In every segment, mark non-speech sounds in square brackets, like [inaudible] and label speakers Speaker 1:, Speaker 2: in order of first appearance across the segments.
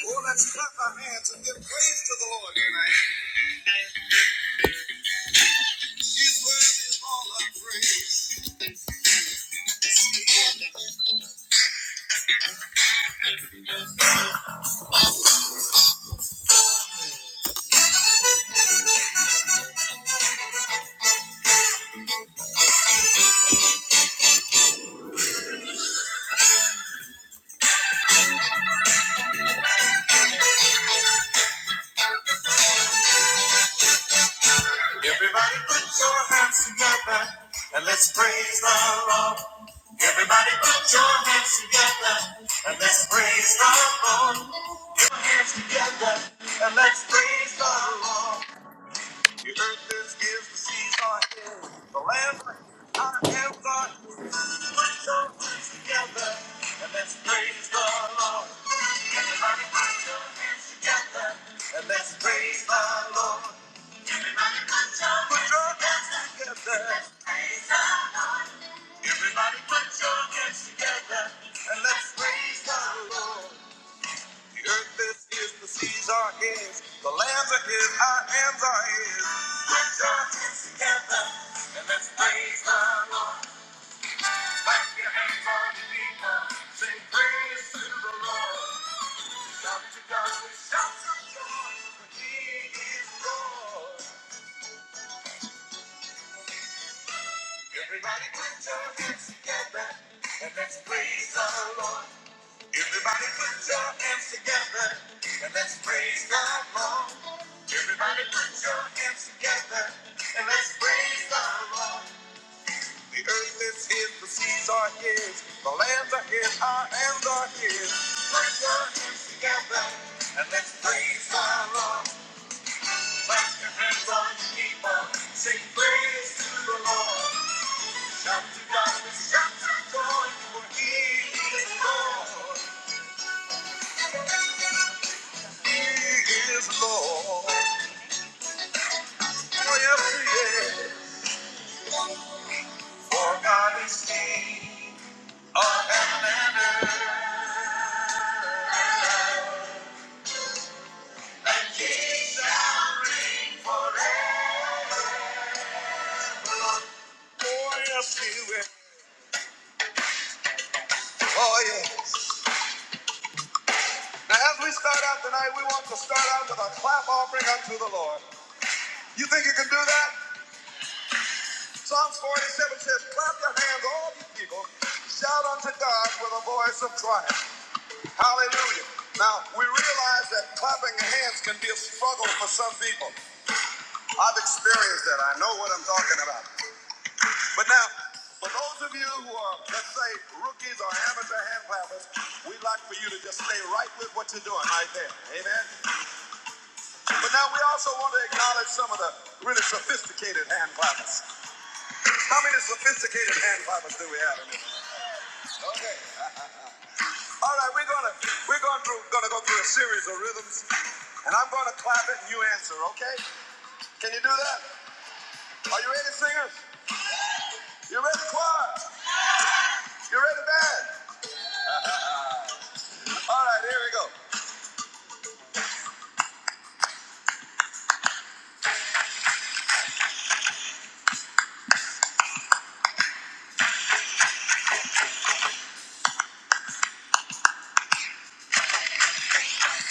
Speaker 1: Oh, let's clap our hands and give praise to the Lord tonight. He's worthy of all our praise. Everybody put your hands together and let's praise the Lord. Everybody put your hands together and let's praise the Lord. Put your hands together and let's praise the Lord. The earth is his, the seas are his, the lands are his, our hands are his. Put your hands together and let's praise the Lord. Everybody put your hands together and let's praise the Lord. Everybody put your hands, Put your hands together. together. Let's praise the Lord. Everybody put your hands together and let's praise the Lord. The earth is his, the seas are his, the lands are his, our hands are his. Put your hands together and let's praise the Lord. Clap your hands on the people, sing praise to the Lord. Shout to God with shouts of joy, for He is Lord. Everybody put your hands together and let's praise the Lord. Everybody put your hands together and let's praise the Lord. Everybody put your hands together and let's praise the Lord. The earth is his, the seas are his, the lands are his, our hands are his. Put your hands together and let's praise the Lord. Clap your hands on your people, sing praise to the Lord. Shout to God with shouts of joy, for he is Lord. He is Lord. Oh, yes, he is. For God is king of heaven and earth. Oh, yeah. Now, as we start out tonight, we want to start out with a clap offering unto the Lord. You think you can do that? Psalms 47 says, Clap your hands, all you people. Shout unto God with a voice of triumph. Hallelujah. Now, we realize that clapping hands can be a struggle for some people. I've experienced that. I know what I'm talking about. But now, for those of you who are, let's say, rookies or amateur hand clappers, we'd like for you to just stay right with what you're doing right there. Amen? But now we also want to acknowledge some of the really sophisticated hand clappers. How many sophisticated hand clappers do we have in here? Okay. All right, we're gonna we're going through gonna go through a series of rhythms. And I'm gonna clap it and you answer, okay? Can you do that? Are you ready, singers? You ready, choir? You ready, band? All right, here we go.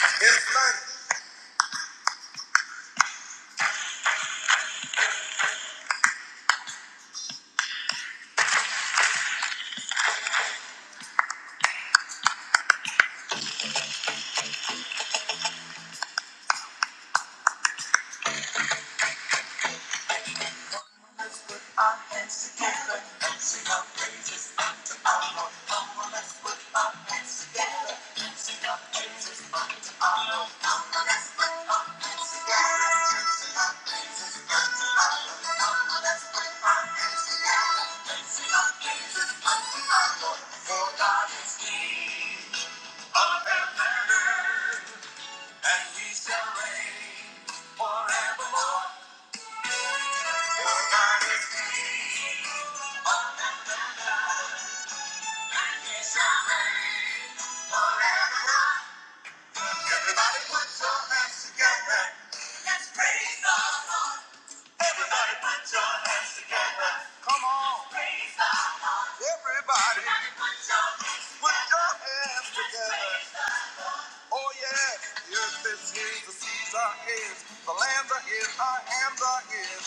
Speaker 1: In Spanish. Forever. Everybody put your hands together. Let's praise the Lord. Everybody put your hands together. Come on. Praise the Lord. Everybody. Everybody put your hands together. Put your hands together. Oh yeah. The earth is his, the seas are his, the lands are his, our hands are his.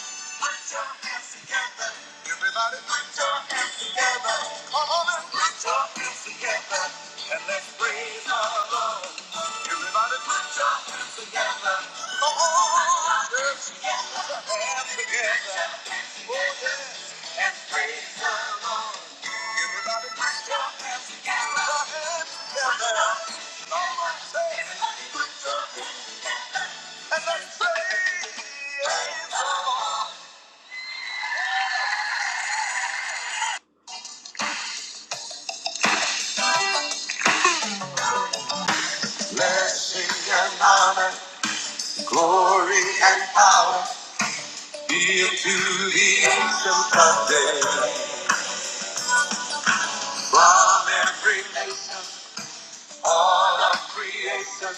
Speaker 1: Put your hands together. Everybody put your hands together. Come on and put your hands together. And let's praise the Lord. Everybody put your hands together. Oh, on. Put your hands together. Hands together and praise Everybody put your hands together. Put your hands together. and let's Blessing and honor, glory and power be to the ancient of days. From every nation, all of creation,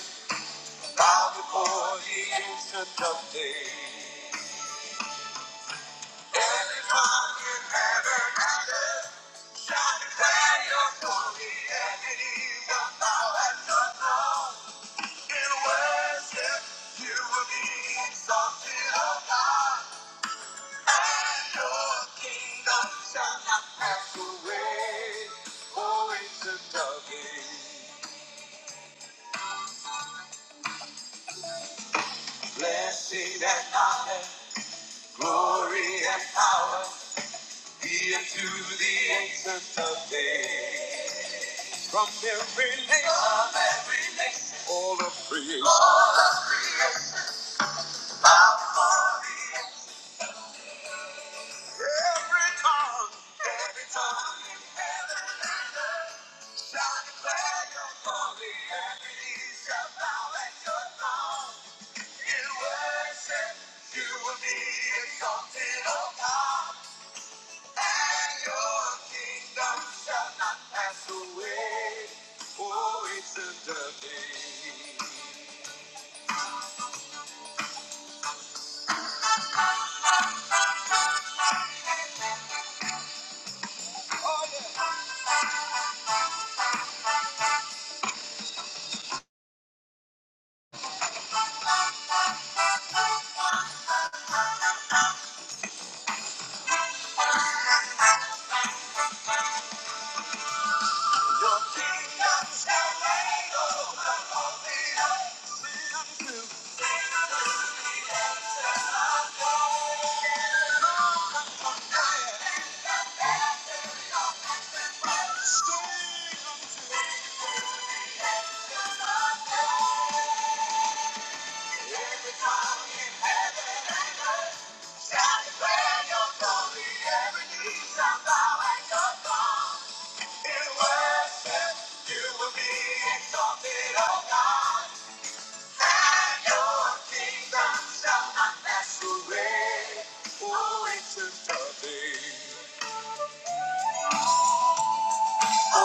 Speaker 1: bow before the ancient of days. Every tongue in heaven and earth. From every nation, all of creation, every tongue, declare your glory, every knee shall bow at your throne. Thank you.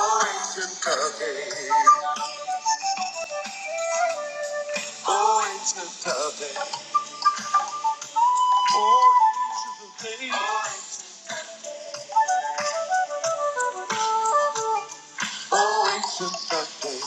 Speaker 1: Oh, ancient Kirby. Oh, ancient Kirby. Ancient Kirby.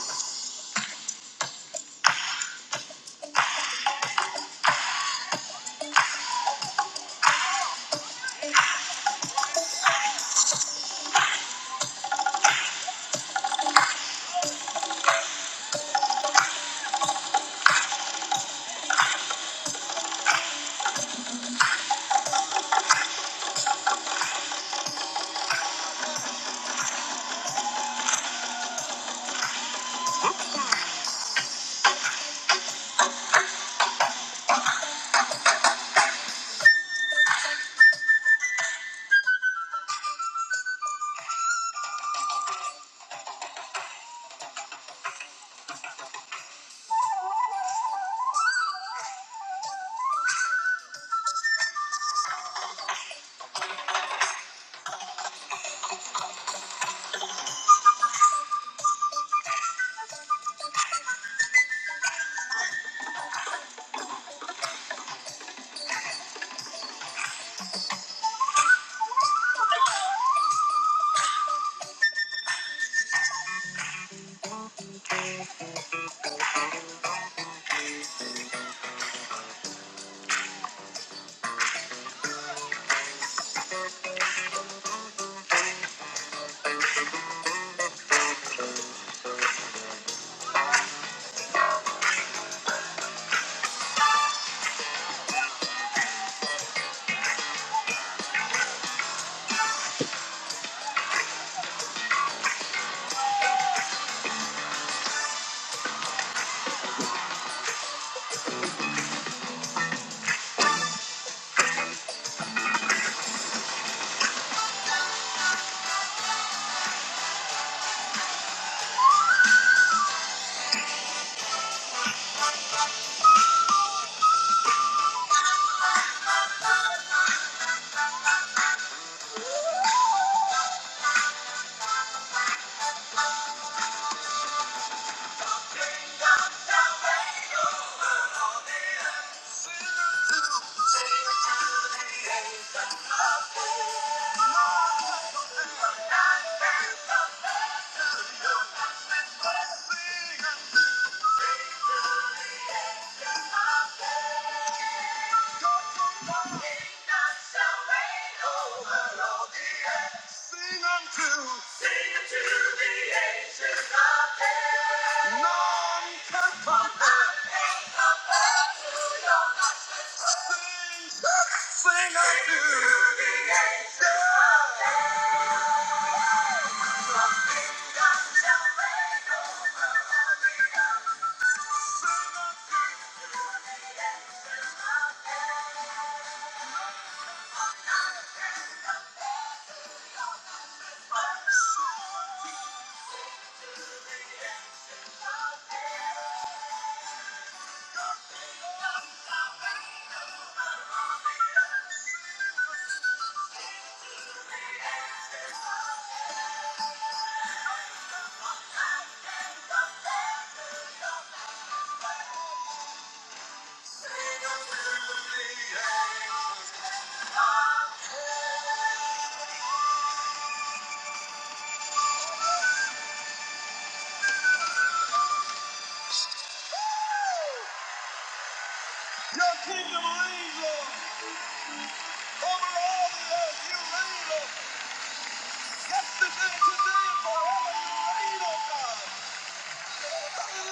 Speaker 1: None can compare. None can compare to your love. Sing unto Your kingdom reigns, Lord, over all the earth. You reign, yesterday, today, and forever. You reign, oh God. For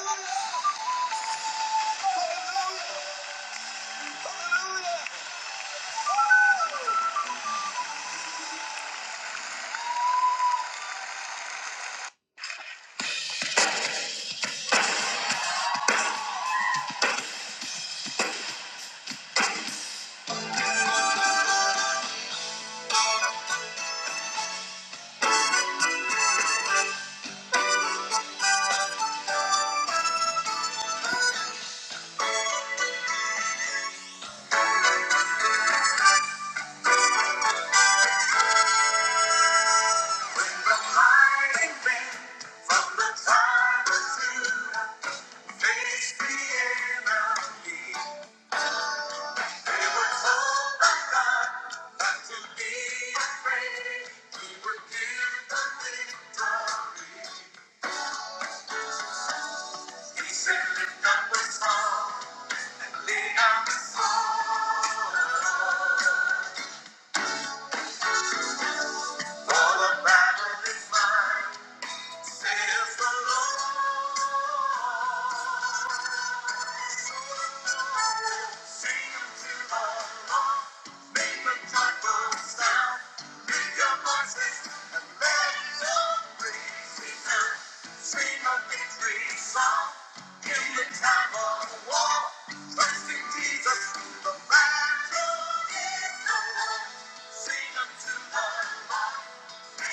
Speaker 1: the battle is mine. saith the Lord. Sing unto the Lord, make a joyful sound. Lift your voices and let your praise be heard. Sing a victory song in the time of war. Trust in Jesus, the battle is over. Sing unto the Lord. Trust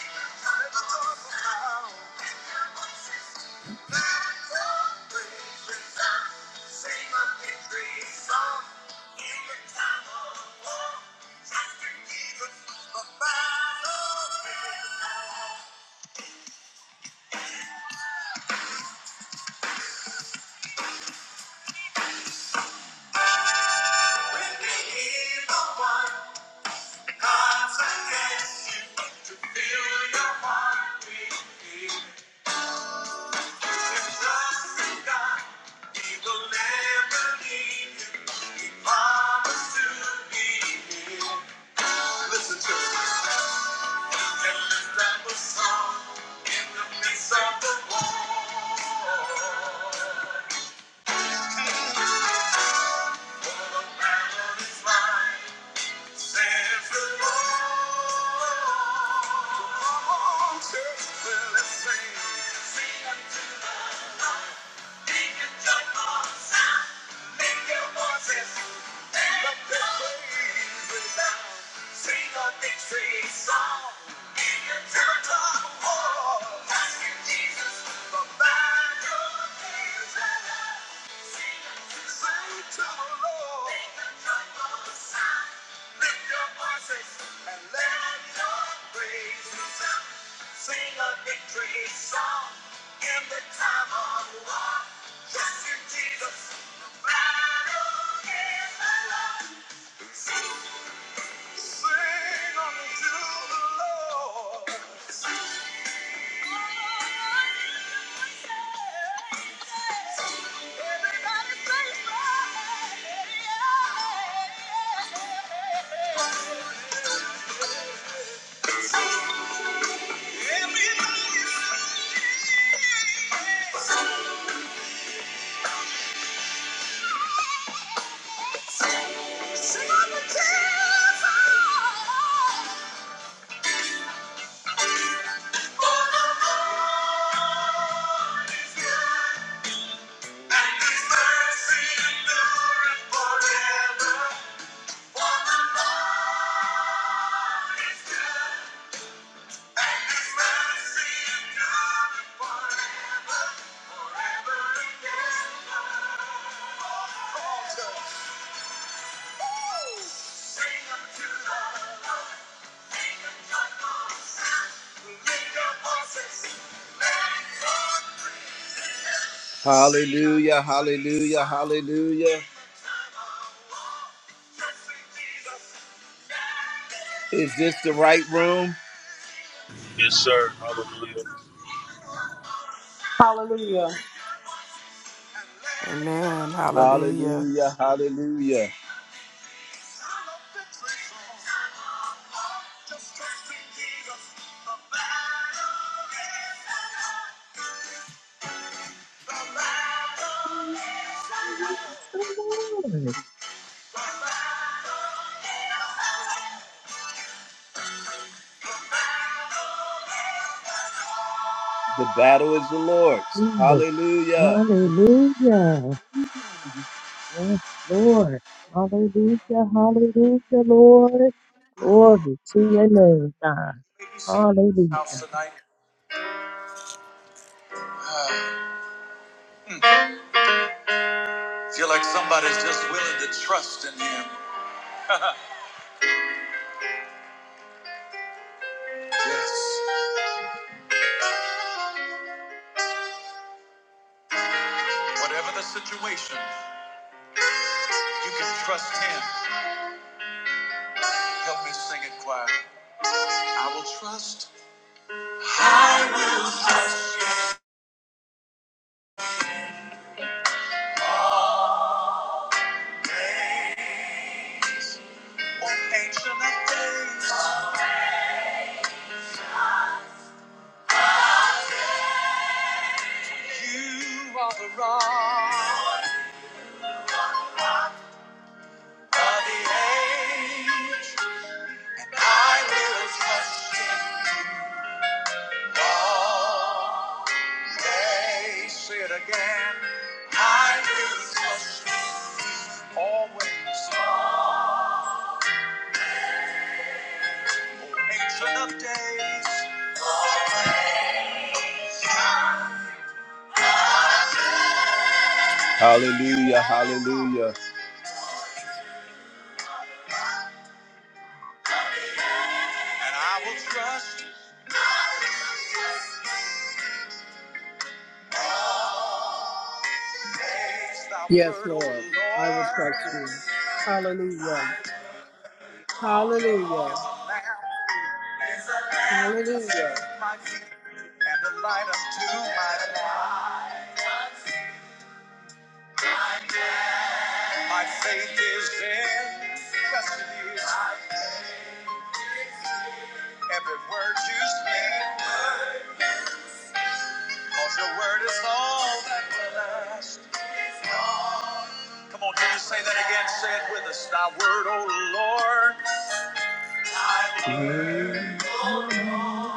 Speaker 1: in God, He will never leave you. Promise to be here. Listen to it. And lift song in the midst of the war. For the battle is mine, says the Lord. Come on, church, let's sing. Make your voices. Sing a victory song in the time of war. Trust in Jesus, the battle is won. Sing unto the Lord. Hallelujah, hallelujah, hallelujah. Is this the right room?
Speaker 2: Yes, sir. Hallelujah.
Speaker 3: Hallelujah.
Speaker 4: Amen. Hallelujah.
Speaker 1: Hallelujah, hallelujah.
Speaker 5: So Lord,
Speaker 1: The battle is the Lord's.
Speaker 5: Jesus,
Speaker 1: Hallelujah.
Speaker 5: Hallelujah. Yes, Lord. Hallelujah. Hallelujah, Lord. Glory to your name, God. Hallelujah.
Speaker 1: Yes. Whatever the situation, you can trust him. Help me sing it choir. I will trust Ancient of days, I will gaze. Say it again. I will trust you always. Ancient of days. Hallelujah, hallelujah. And I will trust you. Praise Thy
Speaker 3: Yes,
Speaker 1: word, O
Speaker 3: Lord. I will
Speaker 1: Lord,
Speaker 3: trust you. Hallelujah. Hallelujah.
Speaker 1: is a lamp
Speaker 3: Hallelujah.
Speaker 1: unto my feet and a light unto my path. My faith is in, yes it is, every word you speak. Cause your word is all that will last. Come on, can you say that again? Say it with us. Thy word, O Lord,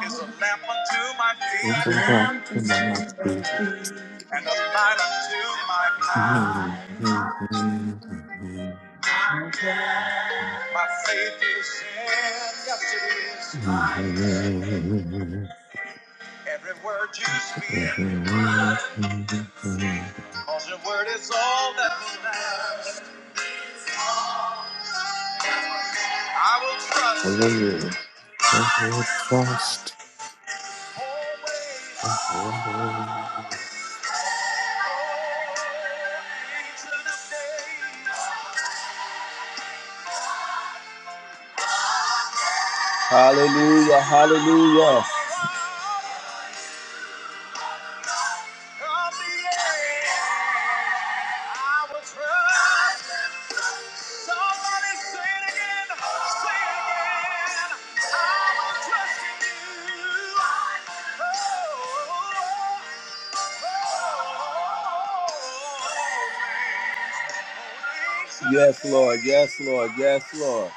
Speaker 1: is a lamp unto my
Speaker 6: It's on
Speaker 1: feet
Speaker 6: top of my heartbeat.
Speaker 1: and a light unto my path. My faith is in, yes it is,
Speaker 6: Glory,
Speaker 1: every word you speak. Cause your word is all that will last. I will trust you always, season of days. Hallelujah, hallelujah. From the end. I will trust. Somebody say it again. Say it again. I will trust in you. Oh, oh, oh. Yes, Lord. Yes, Lord. Yes, Lord.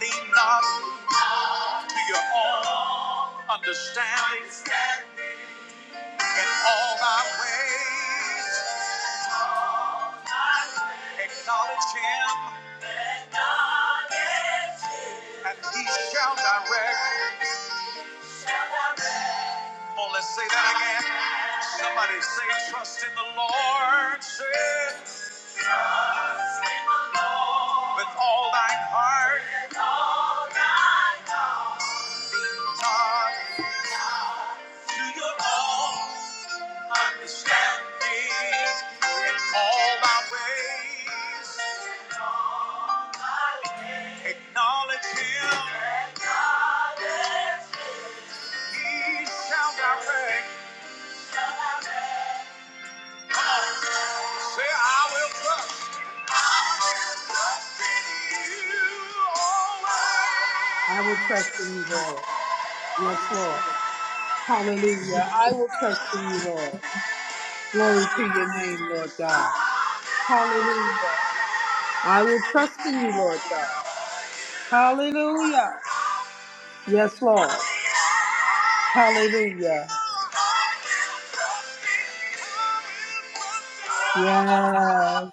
Speaker 1: Lean not to your own understanding. In all thy ways, acknowledge him, and he shall direct. Come let's say that again. Somebody say, trust in the Lord. Say, with all thine heart, not to your own understanding. All thy ways, acknowledge him. He shall direct. Say, I will trust. Trust in you
Speaker 3: I will trust in you, Lord. Yes, Lord. Hallelujah. I will trust in you, Lord. Glory to your name, Lord God. Hallelujah. I will trust in you, Lord God. Hallelujah. Yes, Lord.
Speaker 1: always.
Speaker 3: Hallelujah. Yes.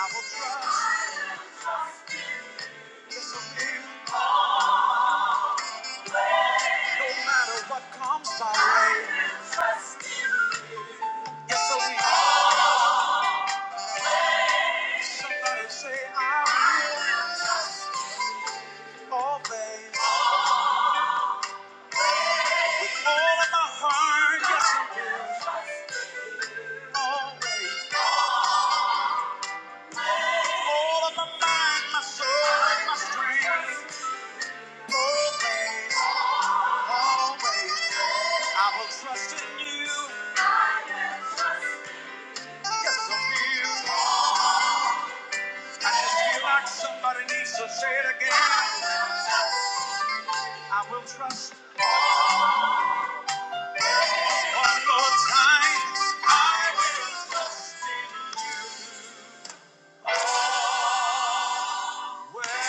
Speaker 1: I will trust. Yes, I will. No matter what comes my way. Yes, I will. Somebody say I will always. With all of my heart, yes, I will always. All of my mind, my soul, and my strength. Always, always. I will trust in you. Yes, I will. I just feel like somebody needs to say it again. I will trust one more time. I will trust. Well,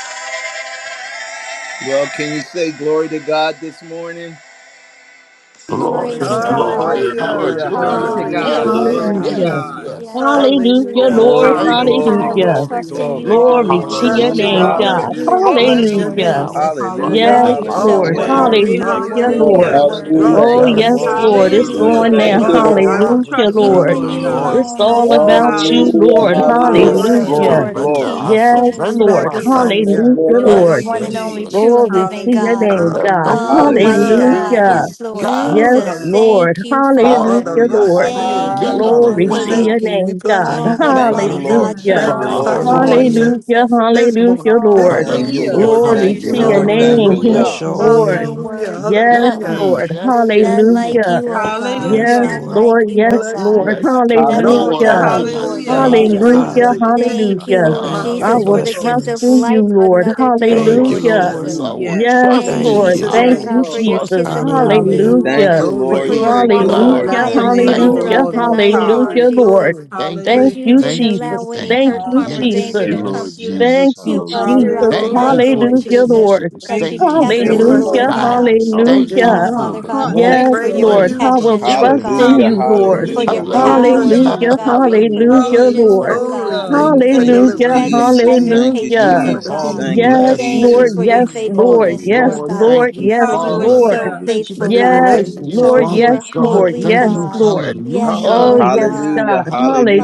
Speaker 1: Well, can you say glory to God this morning?
Speaker 7: Glory
Speaker 4: Glory to
Speaker 7: to
Speaker 4: God.
Speaker 6: glory,
Speaker 7: God.
Speaker 2: Hallelujah. Glory
Speaker 8: Hallelujah.
Speaker 1: Hallelujah,
Speaker 2: to
Speaker 3: Glory
Speaker 2: God.
Speaker 3: to
Speaker 6: hallelujah.
Speaker 8: Glory,
Speaker 1: hallelujah,
Speaker 3: God.
Speaker 2: Hallelujah.
Speaker 6: Yes,
Speaker 3: Glory
Speaker 7: Hallelujah.
Speaker 3: to
Speaker 8: glory.
Speaker 1: hallelujah.
Speaker 5: Hallelujah.
Speaker 6: yes,
Speaker 3: God.
Speaker 4: Hallelujah.
Speaker 6: yes.
Speaker 7: Yes,
Speaker 6: Thank
Speaker 7: Lord
Speaker 6: you,
Speaker 5: Hallelujah,
Speaker 6: Lord.
Speaker 4: Thank you,
Speaker 8: Hallelujah.
Speaker 7: Jesus.
Speaker 5: Lord.
Speaker 1: Glory,
Speaker 6: Thank you,
Speaker 4: Lord.
Speaker 1: glory,
Speaker 7: I will
Speaker 6: Father.
Speaker 3: Hallelujah.
Speaker 5: Hallelujah.
Speaker 8: Thank
Speaker 1: glory,
Speaker 8: you,
Speaker 7: trust in
Speaker 8: Lord.
Speaker 4: Thank
Speaker 7: you
Speaker 1: glory.
Speaker 4: you,
Speaker 2: Thank you,
Speaker 5: Glory
Speaker 2: Lord
Speaker 4: God.
Speaker 5: to
Speaker 7: always,
Speaker 3: Glory
Speaker 5: your
Speaker 7: Lord
Speaker 2: Jesus.
Speaker 3: to
Speaker 8: Trusted
Speaker 6: Hallelujah.
Speaker 5: name,
Speaker 7: God.
Speaker 8: you,
Speaker 6: I
Speaker 7: You
Speaker 3: God.
Speaker 2: Hallelujah.
Speaker 6: will
Speaker 5: God.
Speaker 7: and
Speaker 8: God.
Speaker 7: you
Speaker 1: Hallelujah,
Speaker 7: alone,
Speaker 8: Bless
Speaker 6: trust
Speaker 8: your
Speaker 7: Lord
Speaker 6: you.
Speaker 5: Hallelujah.
Speaker 8: name.
Speaker 6: I
Speaker 4: Hallelujah.
Speaker 6: will
Speaker 3: Oh,
Speaker 8: Jesus.
Speaker 7: Jesus.
Speaker 6: trust
Speaker 1: hallelujah,
Speaker 5: Yes,
Speaker 6: you.
Speaker 7: Oh,
Speaker 2: Thank
Speaker 7: you're
Speaker 2: you
Speaker 3: hallelujah.
Speaker 6: I
Speaker 2: for
Speaker 7: so
Speaker 2: this
Speaker 5: Lord.
Speaker 6: will
Speaker 1: hallelujah,
Speaker 2: day,
Speaker 6: trust
Speaker 8: Always.
Speaker 2: Lord.
Speaker 3: Glory,
Speaker 7: worthy. You're
Speaker 2: Thank
Speaker 1: hallelujah.
Speaker 2: you for
Speaker 5: Hallelujah,
Speaker 2: your
Speaker 7: worthy.
Speaker 9: Lord,
Speaker 7: You're
Speaker 5: Lord.
Speaker 8: Hallelujah.
Speaker 3: hallelujah.
Speaker 2: presence,
Speaker 8: The
Speaker 2: Lord.
Speaker 7: worthy.
Speaker 4: Thank
Speaker 8: rock.
Speaker 9: hallelujah.
Speaker 4: you,
Speaker 5: Oh,
Speaker 1: Thank you,
Speaker 5: yes,
Speaker 6: Yes,
Speaker 4: Lord.
Speaker 1: Lord
Speaker 8: Hallelujah.
Speaker 5: Lord.
Speaker 7: Thank
Speaker 6: yes,
Speaker 5: It's
Speaker 7: you,
Speaker 3: Hallelujah,
Speaker 6: yes.
Speaker 1: Jesus.
Speaker 2: Hallelujah.
Speaker 5: going
Speaker 7: Lord
Speaker 3: Lord
Speaker 5: now.
Speaker 1: Thank
Speaker 8: You
Speaker 9: Thank
Speaker 1: you,
Speaker 6: Thank
Speaker 9: you,
Speaker 6: you,
Speaker 3: God.
Speaker 8: are
Speaker 9: Lord.
Speaker 8: a
Speaker 3: I
Speaker 7: Jesus.
Speaker 1: Lord.
Speaker 3: will
Speaker 8: rock,
Speaker 6: Father.
Speaker 5: Hallelujah,
Speaker 3: trust
Speaker 8: Lord.
Speaker 3: you,
Speaker 7: You
Speaker 6: Thank
Speaker 5: Lord.
Speaker 7: and
Speaker 3: Lord
Speaker 6: you,
Speaker 7: you
Speaker 4: Hallelujah.
Speaker 3: God.
Speaker 6: Lord
Speaker 2: Hallelujah.
Speaker 5: It's
Speaker 7: alone, oh
Speaker 5: all
Speaker 8: Thank you,
Speaker 6: Jesus.
Speaker 5: about
Speaker 7: God.
Speaker 5: you,
Speaker 1: Glory,
Speaker 8: ancient
Speaker 9: Hallelujah,
Speaker 5: Lord.
Speaker 3: Hallelujah,
Speaker 7: You
Speaker 1: glory,
Speaker 8: days.
Speaker 7: are
Speaker 8: We
Speaker 4: Yes,
Speaker 9: hallelujah.
Speaker 7: Lord
Speaker 1: glory,
Speaker 6: Yes,
Speaker 8: bless
Speaker 7: of
Speaker 8: your
Speaker 3: hallelujah.
Speaker 4: God.
Speaker 5: Hallelujah.
Speaker 1: glory,
Speaker 7: Lord
Speaker 8: name.
Speaker 7: and
Speaker 8: Lord.
Speaker 6: surrender.
Speaker 1: glory.
Speaker 7: King
Speaker 6: I
Speaker 7: of
Speaker 5: Yes,
Speaker 8: We
Speaker 7: Kings,
Speaker 6: surrender
Speaker 5: Lord.
Speaker 7: Lord
Speaker 8: magnify
Speaker 6: myself
Speaker 3: Yeah.
Speaker 8: you,
Speaker 7: Jesus.
Speaker 6: to
Speaker 9: Yes,
Speaker 6: you.
Speaker 8: God.
Speaker 9: Lord
Speaker 5: Hallelujah,
Speaker 7: You
Speaker 3: Glory
Speaker 7: are
Speaker 9: God.
Speaker 7: the
Speaker 3: to
Speaker 5: Lord.
Speaker 6: Yes,
Speaker 8: Thank
Speaker 3: your
Speaker 7: one
Speaker 8: you,
Speaker 7: and
Speaker 6: yes,
Speaker 7: only
Speaker 3: name.
Speaker 8: Jesus.
Speaker 6: yes.
Speaker 7: true and
Speaker 5: Glory to
Speaker 7: living
Speaker 5: your
Speaker 3: Hallelujah.
Speaker 7: God.
Speaker 5: name,
Speaker 6: Let the
Speaker 5: God.
Speaker 6: Holy
Speaker 7: Almighty
Speaker 8: Hallelujah.
Speaker 1: Hallelujah,
Speaker 3: yes,
Speaker 7: God.
Speaker 6: Spirit
Speaker 5: Hallelujah.
Speaker 7: Yes, Lord
Speaker 6: guide
Speaker 5: Yes,
Speaker 8: You
Speaker 7: Jesus.
Speaker 6: us,
Speaker 3: yes,
Speaker 6: Lord.
Speaker 5: Lord.
Speaker 7: Thank you,
Speaker 6: Walk,
Speaker 8: are
Speaker 7: Father.
Speaker 8: the
Speaker 5: Hallelujah,
Speaker 1: hallelujah,
Speaker 8: rock
Speaker 5: Lord.
Speaker 8: of the ages.
Speaker 7: Thank
Speaker 1: hallelujah,
Speaker 7: you,
Speaker 6: lead the
Speaker 7: Lord
Speaker 5: Glory
Speaker 8: We
Speaker 5: to
Speaker 1: hallelujah.
Speaker 3: Hallelujah.
Speaker 6: way
Speaker 5: your
Speaker 7: God.
Speaker 8: thank you. We
Speaker 5: name,
Speaker 8: bless
Speaker 5: God.
Speaker 8: you,
Speaker 7: Oh,
Speaker 4: Thank
Speaker 7: what
Speaker 4: you,
Speaker 7: a
Speaker 8: God.
Speaker 1: Thank you,
Speaker 7: mighty
Speaker 4: Father.
Speaker 1: Lord.
Speaker 7: God
Speaker 3: Yes.
Speaker 7: you
Speaker 5: Hallelujah.
Speaker 1: Thank
Speaker 6: from
Speaker 1: you,
Speaker 7: are.
Speaker 6: our
Speaker 8: Magnify
Speaker 1: Lord.
Speaker 7: Yes,
Speaker 8: you,
Speaker 3: Hallelujah.
Speaker 7: Lord
Speaker 6: heart.
Speaker 4: Hallelujah.
Speaker 8: Jesus,
Speaker 5: Hallelujah.
Speaker 7: Jesus.
Speaker 8: this
Speaker 5: Hallelujah,
Speaker 8: morning,
Speaker 7: Oh,
Speaker 8: this
Speaker 5: Lord.
Speaker 8: day.
Speaker 1: Thank
Speaker 7: Lord
Speaker 1: you,
Speaker 6: Hallelujah,
Speaker 3: Hallelujah.
Speaker 1: Lord.
Speaker 7: Jesus,
Speaker 5: Glory
Speaker 7: you're
Speaker 8: Thank
Speaker 1: Thank you,
Speaker 8: you,
Speaker 5: to
Speaker 6: hallelujah,
Speaker 7: so
Speaker 5: your
Speaker 8: Lord
Speaker 1: Lord.
Speaker 8: God.
Speaker 7: worthy.
Speaker 1: Thank
Speaker 4: Hallelujah.
Speaker 1: you,
Speaker 5: name. Yes,
Speaker 4: Bless
Speaker 1: Lord.
Speaker 6: hallelujah.
Speaker 4: your
Speaker 7: You're
Speaker 4: holy
Speaker 5: Lord.
Speaker 7: so
Speaker 4: name.
Speaker 8: Hallelujah.
Speaker 7: worthy,
Speaker 5: Yes,
Speaker 7: Lord
Speaker 8: Hallelujah.
Speaker 1: Mm.
Speaker 7: God.
Speaker 6: Yes,
Speaker 5: Lord.
Speaker 6: yes,
Speaker 7: None
Speaker 6: yes.
Speaker 8: Hallelujah.
Speaker 7: like
Speaker 5: Hallelujah.
Speaker 7: you, oh God.
Speaker 4: Yes,
Speaker 5: Yes,
Speaker 3: Hallelujah.
Speaker 7: None
Speaker 4: Lord.
Speaker 7: like
Speaker 5: Lord.
Speaker 8: We
Speaker 7: you, oh
Speaker 5: Yes,
Speaker 8: bless
Speaker 7: God.
Speaker 5: Lord.
Speaker 8: you
Speaker 6: Bless the
Speaker 8: at
Speaker 7: Nothing
Speaker 8: all
Speaker 6: Lord,
Speaker 1: Hallelujah,
Speaker 7: without
Speaker 5: Hallelujah.
Speaker 6: oh
Speaker 7: you,
Speaker 6: my
Speaker 8: times.
Speaker 7: Lord
Speaker 1: hallelujah,
Speaker 3: Hallelujah.
Speaker 4: Thank you,
Speaker 7: Jesus.
Speaker 6: soul.
Speaker 8: Praises
Speaker 5: Hallelujah.
Speaker 1: hallelujah.
Speaker 4: Father.
Speaker 8: and
Speaker 6: Hallelujah.
Speaker 8: continue to
Speaker 7: Thank you,
Speaker 8: in
Speaker 5: Hallelujah.
Speaker 8: our
Speaker 7: Lord
Speaker 6: [laughs]
Speaker 4: Thank
Speaker 3: Mm,
Speaker 4: you
Speaker 8: mouths,
Speaker 5: I
Speaker 4: for
Speaker 7: Jesus,
Speaker 3: Thank
Speaker 5: will
Speaker 7: for
Speaker 3: you,
Speaker 8: Lord.
Speaker 7: the gift
Speaker 3: Lord.
Speaker 4: blessing
Speaker 5: trust
Speaker 7: of
Speaker 5: in
Speaker 4: us.
Speaker 5: you,
Speaker 7: life
Speaker 5: Lord.
Speaker 8: Thank
Speaker 7: another
Speaker 8: you,
Speaker 7: day,
Speaker 8: Lord
Speaker 4: Thank you,
Speaker 7: Lord
Speaker 6: trust
Speaker 5: Hallelujah.
Speaker 6: in
Speaker 4: Lord.
Speaker 6: you.
Speaker 7: Jesus.
Speaker 8: Jesus.
Speaker 6: I
Speaker 1: Mm.
Speaker 6: will
Speaker 3: Yes.
Speaker 5: Yes,
Speaker 6: trust
Speaker 8: In
Speaker 7: Thank
Speaker 6: in
Speaker 4: Thank
Speaker 5: Lord.
Speaker 7: you,
Speaker 6: you.
Speaker 4: you.
Speaker 8: Jesus'
Speaker 6: I
Speaker 7: Father
Speaker 5: Thank
Speaker 3: Yes,
Speaker 6: will
Speaker 5: you,
Speaker 7: God,
Speaker 8: name,
Speaker 7: for
Speaker 3: Lord.
Speaker 7: your
Speaker 5: Jesus.
Speaker 6: trust
Speaker 7: kiss
Speaker 6: in
Speaker 7: of
Speaker 6: you.
Speaker 7: love this
Speaker 4: Hallelujah.
Speaker 3: Hallelujah.
Speaker 1: Thank
Speaker 5: Hallelujah.
Speaker 7: morning,
Speaker 1: you,
Speaker 8: glory,
Speaker 7: for
Speaker 1: Lord.
Speaker 7: your
Speaker 6: Praise
Speaker 8: glory,
Speaker 1: Thank you,
Speaker 3: Oh,
Speaker 7: watchful
Speaker 8: glory,
Speaker 1: Lord.
Speaker 6: God
Speaker 5: Hallelujah,
Speaker 3: bless
Speaker 7: eye
Speaker 6: and
Speaker 3: the
Speaker 1: Thank
Speaker 7: over
Speaker 1: you,
Speaker 3: name
Speaker 7: us
Speaker 3: of the
Speaker 6: thank
Speaker 1: Lord.
Speaker 5: hallelujah,
Speaker 7: throughout
Speaker 6: you.
Speaker 3: Lord
Speaker 7: the
Speaker 3: Most
Speaker 7: night, Lord
Speaker 3: High.
Speaker 8: glory,
Speaker 5: hallelujah, Lord.
Speaker 7: Jesus.
Speaker 8: glory.
Speaker 6: Thank
Speaker 5: Thank
Speaker 7: That
Speaker 6: you.
Speaker 8: Thank
Speaker 7: you
Speaker 8: you,
Speaker 5: you,
Speaker 3: Hallelujah.
Speaker 7: didn't
Speaker 8: Jesus.
Speaker 6: Thank you.
Speaker 5: Jesus.
Speaker 7: allow any
Speaker 6: Thank
Speaker 5: Thank
Speaker 7: hurt,
Speaker 6: you.
Speaker 5: you,
Speaker 7: harm, or
Speaker 6: Yes,
Speaker 2: Thank
Speaker 7: danger
Speaker 5: Jesus.
Speaker 2: you,
Speaker 7: to
Speaker 3: Hallelujah.
Speaker 7: come
Speaker 2: Lord
Speaker 6: yes,
Speaker 7: through
Speaker 6: yes.
Speaker 5: Thank
Speaker 2: Jesus.
Speaker 5: you,
Speaker 7: to us
Speaker 2: Hallelujah.
Speaker 5: Jesus.
Speaker 7: throughout the
Speaker 6: Thank you
Speaker 7: night,
Speaker 3: Hallelujah.
Speaker 6: for
Speaker 8: Glory
Speaker 7: Lord
Speaker 6: the
Speaker 8: to
Speaker 5: Hallelujah,
Speaker 8: the
Speaker 7: Jesus.
Speaker 8: King.
Speaker 5: Lord.
Speaker 6: teachings.
Speaker 2: Thank
Speaker 7: That
Speaker 2: you
Speaker 7: you
Speaker 3: Thank
Speaker 2: for
Speaker 6: Thank you
Speaker 3: you.
Speaker 2: this
Speaker 7: kept
Speaker 8: We're
Speaker 3: Thank
Speaker 7: us,
Speaker 2: day,
Speaker 3: you,
Speaker 6: for
Speaker 2: Lord,
Speaker 7: Lord
Speaker 5: Hallelujah,
Speaker 8: blessing
Speaker 2: and
Speaker 3: Lord.
Speaker 8: you,
Speaker 2: thank you
Speaker 7: God.
Speaker 8: God,
Speaker 2: for
Speaker 6: guidance.
Speaker 2: your
Speaker 8: all
Speaker 6: Thank
Speaker 8: day
Speaker 6: you
Speaker 2: presence,
Speaker 7: Oh,
Speaker 5: hallelujah.
Speaker 8: long.
Speaker 2: Lord.
Speaker 6: for
Speaker 3: Uh
Speaker 7: Father
Speaker 6: the
Speaker 7: God,
Speaker 3: huh.
Speaker 8: We're
Speaker 7: thank
Speaker 6: walk
Speaker 7: you
Speaker 3: Thank
Speaker 5: Yes,
Speaker 7: for
Speaker 3: you,
Speaker 7: your
Speaker 8: praising
Speaker 3: Lord.
Speaker 5: Lord.
Speaker 6: in
Speaker 8: you,
Speaker 6: the
Speaker 5: I will
Speaker 8: Lord.
Speaker 7: protection, Lord
Speaker 5: trust
Speaker 6: kingdom
Speaker 7: God
Speaker 5: in
Speaker 1: Hallelujah,
Speaker 2: Thank
Speaker 5: you,
Speaker 6: spirit.
Speaker 2: you for all
Speaker 5: Lord.
Speaker 7: for
Speaker 2: that
Speaker 7: your
Speaker 1: hallelujah,
Speaker 2: you've
Speaker 8: Hallelujah. We'll
Speaker 3: Hallelujah.
Speaker 2: already done
Speaker 7: power,
Speaker 8: trust
Speaker 2: in
Speaker 1: hallelujah.
Speaker 2: us,
Speaker 7: Father
Speaker 8: you,
Speaker 5: Hallelujah,
Speaker 6: Hallelujah.
Speaker 8: God.
Speaker 7: God,
Speaker 2: Lord.
Speaker 7: for your
Speaker 6: Hallelujah.
Speaker 5: hallelujah,
Speaker 6: Hallelujah.
Speaker 7: provisions, oh
Speaker 5: Lord.
Speaker 2: Thank you
Speaker 8: Glory,
Speaker 2: for
Speaker 7: God,
Speaker 3: Hallelujah.
Speaker 2: letting
Speaker 8: thank
Speaker 2: us
Speaker 8: you
Speaker 7: for
Speaker 8: for
Speaker 2: be
Speaker 1: Thank
Speaker 7: your
Speaker 2: able
Speaker 1: you,
Speaker 2: to
Speaker 5: Hallelujah,
Speaker 2: see what we
Speaker 7: presence
Speaker 8: deliverance.
Speaker 7: and
Speaker 1: Jesus.
Speaker 7: your
Speaker 2: see.
Speaker 1: Thank you,
Speaker 8: Thank
Speaker 7: patience,
Speaker 8: you
Speaker 5: hallelujah.
Speaker 6: We
Speaker 7: oh
Speaker 8: for the
Speaker 2: As the
Speaker 6: are
Speaker 1: Jesus.
Speaker 8: peace.
Speaker 7: God.
Speaker 3: Hallelujah.
Speaker 2: enemy
Speaker 1: Thank you,
Speaker 5: Yes,
Speaker 2: attacks us,
Speaker 6: blessed.
Speaker 7: Thank
Speaker 8: Thank
Speaker 7: you
Speaker 2: Lord,
Speaker 5: Lord.
Speaker 1: Jesus.
Speaker 2: we
Speaker 7: for
Speaker 8: you,
Speaker 7: your
Speaker 5: Yes,
Speaker 2: thank
Speaker 3: Thank
Speaker 2: you
Speaker 3: you,
Speaker 2: for
Speaker 8: God.
Speaker 2: your
Speaker 6: Oh
Speaker 3: Lord.
Speaker 5: Lord.
Speaker 7: faithfulness,
Speaker 2: provision.
Speaker 8: New
Speaker 5: Yes,
Speaker 7: Lord
Speaker 6: Lord,
Speaker 8: depth.
Speaker 6: thank
Speaker 5: Lord.
Speaker 7: God,
Speaker 8: New...
Speaker 6: you,
Speaker 5: Yes,
Speaker 7: for you are
Speaker 6: Father.
Speaker 2: Lord,
Speaker 5: Lord.
Speaker 7: so
Speaker 2: give
Speaker 3: Hallelujah.
Speaker 2: us the
Speaker 8: Thank you for
Speaker 7: faithful,
Speaker 2: strength to
Speaker 8: new
Speaker 2: walk
Speaker 7: God.
Speaker 2: in
Speaker 5: Yes,
Speaker 6: Thank
Speaker 2: your
Speaker 6: you,
Speaker 7: Oh,
Speaker 5: Lord.
Speaker 2: presence
Speaker 7: you
Speaker 8: relationships.
Speaker 6: Father
Speaker 7: are
Speaker 5: Yes,
Speaker 6: God.
Speaker 5: Lord.
Speaker 8: Thank
Speaker 7: holy,
Speaker 8: you,
Speaker 2: working
Speaker 6: Thank
Speaker 5: Yes,
Speaker 2: on
Speaker 6: you.
Speaker 8: Lord.
Speaker 7: God.
Speaker 5: Lord.
Speaker 2: provision.
Speaker 7: Yes,
Speaker 6: Hallelujah.
Speaker 5: Oh,
Speaker 7: Lord
Speaker 5: yes,
Speaker 8: Hallelujah.
Speaker 7: God.
Speaker 1: Hallelujah,
Speaker 5: God.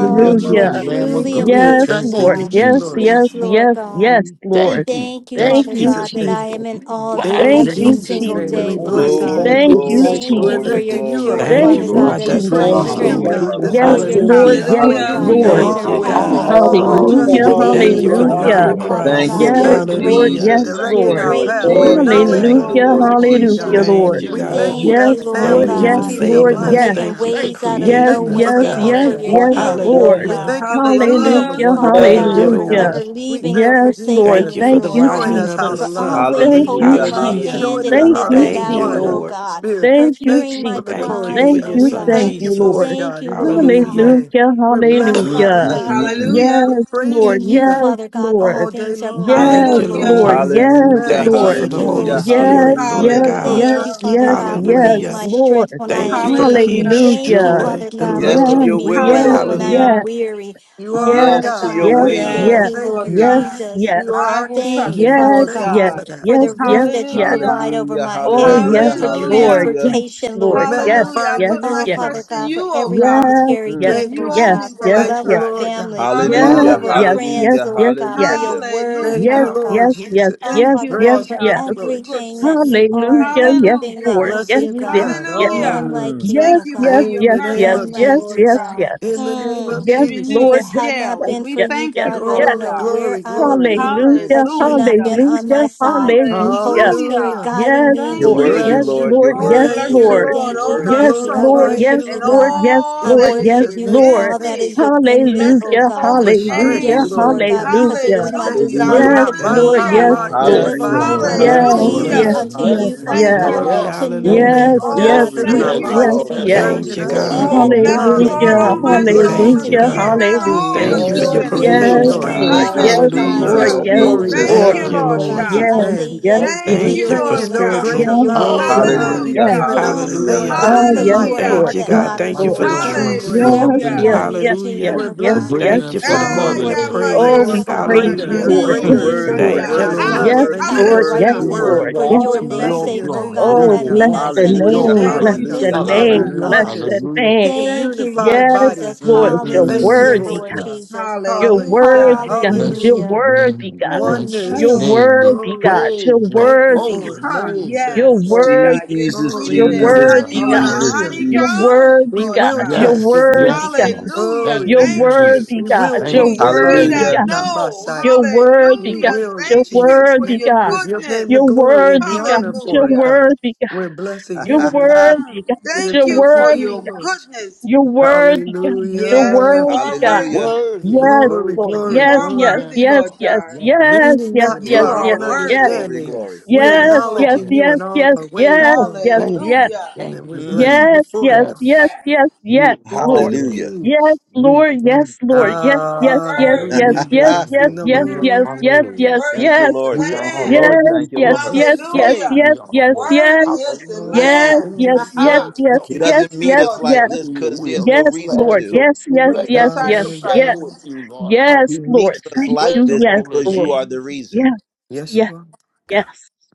Speaker 2: Keep your
Speaker 6: to
Speaker 7: you are
Speaker 6: the
Speaker 2: mind, Lord.
Speaker 6: Lamb of
Speaker 8: Thank
Speaker 7: truly
Speaker 8: you.
Speaker 6: God.
Speaker 8: We are
Speaker 2: Hallelujah.
Speaker 5: Yes,
Speaker 7: amazing,
Speaker 6: Thank
Speaker 8: trusting
Speaker 6: you,
Speaker 5: Lord.
Speaker 8: in
Speaker 7: God.
Speaker 8: you,
Speaker 2: Thank
Speaker 5: Yes,
Speaker 2: you,
Speaker 8: Lord.
Speaker 6: Jesus.
Speaker 2: Lord
Speaker 5: yes,
Speaker 7: Yes,
Speaker 2: Jesus.
Speaker 7: Lord
Speaker 5: yes,
Speaker 7: God.
Speaker 5: yes,
Speaker 2: Hallelujah.
Speaker 5: Lord.
Speaker 6: Thank you.
Speaker 7: Thank you,
Speaker 8: In
Speaker 5: Thank
Speaker 6: Thank
Speaker 7: Father
Speaker 5: you,
Speaker 6: you.
Speaker 7: God,
Speaker 8: Jesus'
Speaker 7: that I
Speaker 8: name.
Speaker 7: am
Speaker 5: Jesus.
Speaker 7: in
Speaker 6: We
Speaker 7: all of you
Speaker 6: rise
Speaker 8: In
Speaker 5: Thank
Speaker 6: in the
Speaker 7: every
Speaker 2: Thank
Speaker 5: you,
Speaker 2: you for
Speaker 8: Jesus'
Speaker 5: Jesus.
Speaker 7: single
Speaker 2: your
Speaker 8: name,
Speaker 7: day,
Speaker 8: we
Speaker 2: will,
Speaker 9: Thank
Speaker 2: Lord.
Speaker 7: Lord
Speaker 6: fullness.
Speaker 9: you,
Speaker 8: blessing
Speaker 7: God.
Speaker 1: Glory,
Speaker 9: thank
Speaker 8: you.
Speaker 5: Thank
Speaker 9: you,
Speaker 8: God.
Speaker 5: you,
Speaker 6: Yes,
Speaker 1: glory,
Speaker 9: thank
Speaker 2: Hallelujah.
Speaker 7: Thank
Speaker 9: you,
Speaker 7: you
Speaker 8: We're
Speaker 6: Lord.
Speaker 7: for
Speaker 5: Jesus.
Speaker 1: glory,
Speaker 7: your
Speaker 8: lifting you
Speaker 1: glory,
Speaker 8: up,
Speaker 7: joy,
Speaker 2: Thank
Speaker 4: Thank
Speaker 2: you,
Speaker 5: Thank
Speaker 4: you
Speaker 8: Lord.
Speaker 7: Father
Speaker 1: glory.
Speaker 4: for
Speaker 5: you,
Speaker 7: God,
Speaker 2: Lord
Speaker 4: our
Speaker 7: that
Speaker 8: We're
Speaker 7: is
Speaker 5: Jesus.
Speaker 2: Jesus.
Speaker 7: my
Speaker 6: Hallelujah.
Speaker 9: thank
Speaker 4: destinies,
Speaker 8: praising
Speaker 9: you,
Speaker 8: you,
Speaker 7: strength,
Speaker 2: Hallelujah.
Speaker 4: Lord.
Speaker 9: thank
Speaker 8: God,
Speaker 9: you,
Speaker 6: Hallelujah.
Speaker 8: this
Speaker 7: for
Speaker 5: Yes,
Speaker 9: thank
Speaker 2: Hallelujah.
Speaker 6: Hallelujah.
Speaker 7: your
Speaker 8: morning.
Speaker 9: you.
Speaker 5: Lord.
Speaker 4: Hallelujah.
Speaker 7: peace,
Speaker 5: Yes,
Speaker 7: Lord
Speaker 2: Thank
Speaker 3: Hallelujah.
Speaker 7: God,
Speaker 2: you,
Speaker 8: Hallelujah,
Speaker 1: Hallelujah,
Speaker 7: that
Speaker 5: Lord.
Speaker 2: Lord.
Speaker 4: Thank
Speaker 6: You
Speaker 4: you,
Speaker 8: always.
Speaker 7: surpasses
Speaker 1: hallelujah,
Speaker 4: God.
Speaker 6: are
Speaker 2: Hallelujah.
Speaker 8: We're
Speaker 7: all
Speaker 6: our
Speaker 9: Hallelujah,
Speaker 5: Hallelujah.
Speaker 1: hallelujah.
Speaker 6: King.
Speaker 8: trusting in
Speaker 6: We
Speaker 8: you,
Speaker 4: Thank you
Speaker 7: understanding.
Speaker 2: But
Speaker 9: hallelujah,
Speaker 4: for
Speaker 2: we
Speaker 8: Lord
Speaker 4: the
Speaker 6: walk
Speaker 8: God.
Speaker 4: mind
Speaker 5: Hallelujah.
Speaker 7: Oh,
Speaker 4: of
Speaker 6: toward
Speaker 2: recognize
Speaker 9: hallelujah.
Speaker 7: Father
Speaker 2: that
Speaker 1: Thank
Speaker 2: you've
Speaker 6: our
Speaker 8: We
Speaker 1: you,
Speaker 4: Christ.
Speaker 7: God,
Speaker 5: Yes,
Speaker 7: you're
Speaker 1: Lord
Speaker 2: already
Speaker 8: thank you,
Speaker 6: kingdom.
Speaker 2: done,
Speaker 5: Lord.
Speaker 2: Lord.
Speaker 7: great.
Speaker 8: Lord,
Speaker 4: Hallelujah.
Speaker 8: for
Speaker 5: Yes,
Speaker 1: Jesus.
Speaker 2: Praise you,
Speaker 1: Thank
Speaker 7: You're
Speaker 8: directing
Speaker 1: you,
Speaker 2: Lord.
Speaker 5: Lord.
Speaker 8: our
Speaker 1: Lord
Speaker 7: great,
Speaker 8: path. We're
Speaker 2: Hallelujah.
Speaker 9: Yes,
Speaker 7: Lord.
Speaker 4: Glory
Speaker 1: Jesus.
Speaker 4: to
Speaker 9: Lord.
Speaker 7: Yes,
Speaker 1: Thank
Speaker 7: you
Speaker 8: acknowledging
Speaker 4: God.
Speaker 1: you,
Speaker 2: Thank
Speaker 7: are,
Speaker 8: you
Speaker 2: you
Speaker 5: Hallelujah.
Speaker 2: for
Speaker 1: Lord
Speaker 8: this
Speaker 2: the
Speaker 7: Lord
Speaker 8: morning,
Speaker 2: peace,
Speaker 8: God.
Speaker 5: Hallelujah,
Speaker 2: Lord.
Speaker 7: Jesus.
Speaker 1: Jesus.
Speaker 6: Oh,
Speaker 4: Thank
Speaker 5: Lord.
Speaker 4: you,
Speaker 8: We
Speaker 2: Hallelujah.
Speaker 6: yes,
Speaker 9: Thank
Speaker 4: God.
Speaker 8: thank
Speaker 6: Lord.
Speaker 9: you.
Speaker 8: you
Speaker 7: Thank
Speaker 5: Yes,
Speaker 7: you,
Speaker 8: as
Speaker 6: Yes,
Speaker 7: Lord
Speaker 5: Lord.
Speaker 6: Lord.
Speaker 4: Thank
Speaker 8: family
Speaker 4: you
Speaker 8: and
Speaker 4: for
Speaker 5: Yes,
Speaker 7: God,
Speaker 2: Hallelujah.
Speaker 6: Yes,
Speaker 8: kingdom
Speaker 6: Lord.
Speaker 5: Lord.
Speaker 4: saving
Speaker 7: for
Speaker 4: us.
Speaker 5: Yes.
Speaker 2: Hallelujah.
Speaker 8: life.
Speaker 7: making
Speaker 4: Thank you for
Speaker 7: ways
Speaker 6: Thank you,
Speaker 7: out of
Speaker 8: We
Speaker 5: Yes,
Speaker 6: Jesus.
Speaker 7: no
Speaker 4: creating
Speaker 8: thank you for
Speaker 4: us,
Speaker 7: way.
Speaker 8: the
Speaker 5: yes,
Speaker 7: Thank you
Speaker 4: God.
Speaker 6: Thank
Speaker 5: yes,
Speaker 7: for
Speaker 8: culture,
Speaker 6: you.
Speaker 7: your
Speaker 9: Uh-huh.
Speaker 8: Lord
Speaker 5: yes,
Speaker 6: Thank
Speaker 8: God.
Speaker 7: healing,
Speaker 6: you.
Speaker 7: oh
Speaker 9: Yeah.
Speaker 5: Lord.
Speaker 8: We
Speaker 4: Hallelujah.
Speaker 8: thank
Speaker 7: God.
Speaker 8: you for the love
Speaker 7: Thank
Speaker 8: of
Speaker 3: Hallelujah.
Speaker 7: you,
Speaker 5: Hallelujah,
Speaker 8: one
Speaker 7: Father
Speaker 8: another,
Speaker 9: Yes,
Speaker 4: Thank you,
Speaker 7: God,
Speaker 9: Lord.
Speaker 8: Lord
Speaker 7: for
Speaker 8: God.
Speaker 4: Lord.
Speaker 5: hallelujah.
Speaker 7: never
Speaker 8: We
Speaker 7: leaving nor
Speaker 8: thank you,
Speaker 5: Yes, Lord.
Speaker 4: Thank
Speaker 7: forsaking
Speaker 8: Jesus,
Speaker 4: you
Speaker 7: me,
Speaker 4: for
Speaker 5: Thank
Speaker 4: the
Speaker 5: you,
Speaker 7: Lord
Speaker 8: showing
Speaker 7: God.
Speaker 4: rising
Speaker 8: us
Speaker 4: of
Speaker 8: how
Speaker 4: the
Speaker 5: Jesus.
Speaker 8: to
Speaker 7: For
Speaker 8: love.
Speaker 4: sun.
Speaker 7: always
Speaker 5: Thank you,
Speaker 8: Hallelujah.
Speaker 1: Hallelujah,
Speaker 7: holding my
Speaker 5: Jesus.
Speaker 4: Hallelujah.
Speaker 7: hand
Speaker 8: Showing
Speaker 7: in the
Speaker 8: us
Speaker 1: hallelujah,
Speaker 5: Thank
Speaker 8: how to
Speaker 5: you,
Speaker 7: midnight
Speaker 8: be
Speaker 4: Thank you,
Speaker 7: hour,
Speaker 8: one
Speaker 5: Jesus.
Speaker 8: in
Speaker 1: hallelujah.
Speaker 7: oh
Speaker 4: Lord.
Speaker 7: God.
Speaker 8: spirit.
Speaker 7: For
Speaker 5: Thank you,
Speaker 8: Thank
Speaker 7: hearing
Speaker 8: you
Speaker 7: my
Speaker 8: for the
Speaker 5: Jesus.
Speaker 4: Thank you for
Speaker 7: cries,
Speaker 5: Thank
Speaker 8: cornea.
Speaker 4: your
Speaker 7: oh
Speaker 5: you,
Speaker 8: We
Speaker 4: son,
Speaker 5: thank
Speaker 7: God.
Speaker 8: thank
Speaker 5: you,
Speaker 8: you for
Speaker 4: Jesus.
Speaker 8: it,
Speaker 5: Lord.
Speaker 7: Thank
Speaker 8: God,
Speaker 7: you,
Speaker 8: in
Speaker 7: Lord
Speaker 8: Jesus'
Speaker 4: Hallelujah.
Speaker 7: God.
Speaker 8: name.
Speaker 5: Hallelujah,
Speaker 8: We're
Speaker 1: Mm,
Speaker 7: Oh,
Speaker 8: blessing
Speaker 1: mm,
Speaker 8: our
Speaker 7: Father
Speaker 1: mm,
Speaker 5: hallelujah.
Speaker 7: God,
Speaker 8: Savior.
Speaker 7: that
Speaker 1: mm, mm.
Speaker 3: Hallelujah.
Speaker 8: We're
Speaker 5: Yes,
Speaker 7: in
Speaker 5: Lord.
Speaker 8: praising you,
Speaker 7: you,
Speaker 8: God.
Speaker 5: Yes,
Speaker 7: Father God, all
Speaker 8: All
Speaker 5: Lord.
Speaker 8: day
Speaker 7: things are
Speaker 8: long, we're
Speaker 4: Thank
Speaker 5: Yes,
Speaker 7: possible,
Speaker 4: you,
Speaker 8: blessing
Speaker 7: Lord
Speaker 3: Hallelujah.
Speaker 5: Lord.
Speaker 8: you.
Speaker 4: Lord.
Speaker 7: Jesus.
Speaker 8: We're
Speaker 5: Yes,
Speaker 1: Hallelujah,
Speaker 4: Thank you for
Speaker 5: Lord.
Speaker 8: magnifying
Speaker 7: Thank
Speaker 4: the
Speaker 8: your
Speaker 7: you,
Speaker 4: Holy
Speaker 8: name.
Speaker 1: hallelujah,
Speaker 7: Lord
Speaker 4: Spirit,
Speaker 5: Yes,
Speaker 7: Jesus.
Speaker 4: Lord
Speaker 5: yes,
Speaker 1: hallelujah.
Speaker 8: We will
Speaker 4: God.
Speaker 5: yes,
Speaker 7: Thank you,
Speaker 8: trust
Speaker 3: Hallelujah.
Speaker 8: in
Speaker 7: Father
Speaker 8: you
Speaker 5: yes,
Speaker 7: God, for being
Speaker 5: yes,
Speaker 4: Hallelujah.
Speaker 7: my
Speaker 8: always.
Speaker 5: Lord.
Speaker 7: strength when I
Speaker 4: Thank you
Speaker 8: Glory
Speaker 7: am
Speaker 8: to
Speaker 4: for
Speaker 7: weak.
Speaker 8: God.
Speaker 3: Hallelujah.
Speaker 4: peace,
Speaker 7: Thank you,
Speaker 5: Hallelujah.
Speaker 4: joy,
Speaker 7: Father
Speaker 8: Thank you,
Speaker 4: and
Speaker 7: God, for
Speaker 1: Yes to
Speaker 8: Lord.
Speaker 4: love.
Speaker 7: giving
Speaker 1: your
Speaker 5: Yes,
Speaker 7: me
Speaker 8: We
Speaker 1: will,
Speaker 5: yes,
Speaker 8: will
Speaker 7: rest
Speaker 1: Lord.
Speaker 7: when I
Speaker 8: be.
Speaker 4: Hallelujah.
Speaker 7: am
Speaker 5: yes,
Speaker 3: Hallelujah.
Speaker 7: weary.
Speaker 8: You
Speaker 7: Oh,
Speaker 8: are our
Speaker 5: yes,
Speaker 1: Yes
Speaker 7: Father
Speaker 1: to
Speaker 8: God,
Speaker 1: your
Speaker 7: God,
Speaker 5: yes,
Speaker 8: Lord.
Speaker 1: way,
Speaker 8: We
Speaker 7: thank
Speaker 1: Lord.
Speaker 5: yes,
Speaker 7: you,
Speaker 3: Yes,
Speaker 8: thank
Speaker 3: Lord
Speaker 7: Lord
Speaker 8: you.
Speaker 5: yes,
Speaker 3: God.
Speaker 7: Jesus.
Speaker 5: yes,
Speaker 8: You are
Speaker 3: I
Speaker 8: our
Speaker 3: will
Speaker 7: Thank you,
Speaker 3: trust
Speaker 8: King. We
Speaker 3: you,
Speaker 7: Father
Speaker 3: Lord
Speaker 5: yes,
Speaker 8: thank you
Speaker 5: yes,
Speaker 7: God,
Speaker 3: God.
Speaker 8: for that,
Speaker 7: for the
Speaker 5: yes,
Speaker 8: Lord God.
Speaker 7: roof
Speaker 5: yes,
Speaker 7: that you
Speaker 5: yes.
Speaker 7: provide
Speaker 3: Hallelujah.
Speaker 7: over
Speaker 1: Hallelujah,
Speaker 7: my
Speaker 5: Oh,
Speaker 8: We're
Speaker 7: head,
Speaker 5: yes,
Speaker 1: hallelujah,
Speaker 7: for
Speaker 8: blessing you, Jesus.
Speaker 5: Lord.
Speaker 3: Hallelujah.
Speaker 1: hallelujah.
Speaker 5: Yes,
Speaker 7: transportation,
Speaker 8: We're
Speaker 5: Lord.
Speaker 7: Lord
Speaker 5: Yes,
Speaker 7: God.
Speaker 3: Hallelujah. I
Speaker 8: magnifying
Speaker 5: yes,
Speaker 8: your
Speaker 3: put my
Speaker 7: Oh,
Speaker 8: name,
Speaker 5: yes.
Speaker 7: Father
Speaker 8: Lord
Speaker 3: trust in
Speaker 7: God,
Speaker 8: God.
Speaker 7: for
Speaker 3: you, O
Speaker 7: every
Speaker 3: God.
Speaker 5: Yes,
Speaker 7: monetary
Speaker 5: yes,
Speaker 1: Mm.
Speaker 7: gift,
Speaker 3: And
Speaker 8: Thank you,
Speaker 3: you
Speaker 7: Lord
Speaker 5: yes,
Speaker 3: only
Speaker 7: God,
Speaker 8: Jesus.
Speaker 7: for
Speaker 3: will
Speaker 5: yes,
Speaker 3: I
Speaker 8: Thank
Speaker 7: love
Speaker 8: you,
Speaker 5: yes.
Speaker 7: of
Speaker 8: Lord
Speaker 3: trust.
Speaker 8: God.
Speaker 7: family,
Speaker 8: You
Speaker 5: Yes,
Speaker 7: for
Speaker 8: are the
Speaker 7: love
Speaker 1: Hallelujah,
Speaker 7: of
Speaker 8: rock.
Speaker 5: yes,
Speaker 3: Hallelujah.
Speaker 5: yes,
Speaker 7: friends,
Speaker 1: hallelujah,
Speaker 7: Lord
Speaker 5: yes,
Speaker 7: God, for
Speaker 5: yes.
Speaker 7: your
Speaker 1: hallelujah.
Speaker 7: word,
Speaker 8: Thank
Speaker 5: Yes,
Speaker 8: you,
Speaker 7: Father
Speaker 3: Hallelujah.
Speaker 8: Lord
Speaker 5: yes,
Speaker 7: God.
Speaker 5: yes,
Speaker 7: Oh,
Speaker 8: Jesus.
Speaker 5: yes,
Speaker 3: Thank you,
Speaker 7: Father
Speaker 5: yes,
Speaker 7: God,
Speaker 3: Lord
Speaker 8: Praise your
Speaker 7: for
Speaker 3: God,
Speaker 5: yes.
Speaker 3: for
Speaker 8: name,
Speaker 3: your
Speaker 8: Lord
Speaker 7: everything that
Speaker 8: Jesus.
Speaker 3: goodness.
Speaker 7: you are and
Speaker 5: Hallelujah. Yes,
Speaker 7: everything that
Speaker 3: Hallelujah.
Speaker 5: Lord.
Speaker 7: you
Speaker 5: Yes,
Speaker 7: do,
Speaker 8: Blessing you,
Speaker 7: God.
Speaker 5: yes,
Speaker 8: God.
Speaker 5: yes.
Speaker 7: None
Speaker 3: Hallelujah.
Speaker 8: Oh,
Speaker 7: like
Speaker 1: Mm.
Speaker 7: you,
Speaker 5: Yes,
Speaker 3: Thank
Speaker 7: oh
Speaker 3: you for
Speaker 5: yes,
Speaker 3: your
Speaker 8: in
Speaker 7: God.
Speaker 5: yes,
Speaker 8: the name
Speaker 5: yes,
Speaker 7: None
Speaker 8: of
Speaker 3: mercy,
Speaker 5: yes,
Speaker 7: like
Speaker 3: Lord
Speaker 7: you,
Speaker 5: yes,
Speaker 8: Jesus.
Speaker 3: God,
Speaker 7: God.
Speaker 8: In
Speaker 5: yes.
Speaker 8: the name
Speaker 7: Mm.
Speaker 3: which
Speaker 8: of
Speaker 3: is
Speaker 5: Yes,
Speaker 7: If it
Speaker 5: Lord.
Speaker 8: Jesus.
Speaker 3: renewed
Speaker 7: had not
Speaker 5: Yes,
Speaker 3: daily.
Speaker 7: been
Speaker 3: We
Speaker 7: for
Speaker 5: yes,
Speaker 7: you,
Speaker 3: thank
Speaker 5: yes,
Speaker 3: you,
Speaker 7: God, I
Speaker 3: Lord
Speaker 5: yes.
Speaker 7: don't
Speaker 8: Glory,
Speaker 7: know
Speaker 3: God.
Speaker 7: where
Speaker 8: glory,
Speaker 7: I would
Speaker 8: glory,
Speaker 7: be
Speaker 8: glory.
Speaker 5: Hallelujah.
Speaker 7: had you
Speaker 8: Thank
Speaker 7: not
Speaker 8: you,
Speaker 3: Hallelujah.
Speaker 7: been
Speaker 8: Jesus.
Speaker 7: on
Speaker 5: Hallelujah.
Speaker 7: my side.
Speaker 5: Hallelujah.
Speaker 7: Holy Spirit
Speaker 3: Hallelujah.
Speaker 8: Hallelujah.
Speaker 7: guiding
Speaker 5: Yes,
Speaker 7: me and
Speaker 1: You're
Speaker 3: Thank
Speaker 8: We
Speaker 5: Lord.
Speaker 3: you.
Speaker 1: worthy,
Speaker 5: Yes,
Speaker 7: teaching
Speaker 8: bless
Speaker 7: me.
Speaker 8: you.
Speaker 1: Lord. You're
Speaker 5: Lord.
Speaker 8: We
Speaker 3: Oh,
Speaker 5: Yes,
Speaker 1: worthy,
Speaker 8: thank
Speaker 3: bless
Speaker 1: you're
Speaker 7: Thank
Speaker 8: you.
Speaker 3: the
Speaker 7: you,
Speaker 5: Lord.
Speaker 1: worthy,
Speaker 3: Lord,
Speaker 1: you're
Speaker 7: thank you,
Speaker 8: We
Speaker 3: oh
Speaker 8: are
Speaker 3: my
Speaker 1: worthy.
Speaker 7: thank
Speaker 5: Yes,
Speaker 7: you. I
Speaker 5: Lord.
Speaker 3: soul,
Speaker 8: glorifying
Speaker 5: Yes,
Speaker 8: you,
Speaker 7: worship you,
Speaker 3: and
Speaker 8: Lord.
Speaker 5: Lord.
Speaker 7: God.
Speaker 5: Yes,
Speaker 3: all
Speaker 7: I
Speaker 8: In
Speaker 5: Lord.
Speaker 3: that is
Speaker 5: Yes,
Speaker 7: worship
Speaker 8: Jesus'
Speaker 7: you with
Speaker 8: name, we
Speaker 5: Lord.
Speaker 7: all
Speaker 3: within
Speaker 7: that
Speaker 8: thank you
Speaker 7: is
Speaker 3: me.
Speaker 7: within me,
Speaker 3: Bless
Speaker 7: oh
Speaker 3: his
Speaker 5: Hallelujah.
Speaker 7: God.
Speaker 8: for
Speaker 3: holy name.
Speaker 8: strength.
Speaker 5: Hallelujah.
Speaker 7: Yes,
Speaker 1: Hallelujah,
Speaker 8: Glory
Speaker 7: Lord
Speaker 8: to
Speaker 7: God,
Speaker 8: God.
Speaker 7: because it
Speaker 1: hallelujah,
Speaker 8: We
Speaker 5: Hallelujah.
Speaker 7: is my
Speaker 8: thank you
Speaker 3: Hallelujah.
Speaker 8: for it's
Speaker 1: hallelujah.
Speaker 7: desire
Speaker 5: Yes,
Speaker 7: to
Speaker 8: not by
Speaker 4: Thank
Speaker 5: Lord.
Speaker 4: you,
Speaker 7: please
Speaker 8: power,
Speaker 3: Hallelujah.
Speaker 5: Yes,
Speaker 7: you,
Speaker 8: Lord,
Speaker 4: Lord.
Speaker 7: to
Speaker 8: but it's
Speaker 5: Lord.
Speaker 7: live
Speaker 6: Yes,
Speaker 7: a
Speaker 8: by your
Speaker 7: life
Speaker 1: Hallelujah,
Speaker 6: Lord.
Speaker 7: that is
Speaker 8: word.
Speaker 4: Glory,
Speaker 6: Yes,
Speaker 5: Yes,
Speaker 8: And we
Speaker 7: pleasing
Speaker 3: Hallelujah.
Speaker 4: glory,
Speaker 5: yes,
Speaker 6: yes,
Speaker 1: hallelujah,
Speaker 8: thank
Speaker 7: unto
Speaker 8: you,
Speaker 5: yes,
Speaker 7: you,
Speaker 6: yes,
Speaker 8: Lord, in
Speaker 6: Lord.
Speaker 7: Father
Speaker 3: Thank
Speaker 5: yes.
Speaker 1: hallelujah.
Speaker 3: you,
Speaker 7: God,
Speaker 8: Jesus'
Speaker 4: glory.
Speaker 3: Lord.
Speaker 8: name.
Speaker 6: Yes,
Speaker 7: to know
Speaker 6: thank
Speaker 8: Thank
Speaker 7: you,
Speaker 4: Hallelujah.
Speaker 8: you
Speaker 5: Yes,
Speaker 6: you.
Speaker 8: for
Speaker 7: oh
Speaker 5: yes,
Speaker 3: Oh,
Speaker 7: God,
Speaker 6: Yes,
Speaker 7: the
Speaker 1: Glory,
Speaker 5: yes,
Speaker 8: strengthening
Speaker 7: way
Speaker 3: thank
Speaker 8: our
Speaker 7: you
Speaker 3: you,
Speaker 1: glory,
Speaker 6: yes,
Speaker 7: want
Speaker 5: yes,
Speaker 3: Lord.
Speaker 7: to
Speaker 8: bodies,
Speaker 1: glory,
Speaker 7: be
Speaker 5: yes.
Speaker 6: yes.
Speaker 7: known,
Speaker 1: glory,
Speaker 4: Thank
Speaker 8: encouraging
Speaker 4: you,
Speaker 7: to
Speaker 8: us.
Speaker 1: glory,
Speaker 7: be
Speaker 4: God.
Speaker 3: Oh,
Speaker 7: that
Speaker 1: glory.
Speaker 3: bless
Speaker 7: daughter
Speaker 3: the
Speaker 6: Hallelujah,
Speaker 7: that
Speaker 3: Lord,
Speaker 7: you
Speaker 5: Hallelujah.
Speaker 8: Hallelujah.
Speaker 7: have
Speaker 3: oh
Speaker 8: We
Speaker 3: my
Speaker 6: hallelujah,
Speaker 7: purposed
Speaker 8: bless
Speaker 7: me
Speaker 3: soul,
Speaker 8: you,
Speaker 4: Thank
Speaker 7: to
Speaker 3: and
Speaker 4: you,
Speaker 6: hallelujah.
Speaker 5: Hallelujah.
Speaker 7: be,
Speaker 8: God.
Speaker 3: forget
Speaker 4: God.
Speaker 7: oh
Speaker 3: not
Speaker 7: God.
Speaker 3: all
Speaker 5: Hallelujah.
Speaker 8: We
Speaker 4: Thank
Speaker 3: of
Speaker 4: you for
Speaker 3: his
Speaker 1: Jesus,
Speaker 4: your
Speaker 7: Your
Speaker 6: Yes,
Speaker 7: will
Speaker 5: Yes,
Speaker 8: reciprocate,
Speaker 7: over
Speaker 4: provisions,
Speaker 1: Jesus,
Speaker 3: benefits.
Speaker 8: Lord
Speaker 6: yes,
Speaker 7: my
Speaker 8: God.
Speaker 4: God.
Speaker 5: Lord.
Speaker 7: life,
Speaker 6: Lord.
Speaker 1: Jesus,
Speaker 7: Lord
Speaker 5: Yes,
Speaker 3: Hallelujah.
Speaker 7: God,
Speaker 4: Hallelujah.
Speaker 6: Praise
Speaker 5: Lord.
Speaker 7: your
Speaker 1: Jesus,
Speaker 8: Oh,
Speaker 6: your
Speaker 5: Yes,
Speaker 7: will
Speaker 8: glory
Speaker 7: and
Speaker 6: holy
Speaker 8: to
Speaker 7: your
Speaker 3: Thank
Speaker 1: Jesus.
Speaker 5: Lord.
Speaker 4: Thank
Speaker 7: way,
Speaker 3: you,
Speaker 4: you,
Speaker 8: God.
Speaker 6: name.
Speaker 8: In
Speaker 7: Lord
Speaker 3: Lord
Speaker 7: God.
Speaker 6: Thank
Speaker 4: Lord.
Speaker 7: So
Speaker 3: God.
Speaker 6: you,
Speaker 8: Jesus'
Speaker 7: I
Speaker 5: Yes,
Speaker 6: thank
Speaker 7: say
Speaker 8: name,
Speaker 6: you,
Speaker 5: yes,
Speaker 7: yes
Speaker 6: thank
Speaker 5: yes,
Speaker 7: to
Speaker 3: Thank
Speaker 8: we
Speaker 6: you.
Speaker 4: Thank
Speaker 7: your
Speaker 3: you,
Speaker 4: you
Speaker 8: thank
Speaker 4: for
Speaker 3: Lord
Speaker 8: you.
Speaker 7: will
Speaker 8: No
Speaker 7: and
Speaker 3: God.
Speaker 7: yes
Speaker 5: yes,
Speaker 7: to
Speaker 4: spiritual
Speaker 8: greater
Speaker 7: your
Speaker 8: love
Speaker 7: way,
Speaker 8: than
Speaker 4: growth,
Speaker 7: oh
Speaker 8: the
Speaker 5: yes.
Speaker 6: Oh,
Speaker 8: love
Speaker 7: God.
Speaker 4: Lord.
Speaker 8: you've
Speaker 5: yes.
Speaker 1: Hallelujah,
Speaker 3: Hallelujah.
Speaker 8: given us
Speaker 7: Yes,
Speaker 8: and
Speaker 1: hallelujah,
Speaker 7: Lord
Speaker 8: laid
Speaker 4: Hallelujah.
Speaker 7: God,
Speaker 8: down
Speaker 5: Oh,
Speaker 8: your
Speaker 5: yes,
Speaker 7: because you
Speaker 1: hallelujah.
Speaker 8: life
Speaker 7: are
Speaker 8: for
Speaker 4: Thank
Speaker 3: Hallelujah.
Speaker 7: all
Speaker 5: Lord.
Speaker 8: us,
Speaker 4: you,
Speaker 7: that
Speaker 5: Yes,
Speaker 4: God.
Speaker 8: God.
Speaker 7: matters,
Speaker 4: Thank you for
Speaker 5: Lord.
Speaker 6: watching
Speaker 8: We're
Speaker 7: Lord
Speaker 4: the
Speaker 6: over
Speaker 7: God.
Speaker 6: us
Speaker 8: thankful
Speaker 5: Yes,
Speaker 8: in
Speaker 4: truth.
Speaker 7: Whatever
Speaker 6: throughout the
Speaker 7: you
Speaker 8: Jesus'
Speaker 3: Hallelujah.
Speaker 5: yes,
Speaker 7: want
Speaker 6: night
Speaker 7: me
Speaker 8: name.
Speaker 7: to
Speaker 5: yes,
Speaker 7: do,
Speaker 5: yes,
Speaker 4: Hallelujah.
Speaker 8: We're
Speaker 3: Mm,
Speaker 7: Lord
Speaker 5: yes,
Speaker 6: for
Speaker 3: mm,
Speaker 7: God.
Speaker 8: blessing you.
Speaker 5: yes,
Speaker 6: bringing
Speaker 4: Thank
Speaker 3: mm.
Speaker 4: you
Speaker 6: us
Speaker 4: for
Speaker 5: yes.
Speaker 4: the
Speaker 7: Tell
Speaker 8: God.
Speaker 3: Ah,
Speaker 7: me
Speaker 4: garment
Speaker 6: another
Speaker 7: what
Speaker 4: of
Speaker 3: yeah,
Speaker 7: it
Speaker 6: day.
Speaker 3: my,
Speaker 7: is,
Speaker 5: Oh,
Speaker 3: yeah,
Speaker 8: Thank you
Speaker 4: praise.
Speaker 5: we
Speaker 7: Lord
Speaker 3: don't
Speaker 8: for
Speaker 3: bullshit,
Speaker 7: God.
Speaker 5: praise
Speaker 8: greater.
Speaker 5: you,
Speaker 3: ah,
Speaker 8: The
Speaker 4: Hallelujah.
Speaker 3: da,
Speaker 5: Lord.
Speaker 7: Lead
Speaker 3: don't
Speaker 1: You're
Speaker 5: Yes,
Speaker 8: greater
Speaker 3: bullshit,
Speaker 7: me,
Speaker 8: is He
Speaker 1: worthy,
Speaker 6: Mhm.
Speaker 1: you're
Speaker 7: Lord
Speaker 5: Lord.
Speaker 4: Thank
Speaker 3: ah.
Speaker 4: you,
Speaker 7: God,
Speaker 8: that's
Speaker 1: worthy,
Speaker 8: in
Speaker 3: Ah,
Speaker 1: you're
Speaker 4: Lord.
Speaker 7: along
Speaker 8: us
Speaker 5: Yes,
Speaker 7: your
Speaker 8: than
Speaker 1: worthy,
Speaker 8: He
Speaker 7: path
Speaker 1: you're
Speaker 7: of
Speaker 5: Lord.
Speaker 8: that's in
Speaker 5: Yes,
Speaker 1: worthy,
Speaker 8: the
Speaker 3: Hallelujah.
Speaker 6: We
Speaker 1: you're
Speaker 7: righteousness
Speaker 6: will
Speaker 8: world.
Speaker 5: Lord.
Speaker 7: for
Speaker 1: worthy.
Speaker 6: walk
Speaker 5: Yes,
Speaker 7: your
Speaker 8: We're
Speaker 3: Oh,
Speaker 6: in
Speaker 5: Lord.
Speaker 7: name's
Speaker 3: thank
Speaker 6: your
Speaker 8: blessing
Speaker 7: sake,
Speaker 3: you,
Speaker 8: your
Speaker 7: O
Speaker 8: name
Speaker 6: glory.
Speaker 7: God, that
Speaker 8: for
Speaker 6: We
Speaker 5: Oh,
Speaker 3: Jesus.
Speaker 8: it,
Speaker 7: I
Speaker 6: will
Speaker 7: may
Speaker 8: God.
Speaker 5: bless
Speaker 7: not
Speaker 6: walk
Speaker 5: your
Speaker 7: sin
Speaker 6: in
Speaker 8: We're
Speaker 6: your
Speaker 1: Hallelujah,
Speaker 7: against
Speaker 5: name.
Speaker 7: you
Speaker 3: Thank
Speaker 5: Bless
Speaker 8: standing,
Speaker 7: on
Speaker 3: you,
Speaker 6: praise.
Speaker 8: God,
Speaker 5: your
Speaker 7: this
Speaker 1: hallelujah,
Speaker 7: day, O
Speaker 8: together
Speaker 5: name.
Speaker 8: in
Speaker 6: Hallelujah,
Speaker 1: hallelujah.
Speaker 3: Jesus.
Speaker 7: God.
Speaker 5: Bless your
Speaker 8: oneness,
Speaker 6: hallelujah,
Speaker 5: name.
Speaker 8: in
Speaker 3: Thank
Speaker 7: Thank you,
Speaker 3: you,
Speaker 7: Lord
Speaker 8: unified
Speaker 5: Yes,
Speaker 3: Jesus.
Speaker 8: body.
Speaker 7: Jesus.
Speaker 5: Lord.
Speaker 8: And we
Speaker 5: your are
Speaker 8: thank
Speaker 6: Yes,
Speaker 8: you
Speaker 1: Mm.
Speaker 7: Hallelujah,
Speaker 8: for
Speaker 5: worthy,
Speaker 6: yes,
Speaker 8: it,
Speaker 7: Lord
Speaker 5: God.
Speaker 8: God.
Speaker 6: yes.
Speaker 7: Jesus.
Speaker 5: your are
Speaker 8: Hallelujah.
Speaker 3: Hallelujah.
Speaker 5: worthy, God. your
Speaker 6: Bless
Speaker 5: are
Speaker 7: Hallelujah.
Speaker 8: Hallelujah.
Speaker 6: your name,
Speaker 5: worthy,
Speaker 6: we
Speaker 5: God.
Speaker 3: Oh,
Speaker 6: bless
Speaker 3: my
Speaker 6: your
Speaker 5: your are
Speaker 3: Lord.
Speaker 8: Oneness.
Speaker 6: name. We
Speaker 5: worthy,
Speaker 8: Glory.
Speaker 5: God. You're
Speaker 6: praise your
Speaker 8: Thank you
Speaker 5: worthy.
Speaker 6: holy
Speaker 8: for it,
Speaker 3: Huh,
Speaker 6: name.
Speaker 5: your are
Speaker 3: yes,
Speaker 8: Jesus.
Speaker 3: Lord God.
Speaker 5: worthy,
Speaker 3: You're
Speaker 5: God.
Speaker 1: Jesus,
Speaker 8: Glory
Speaker 3: sweeter
Speaker 5: You're
Speaker 8: to
Speaker 3: than
Speaker 1: Jesus,
Speaker 8: God.
Speaker 6: Hallelujah,
Speaker 5: worthy,
Speaker 3: honey on
Speaker 5: God.
Speaker 3: a
Speaker 1: Jesus,
Speaker 8: Hallelujah.
Speaker 6: hallelujah.
Speaker 5: You're
Speaker 1: Jesus.
Speaker 3: honeycomb,
Speaker 5: worthy,
Speaker 8: We
Speaker 3: Lord
Speaker 5: God.
Speaker 8: will
Speaker 3: God.
Speaker 5: You're
Speaker 8: trust
Speaker 6: Yes,
Speaker 8: in you.
Speaker 5: worthy,
Speaker 6: yes,
Speaker 5: God.
Speaker 6: yes.
Speaker 3: Hallelujah.
Speaker 6: Thank
Speaker 8: Glory
Speaker 5: You're
Speaker 8: to
Speaker 6: you,
Speaker 3: Thank
Speaker 8: God.
Speaker 3: you.
Speaker 5: worthy,
Speaker 8: We
Speaker 5: God.
Speaker 6: Jesus.
Speaker 8: will
Speaker 5: You're
Speaker 6: Thank
Speaker 8: walk
Speaker 3: He's
Speaker 6: you,
Speaker 8: in by
Speaker 3: sweet,
Speaker 6: thank
Speaker 5: worthy,
Speaker 3: I
Speaker 8: faith,
Speaker 6: you,
Speaker 1: Hallelujah.
Speaker 5: God.
Speaker 8: not by
Speaker 3: know.
Speaker 6: Jesus.
Speaker 8: sight.
Speaker 5: You're worthy,
Speaker 8: We
Speaker 3: Hallelujah.
Speaker 5: God.
Speaker 8: will, in
Speaker 5: You're
Speaker 3: Thank you
Speaker 8: Jesus'
Speaker 3: for
Speaker 5: worthy,
Speaker 8: name.
Speaker 3: your
Speaker 5: God.
Speaker 8: Give your name the
Speaker 5: You're
Speaker 3: goodness.
Speaker 8: glory and the
Speaker 5: worthy, God.
Speaker 8: honor
Speaker 5: You're
Speaker 8: for it,
Speaker 3: Hallelujah.
Speaker 8: God.
Speaker 5: worthy, God.
Speaker 8: We're blessing
Speaker 1: [laughs]
Speaker 5: You're
Speaker 8: you. Lord.
Speaker 5: worthy, God.
Speaker 3: Mhm.
Speaker 8: We are
Speaker 3: Thank
Speaker 5: You're
Speaker 3: you
Speaker 8: thanking
Speaker 3: for
Speaker 8: you,
Speaker 5: worthy,
Speaker 3: your
Speaker 5: God.
Speaker 8: Lord.
Speaker 3: goodness.
Speaker 5: You're worthy, God. You're
Speaker 3: Yes,
Speaker 8: Hallelujah.
Speaker 3: you
Speaker 5: worthy,
Speaker 3: are
Speaker 5: God.
Speaker 1: hallelujah.
Speaker 3: worthy.
Speaker 6: Worthy,
Speaker 5: Yes,
Speaker 8: Glory,
Speaker 6: worthy,
Speaker 5: Lord.
Speaker 8: glory,
Speaker 3: You
Speaker 5: Yes,
Speaker 3: are
Speaker 6: worthy.
Speaker 8: glory.
Speaker 5: yes,
Speaker 3: worthy,
Speaker 6: Yes,
Speaker 5: yes,
Speaker 3: Lord
Speaker 6: Lord.
Speaker 5: yes,
Speaker 3: God.
Speaker 6: Yes,
Speaker 5: yes,
Speaker 8: Leaning
Speaker 5: yes,
Speaker 8: not
Speaker 6: worthy.
Speaker 8: to
Speaker 5: yes,
Speaker 3: You
Speaker 8: our
Speaker 1: Glory,
Speaker 3: are
Speaker 8: own
Speaker 1: glory,
Speaker 5: yes,
Speaker 3: worthy.
Speaker 1: glory,
Speaker 8: understanding,
Speaker 1: glory.
Speaker 6: Yes,
Speaker 8: we're
Speaker 3: Yes,
Speaker 5: yes,
Speaker 6: yes,
Speaker 5: yes,
Speaker 3: Lord.
Speaker 8: acknowledging
Speaker 5: yes,
Speaker 6: yes.
Speaker 8: you
Speaker 5: yes,
Speaker 8: in all
Speaker 5: yes, yes,
Speaker 8: our ways,
Speaker 5: yes,
Speaker 8: Lord
Speaker 5: yes,
Speaker 8: God.
Speaker 6: Thank
Speaker 5: yes,
Speaker 6: you.
Speaker 3: Hallelujah.
Speaker 6: Thank
Speaker 8: And we're
Speaker 6: you. Thank
Speaker 1: Mm,
Speaker 8: blessing you
Speaker 5: Yes,
Speaker 6: you.
Speaker 8: for
Speaker 5: yes,
Speaker 8: it, Lord
Speaker 5: yes,
Speaker 8: God.
Speaker 6: Yes,
Speaker 3: Yes,
Speaker 5: yes, yes,
Speaker 6: you
Speaker 8: We
Speaker 6: are
Speaker 5: Lord.
Speaker 8: thank
Speaker 1: hallelujah.
Speaker 6: worthy.
Speaker 8: you.
Speaker 5: Yes,
Speaker 6: We
Speaker 5: Lord,
Speaker 6: thank
Speaker 5: yes, Lord.
Speaker 6: you.
Speaker 5: Yes,
Speaker 3: you
Speaker 5: yes,
Speaker 3: are
Speaker 5: yes,
Speaker 3: worthy.
Speaker 5: yes,
Speaker 8: Hallelujah. We're
Speaker 1: [laughs]
Speaker 5: yes,
Speaker 6: Hallelujah.
Speaker 8: blessing the
Speaker 5: yes,
Speaker 6: Hallelujah.
Speaker 8: Lord.
Speaker 5: yes,
Speaker 6: Hallelujah.
Speaker 5: yes,
Speaker 1: Thank
Speaker 3: Worthy
Speaker 1: you,
Speaker 5: yes,
Speaker 3: is the
Speaker 1: Lord.
Speaker 6: We
Speaker 1: Thank
Speaker 5: yes, yes.
Speaker 1: you,
Speaker 6: are
Speaker 3: Lamb.
Speaker 1: Lord.
Speaker 6: worthy
Speaker 5: Yes,
Speaker 1: Thank you,
Speaker 5: yes,
Speaker 6: because
Speaker 1: Lord.
Speaker 6: you
Speaker 5: yes, yes,
Speaker 6: say
Speaker 3: Hallelujah.
Speaker 6: we
Speaker 5: yes,
Speaker 6: are
Speaker 5: yes,
Speaker 6: worthy.
Speaker 3: Worthy
Speaker 5: yes.
Speaker 3: is the
Speaker 6: Hallelujah.
Speaker 8: Glory,
Speaker 5: Yes,
Speaker 3: Lamb.
Speaker 6: Because you
Speaker 3: [laughs]
Speaker 5: yes,
Speaker 8: glory,
Speaker 3: ha
Speaker 5: yes,
Speaker 6: say
Speaker 3: ha!
Speaker 8: glory to
Speaker 5: yes,
Speaker 8: the
Speaker 6: so.
Speaker 1: He
Speaker 8: King.
Speaker 3: Thank
Speaker 1: doesn't
Speaker 3: you,
Speaker 5: yes,
Speaker 1: meet us
Speaker 3: Lord
Speaker 1: like
Speaker 3: Jesus,
Speaker 5: yes, yes.
Speaker 1: this
Speaker 6: Hallelujah.
Speaker 1: because
Speaker 6: We
Speaker 1: there's
Speaker 6: are
Speaker 1: no
Speaker 5: Yes,
Speaker 1: reason
Speaker 5: Lord.
Speaker 6: glad,
Speaker 1: to.
Speaker 5: Yes,
Speaker 6: so
Speaker 5: yes,
Speaker 3: for your
Speaker 5: yes,
Speaker 6: glad to
Speaker 5: yes,
Speaker 6: share
Speaker 5: yes.
Speaker 6: with
Speaker 8: Hallelujah.
Speaker 3: sacrifice.
Speaker 6: you, Lord.
Speaker 1: He
Speaker 5: Yes, Lord.
Speaker 6: Hallelujah.
Speaker 1: meets us
Speaker 5: Thank
Speaker 6: Praise
Speaker 1: like
Speaker 5: you.
Speaker 6: your
Speaker 1: this
Speaker 5: Yes,
Speaker 6: holy
Speaker 1: because
Speaker 5: Lord.
Speaker 1: you
Speaker 6: name.
Speaker 1: are the reason.
Speaker 5: Yes,
Speaker 8: Yes,
Speaker 5: yes,
Speaker 8: you are, God.
Speaker 5: yes,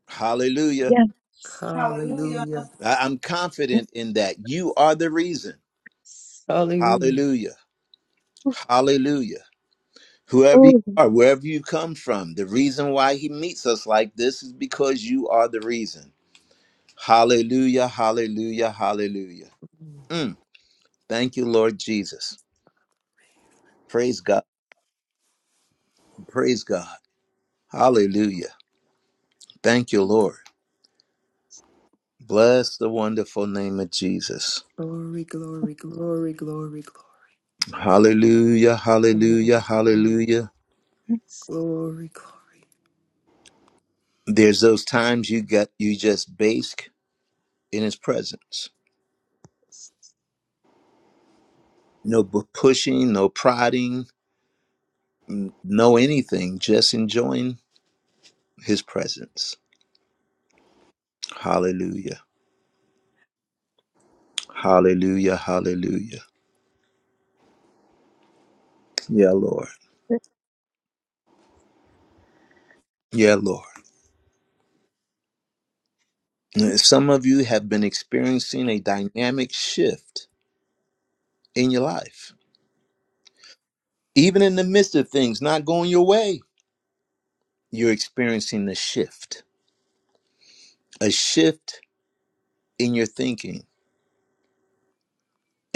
Speaker 1: Hallelujah.
Speaker 5: yes,
Speaker 3: Hallelujah.
Speaker 8: Hallelujah.
Speaker 1: I- I'm confident in that. You are the reason.
Speaker 5: yes.
Speaker 8: Hallelujah.
Speaker 1: Hallelujah. Hallelujah. Whoever you
Speaker 5: Oh,
Speaker 1: are, wherever you come from, the reason why he meets us like this is because you are the reason. Hallelujah. Hallelujah. Hallelujah. Mm. Thank you, Lord Jesus. Praise God. Praise God. Hallelujah. Thank you, Lord. Bless the wonderful name of Jesus.
Speaker 8: Glory, glory, glory, glory, glory.
Speaker 1: Hallelujah. Hallelujah.
Speaker 8: Hallelujah.
Speaker 1: Hallelujah.
Speaker 5: yes.
Speaker 8: Glory, glory.
Speaker 1: There's those times you get you just bask in his presence. No bu- pushing, no prodding, n- no anything, just enjoying his presence. Hallelujah. Hallelujah. Hallelujah. Yeah, Lord. Yeah, Lord. Some of you have been experiencing a dynamic shift in your life. Even in the midst of things not going your way, you're experiencing a shift, a shift in your thinking,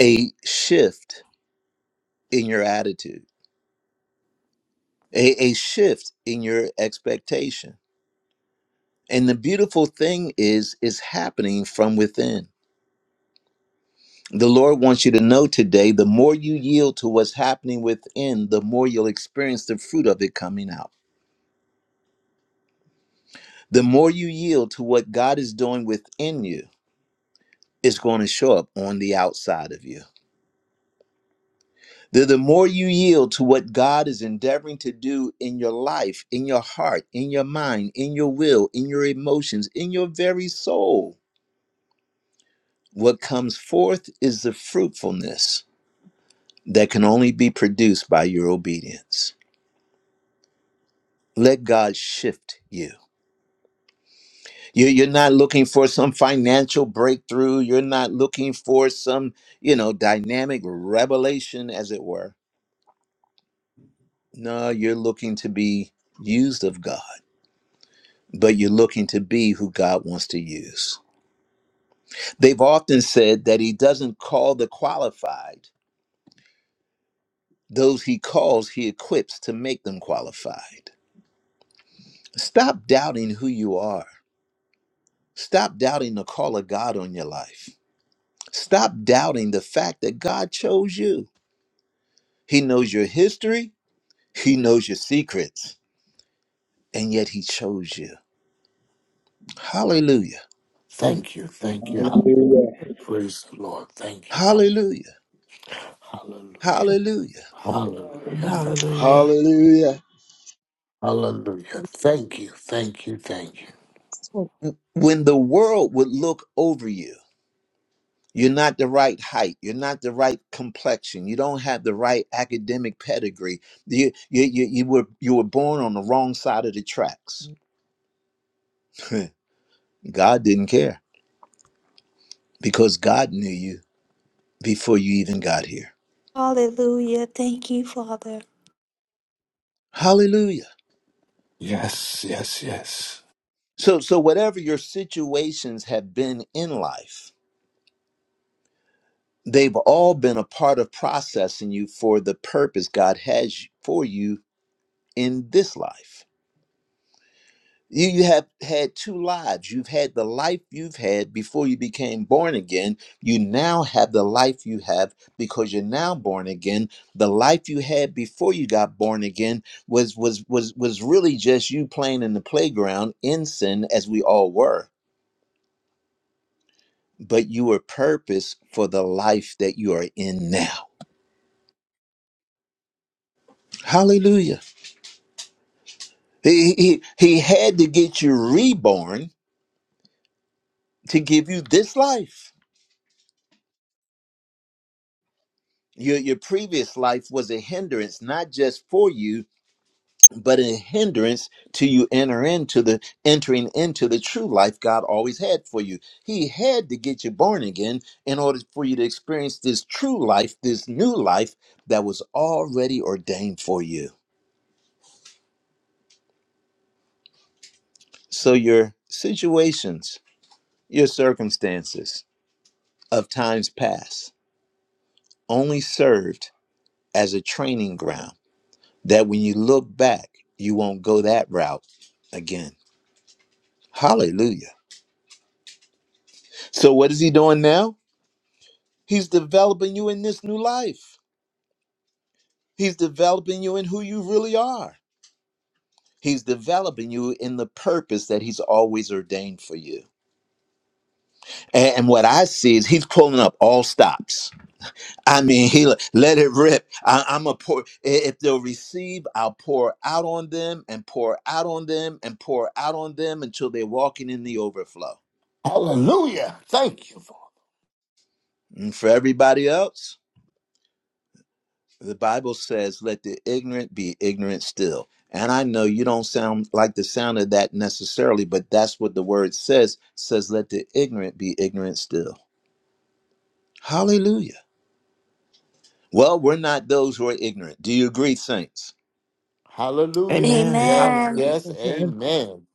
Speaker 1: a shift in your attitude, a, a shift in your expectation. And the beautiful thing is, it's happening from within. The Lord wants you to know today the more you yield to what's happening within, the more you'll experience the fruit of it coming out. The more you yield to what God is doing within you, it's going to show up on the outside of you. The, the more you yield to what God is endeavoring to do in your life, in your heart, in your mind, in your will, in your emotions, in your very soul, what comes forth is the fruitfulness that can only be produced by your obedience. Let God shift you. You- You're not looking for some financial breakthrough. You're not looking for some, you know, dynamic revelation, as it were. No, you're looking to be used of God, but you're looking to be who God wants to use. They've often said that He doesn't call the qualified, those He calls, He equips to make them qualified. Stop doubting who you are, stop doubting the call of God on your life, stop doubting the fact that God chose you. He knows your history. He knows your secrets. And yet he chose you. Hallelujah.
Speaker 6: Thank you. Thank you. Hallelujah.
Speaker 9: Hallelujah,
Speaker 6: Praise the Lord. Thank you, Father.
Speaker 1: Hallelujah.
Speaker 6: Hallelujah.
Speaker 1: Hallelujah.
Speaker 6: Hallelujah. Thank-
Speaker 4: Hallelujah.
Speaker 9: hallelujah,
Speaker 6: Hallelujah. Thank you. Thank you. Thank you.
Speaker 1: When the world would look over you, you're not the right height. You're not the right complexion. You don't have the right academic pedigree. You, you, you, you, were, you were born on the wrong side of the tracks. [laughs] God didn't care because God knew you before you even got here.
Speaker 7: Hallelujah. Thank you, Father.
Speaker 1: Hallelujah.
Speaker 6: Yes. Yes. Yes.
Speaker 1: So, so whatever your situations have been in life, They've all been a part of processing you for the purpose God has for you in this life. You, you have had two lives. You've had the life you've had before you became born again. You now have the life you have because you're now born again. The life you had before you got born again was was was was really just you playing in the playground in sin as we all were. But you were purposed for the life that you are in now. Hallelujah. He, he, he had to get you reborn to give you this life. Your, your previous life was a hindrance, not just for you, but a hindrance to you enter into the entering into the true life God always had for you. He had to get you born again in order for you to experience this true life, this new life that was already ordained for you. So your situations, your circumstances of times past only served as a training ground that when you look back, you won't go that route again. Hallelujah. So, what is he doing now? He's developing you in this new life, he's developing you in who you really are. He's developing you in the purpose that he's always ordained for you. And, and what I see is he's pulling up all stops. I mean, he le- let it rip. I, I'm a pour. i- If they'll receive, I'll pour out on them and pour out on them and pour out on them until they're walking in the overflow.
Speaker 6: Hallelujah. Thank you, Father.
Speaker 1: And for everybody else, the Bible says, "Let the ignorant be ignorant still." And I know you don't sound like the sound of that necessarily, but that's what the word says. Says, "Let the ignorant be ignorant still." Hallelujah. Well, we're not those who are ignorant. Do you agree, saints?
Speaker 6: Hallelujah.
Speaker 4: Amen.
Speaker 6: Yes.
Speaker 7: Amen.
Speaker 3: Hallelujah.
Speaker 6: Yes.
Speaker 5: Thank you.
Speaker 6: Amen.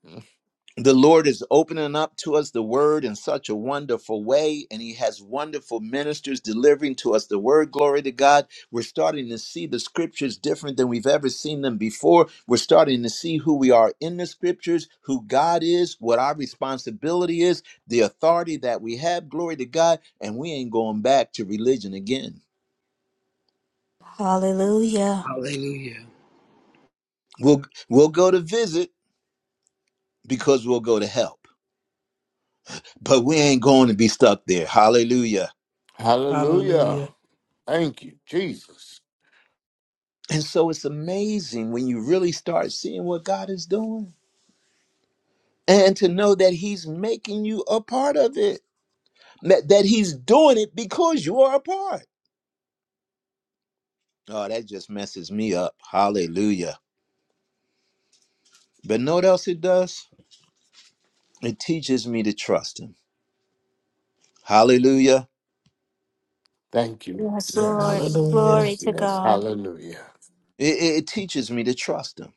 Speaker 1: the Lord is opening up to us the word in such a wonderful way, and He has wonderful ministers delivering to us the word. Glory to God. We're starting to see the scriptures different than we've ever seen them before. We're starting to see who we are in the scriptures, who God is, what our responsibility is, the authority that we have. Glory to God. And we ain't going back to religion again.
Speaker 7: Hallelujah.
Speaker 1: We'll, we'll go to visit because we'll go to help, but we ain't going to be stuck there. Hallelujah.
Speaker 6: Hallelujah.
Speaker 4: Hallelujah.
Speaker 6: Thank you, Jesus.
Speaker 1: And so it's amazing when you really start seeing what God is doing and to know that He's making you a part of it, that, that He's doing it because you are a part. Oh, that just messes me up. Hallelujah. But know what else it does? It teaches me to trust Him. Hallelujah.
Speaker 6: Thank you.
Speaker 7: Yes, Lord.
Speaker 6: Yes.
Speaker 4: Hallelujah.
Speaker 7: Glory
Speaker 6: Yes.
Speaker 7: to
Speaker 6: Yes.
Speaker 7: God.
Speaker 6: Hallelujah.
Speaker 1: It, it it teaches me to trust Him.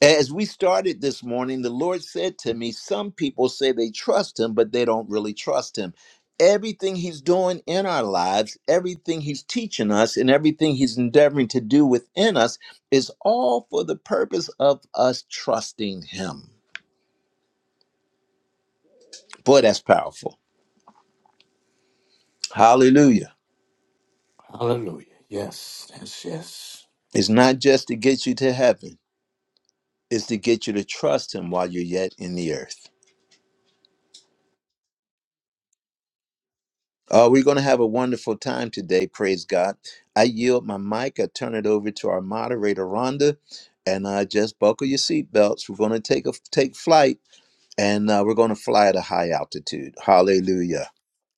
Speaker 1: As we started this morning, the Lord said to me, Some people say they trust Him, but they don't really trust Him. Everything He's doing in our lives, everything He's teaching us, and everything He's endeavoring to do within us is all for the purpose of us trusting Him. Boy, that's powerful. Hallelujah.
Speaker 6: Hallelujah. Yes. Yes. Yes.
Speaker 1: It's not just to get you to heaven, it's to get you to trust Him while you're yet in the earth. Uh, we're going to have a wonderful time today. Praise God. I yield my mic. I turn it over to our moderator, Rhonda, and uh, just buckle your seatbelts. We're going to take a take flight, and uh, we're going to fly at a high altitude. Hallelujah.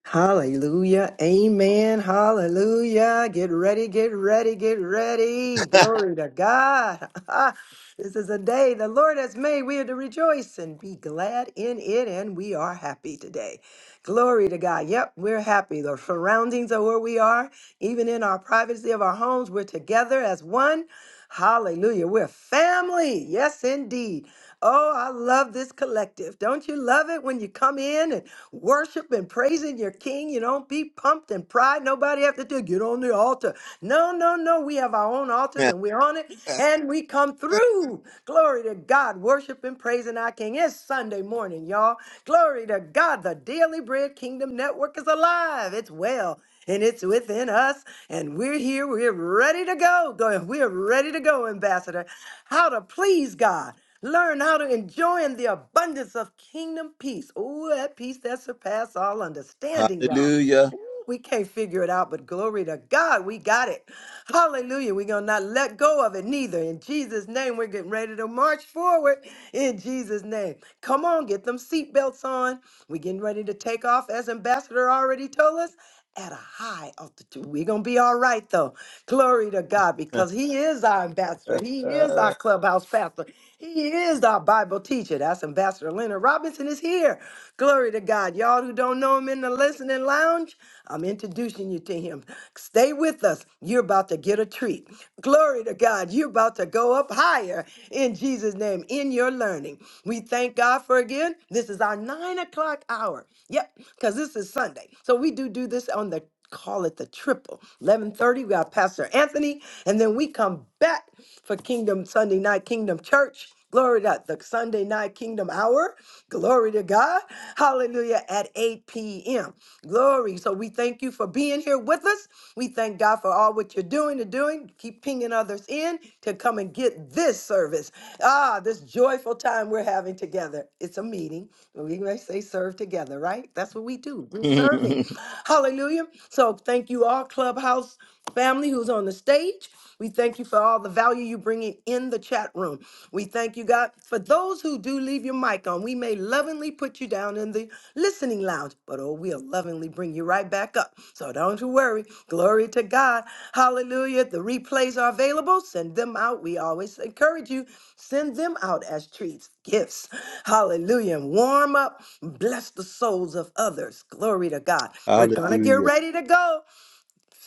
Speaker 8: Hallelujah. Amen. Hallelujah. Get ready, get ready, get ready. Glory to God. [laughs] this is a day the Lord has made. We are to rejoice and be glad in it, and we are happy today. Glory to God. Yep, we're happy. The surroundings are where we are, even in our privacy of our homes, we're together as one. Hallelujah. We're family. Yes, indeed. Oh, I love this collective. Don't you love it when you come in and worship and praising your king. You don't be pumped and pride. Nobody have to do get on the altar. No, no, no. We have our own altars
Speaker 1: [laughs]
Speaker 8: and we're on it and we come through. Glory to God. Worship and praising our king. It's Sunday morning, y'all. Glory to God. The Daily Bread Kingdom Network is alive. It's well and it's within us. And we're here. We're ready to go. Go. We're ready to go, Ambassador. How to please God. Learn how to enjoy in the abundance of kingdom peace. Oh, that peace that surpasses all understanding, y'all.
Speaker 1: Hallelujah.
Speaker 8: We can't figure it out, but glory to God, we got it. Hallelujah. We're going to not let go of it neither. In Jesus' name, we're getting ready to march forward. In Jesus' name. Come on, get them seatbelts on. We're getting ready to take off, as Ambassador already told us, at a high altitude. We're going to be all right, though. Glory to God,
Speaker 1: [laughs]
Speaker 8: because He is our ambassador. He is our clubhouse pastor. He is our Bible teacher. That's Ambassador Leonard Robinson is here. Glory to God. Y'all who don't know him in the listening lounge, I'm introducing you to him. Stay with us. You're about to get a treat. Glory to God. You're about to go up higher in Jesus' name in your learning. We thank God for again. This is our nine o'clock hour. Yep, because this is Sunday. So we do do this on the call it the triple eleven thirty. we got pastor anthony and then we come back for kingdom sunday night kingdom church glory to God, the sunday night kingdom hour glory to god hallelujah at 8 p.m Glory. So we thank you for being here with us. We thank God for all what you're doing and doing. Keep pinging others in to come and get this service. Ah, this joyful time we're having together. It's a meeting. We may say serve together, right? That's what we do. We're serving. Hallelujah. So thank you all, Clubhouse family who's on the stage. We thank you for all the value you bring in in the chat room. We thank you, God. For those who do leave your mic on, we may lovingly put you down in the Listening Lounge, but oh, we'll lovingly bring you right back up. So don't you worry. Glory to God. Hallelujah. The replays are available. Send them out. We always encourage you. Send them out as treats, gifts. Hallelujah. And warm up. Bless the souls of others. Glory to God. We're going to get
Speaker 1: Hallelujah.
Speaker 8: ready to go.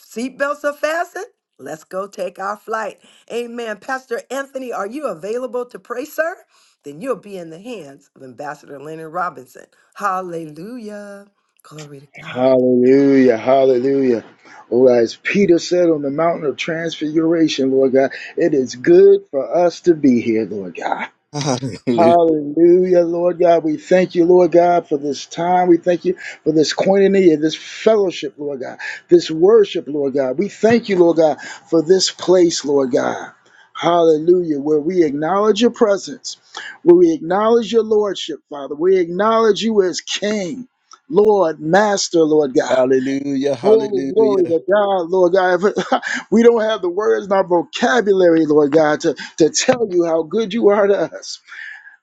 Speaker 8: Seatbelts are fastened. Let's go take our flight. Amen. Pastor Anthony, are you available to pray, sir? Then you'll be in the hands of Ambassador Leonard Robinson. Hallelujah. Glory to God.
Speaker 9: hallelujah, hallelujah. Or as Peter said on the mountain of transfiguration, Lord God, it is good for us to be here, Lord God.
Speaker 1: Hallelujah.
Speaker 9: Hallelujah, Lord God. We thank you, Lord God, for this time. We thank you for this koinonia, this fellowship, Lord God, this worship, Lord God. We thank you, Lord God, for this place, Lord God. Hallelujah, where we acknowledge your presence, where we acknowledge your lordship, Father. We acknowledge you as King, Lord, Master, Lord God.
Speaker 1: Hallelujah.
Speaker 9: Oh, glory
Speaker 1: Hallelujah.
Speaker 9: to God, Lord God. [laughs] we don't have the words in our vocabulary, Lord God, to, to tell you how good you are to us.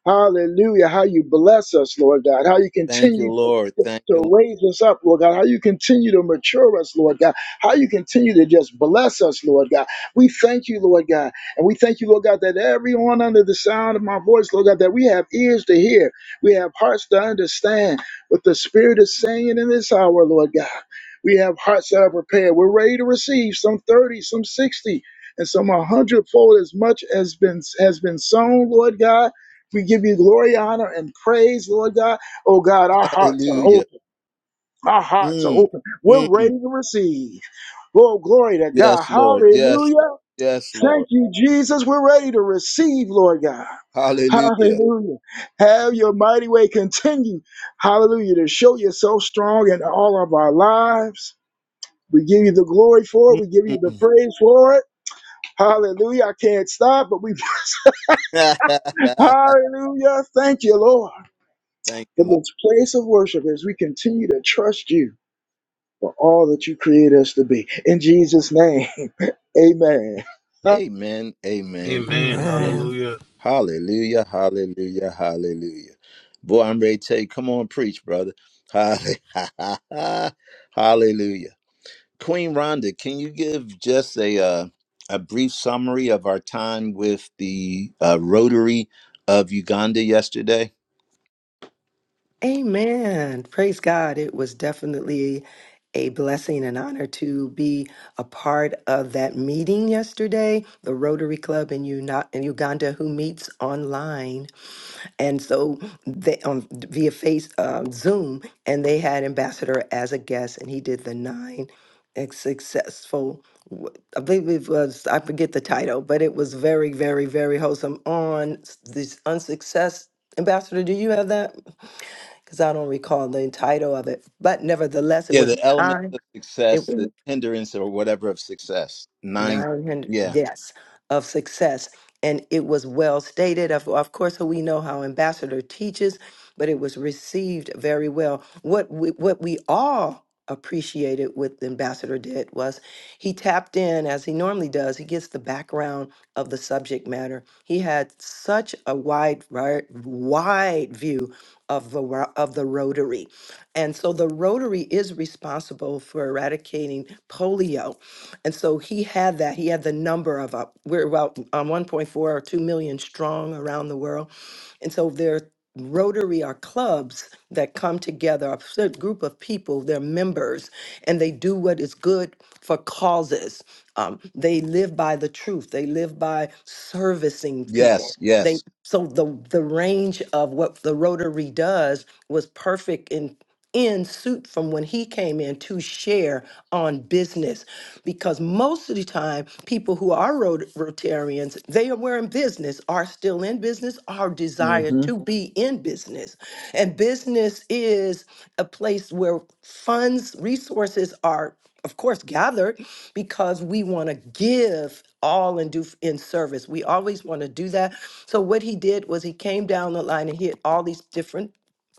Speaker 9: Hallelujah. How you bless us, Lord God. How you
Speaker 1: Thank you,
Speaker 9: continue to
Speaker 1: Lord. Thank
Speaker 9: to
Speaker 1: you. Lord.
Speaker 9: raise us up, Lord God. How you continue to mature us, Lord God. How you continue to just bless us, Lord God. We thank you, Lord God. And we thank you, Lord God, that everyone under the sound of my voice, Lord God, that we have ears to hear. We have hearts to understand what the Spirit is saying in this hour, Lord God. We have hearts that are prepared. We're ready to receive some 30, some 60, and some a hundredfold as much as been has been sown, Lord God. We give you glory, honor, and praise, Lord God. Oh God, our hearts are
Speaker 1: Hallelujah.
Speaker 9: open. Our hearts are
Speaker 1: Mm,
Speaker 9: open. We're
Speaker 1: mm.
Speaker 9: ready to receive. Oh, glory to God.
Speaker 1: Yes, Lord. Yes, Lord.
Speaker 9: Hallelujah.
Speaker 1: Yes, Lord.
Speaker 9: Thank you, Jesus. We're ready to receive, Lord God.
Speaker 1: Hallelujah.
Speaker 9: Hallelujah. Have your mighty way continue. Hallelujah. To show yourself strong in all of our lives. We give you the glory for it. We give you the
Speaker 1: Mm.
Speaker 9: praise for it. Hallelujah. I can't stop, but we
Speaker 1: [laughs]
Speaker 9: [laughs] Hallelujah. Thank you, Lord.
Speaker 1: Thank you,
Speaker 9: from
Speaker 1: Lord.
Speaker 9: this place of worship as we continue to trust you for all that you create us to be. In Jesus' name, [laughs] amen. [laughs]
Speaker 1: Amen. Amen.
Speaker 2: Amen.
Speaker 1: Amen.
Speaker 4: Amen.
Speaker 2: Hallelujah.
Speaker 1: Hallelujah. Hallelujah. Hallelujah. Boy, I'm ready to tell you, come on, preach, brother. Halle- [laughs] Hallelujah. Queen Rhonda, can you give just a uh, a brief summary of our time with the uh, Rotary of Uganda yesterday?
Speaker 8: Amen. Praise God. It was definitely a blessing and honor to be a part of that meeting yesterday, the Rotary Club in, Uni- in Uganda, who meets online. and so they um, via face um, Zoom, and they had Ambassador as a guest, and he did the nine ex- successful. w- I believe it was I forget the title, but it was very, very, very wholesome on s- this unsuccess. Ambassador, do you have that? Because I don't recall the title of it, but nevertheless, it
Speaker 1: Yeah,
Speaker 8: was
Speaker 1: the elements
Speaker 8: nine.
Speaker 1: of success, the hindrance or whatever of success. Nine.
Speaker 8: 900
Speaker 1: Yeah.
Speaker 8: yes of success and it was well stated of, of course so we know how ambassador teaches but it was received very well what we, what we all appreciated what ambassador did was he tapped in as he normally does he gets the background of the subject matter he had such a wide ri- wide view of the ro- of the rotary and so the rotary is responsible for eradicating polio and so he had that. He had the number of, uh, we're about um, 1.4 or 2 million strong around the world. And so there are Rotary are clubs that come together, a certain group of people, they're members, and they do what is good for causes. Um, they live by the truth, they live by servicing people.
Speaker 1: Yes,
Speaker 8: They
Speaker 1: yes.
Speaker 8: so the the range of what the Rotary does was perfect in in suit from when he came in to share on business because most of the time people who are rot- rotarians they are were in business are still in business or desire
Speaker 1: hmm
Speaker 8: to be in business and business is a place where funds resources are of course gathered because we want to give all and do f- in service we always want to do that so what he did was he came down the line and hit all these different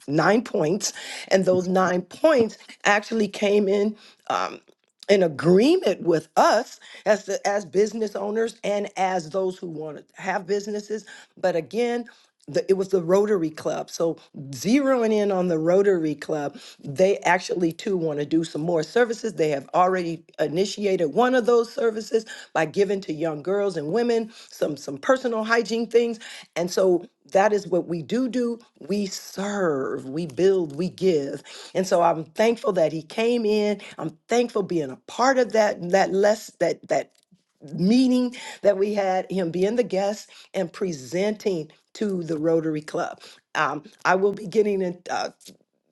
Speaker 8: nine points, and those nine points actually came in um, in agreement with us as the, as business owners and as those who want to have businesses. But again. The, it was the Rotary Club. So, zeroing in on the Rotary Club, they actually too want to do some more services. They have already initiated one of those services by giving to young girls and women some some personal hygiene things. And so that is what we do do. We serve, we build, we give. And so I'm thankful that he came in. I'm thankful being a part of that that less that that meeting that we had, him being the guest and presenting to the Rotary Club. Um, I will be getting in. uh,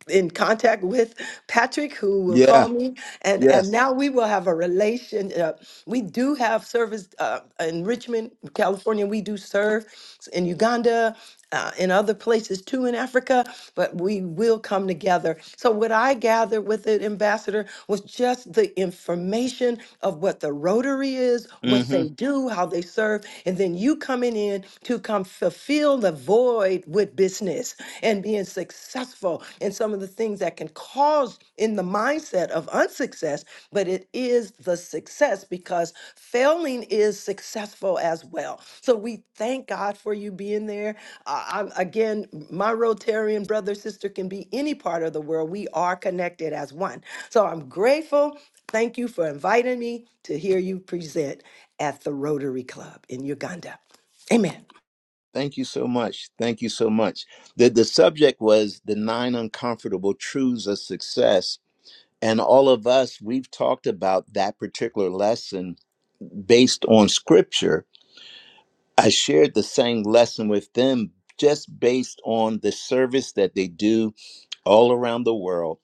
Speaker 8: in contact with Patrick, who will
Speaker 1: Yeah,
Speaker 8: call me, and and
Speaker 1: yes.
Speaker 8: now we will have a relation. Uh, we do have service uh, in Richmond, California. We do serve in Uganda, uh, in other places too in Africa. But we will come together. So what I gathered with it, Ambassador, was just the information of what the Rotary is, what
Speaker 1: hmm
Speaker 8: they do, how they serve, and then you come coming in to come fulfill the void with business and being successful in some of the things that can cause in the mindset of unsuccess, but it is the success because failing is successful as well. So we thank God for you being there. Uh, I'm, again, my Rotarian brother, sister can be any part of the world. We are connected as one. So I'm grateful. Thank you for inviting me to hear you present at the Rotary Club in Uganda. Amen.
Speaker 1: Thank you so much. Thank you so much. The the subject was the nine uncomfortable truths of success. And all of us, we've talked about that particular lesson based on scripture I shared the same lesson with them just based on the service that they do all around the world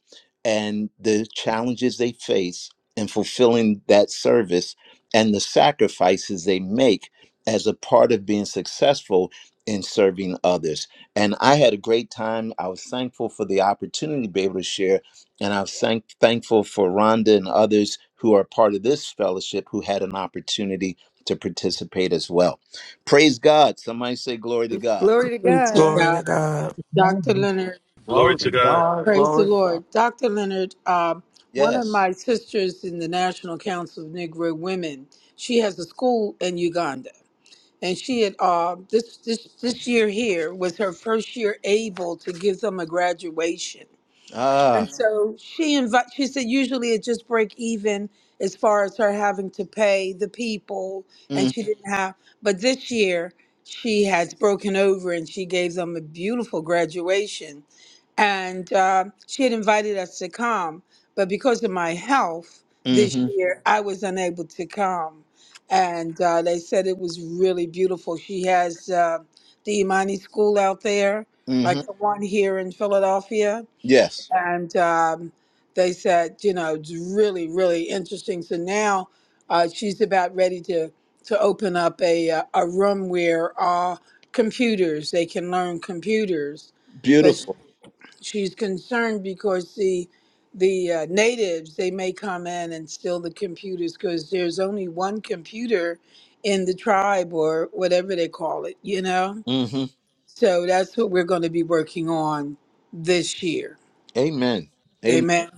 Speaker 1: and the challenges they face in fulfilling that service and the sacrifices they make as a part of being successful in serving others. And I had a great time. I was thankful for the opportunity to be able to share. And I was thank- thankful for Rhonda and others who are part of this fellowship who had an opportunity to participate as well. Praise God. Somebody say glory to God.
Speaker 8: Glory to
Speaker 3: Glory to
Speaker 8: God.
Speaker 4: Glory to
Speaker 3: God.
Speaker 4: God.
Speaker 3: Dr.
Speaker 5: Hallelujah.
Speaker 3: Leonard,
Speaker 2: Glory
Speaker 6: Glory
Speaker 2: to
Speaker 6: to
Speaker 2: God.
Speaker 6: God.
Speaker 3: praise the
Speaker 6: Glory to God.
Speaker 3: Lord. Dr. Leonard, um, one of
Speaker 1: Yes.
Speaker 3: my sisters in the National Council of Negro Women, she has a school in Uganda. And she had uh, this, this this year here was her first year able to give them a graduation.
Speaker 1: Ah.
Speaker 3: And so she invite she said usually it just break even as far as her having to pay the people and
Speaker 1: Mm,
Speaker 3: she didn't have but this year she has broken over and she gave them a beautiful graduation and uh, she had invited us to come but because of my health this
Speaker 1: hmm
Speaker 3: year i was unable to come and uh, they said it was really beautiful she has uh, the imani school out there
Speaker 1: hmm
Speaker 3: like the one here in philadelphia
Speaker 1: Yes.
Speaker 3: and um, they said, you know, it's really, really interesting. So now uh, she's about ready to to open up a uh, a room where uh, computers they can learn computers, but sh-
Speaker 1: Beautiful.
Speaker 3: she's concerned because the the uh, natives they may come in and steal the computers because there's only one computer in the tribe or whatever they call it, you know.
Speaker 1: hmm
Speaker 3: So that's what we're going to be working on this year.
Speaker 1: Amen. Amen.
Speaker 3: Amen.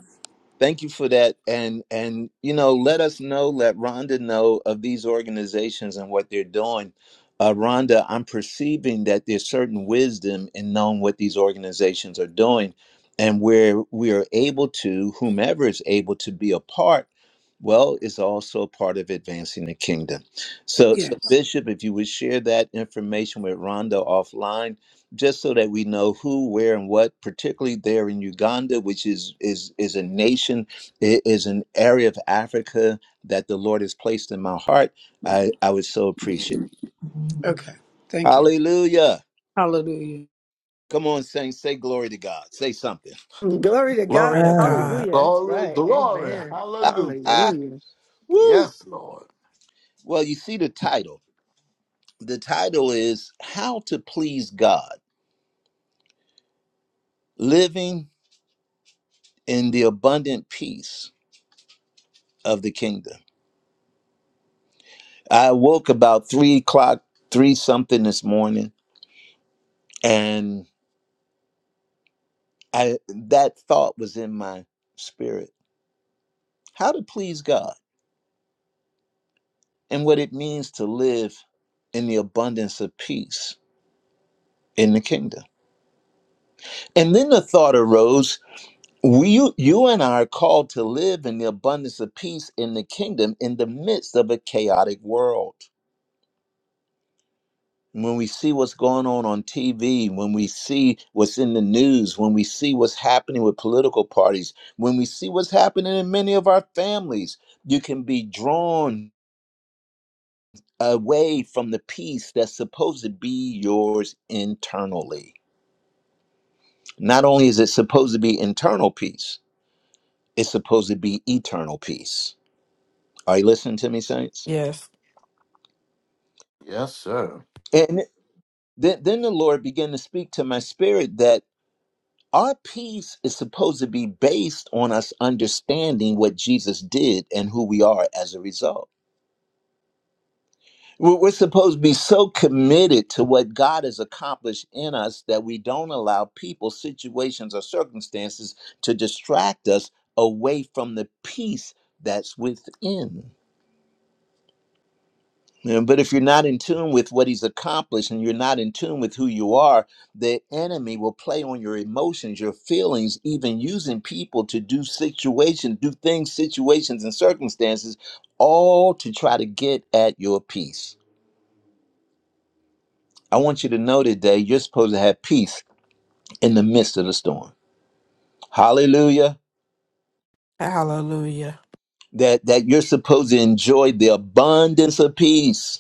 Speaker 1: Thank you for that. And and you know, let us know, let Rhonda know of these organizations and what they're doing. Uh, Rhonda, I'm perceiving that there's certain wisdom in knowing what these organizations are doing and where we are able to, whomever is able to be a part, well, is also part of advancing the kingdom. So
Speaker 3: Yeah.
Speaker 1: so Bishop, if you would share that information with Rhonda offline just so that we know who, where, and what, particularly there in Uganda, which is is is a nation, i- is an area of Africa that the Lord has placed in my heart. I I would so appreciate. it.
Speaker 3: Okay. Thank you.
Speaker 1: Hallelujah!
Speaker 3: Hallelujah.
Speaker 1: Come on, saints, say glory to God. Say something.
Speaker 8: Glory to
Speaker 4: Glory
Speaker 8: God.
Speaker 4: to God.
Speaker 8: Hallelujah. That's
Speaker 6: Glory.
Speaker 8: right.
Speaker 6: Glory.
Speaker 8: Amen.
Speaker 6: Hallelujah.
Speaker 1: [laughs]
Speaker 8: Hallelujah.
Speaker 1: Woo!
Speaker 6: Yes, Lord.
Speaker 1: Well, you see the title. The title is "How to Please God: Living in the Abundant Peace of the Kingdom." I woke about three o'clock, three something this morning And I that thought was in my spirit. How to please God and what it means to live in the abundance of peace in the kingdom. And then the thought arose, we you, you and I are called to live in the abundance of peace in the kingdom in the midst of a chaotic world. when we see what's going on on TV, when we see what's in the news, when we see what's happening with political parties, when we see what's happening in many of our families, you can be drawn away from the peace that's supposed to be yours internally. Not only is it supposed to be internal peace, it's supposed to be eternal peace. Are you listening to me, saints?
Speaker 4: Yes.
Speaker 6: Yes, sir.
Speaker 1: And then, then the Lord began to speak to my spirit that Our peace is supposed to be based on us understanding what Jesus did and who we are as a result. We're we're supposed to be so committed to what God has accomplished in us that we don't allow people, situations, or circumstances to distract us away from the peace that's within. Yeah, But if you're not in tune with what he's accomplished and you're not in tune with who you are, the enemy will play on your emotions, your feelings, even using people to do situations, do things, situations, and circumstances, all to try to get at your peace. I want you to know today you're supposed to have peace in the midst of the storm. Hallelujah.
Speaker 4: Hallelujah.
Speaker 1: That that you're supposed to enjoy the abundance of peace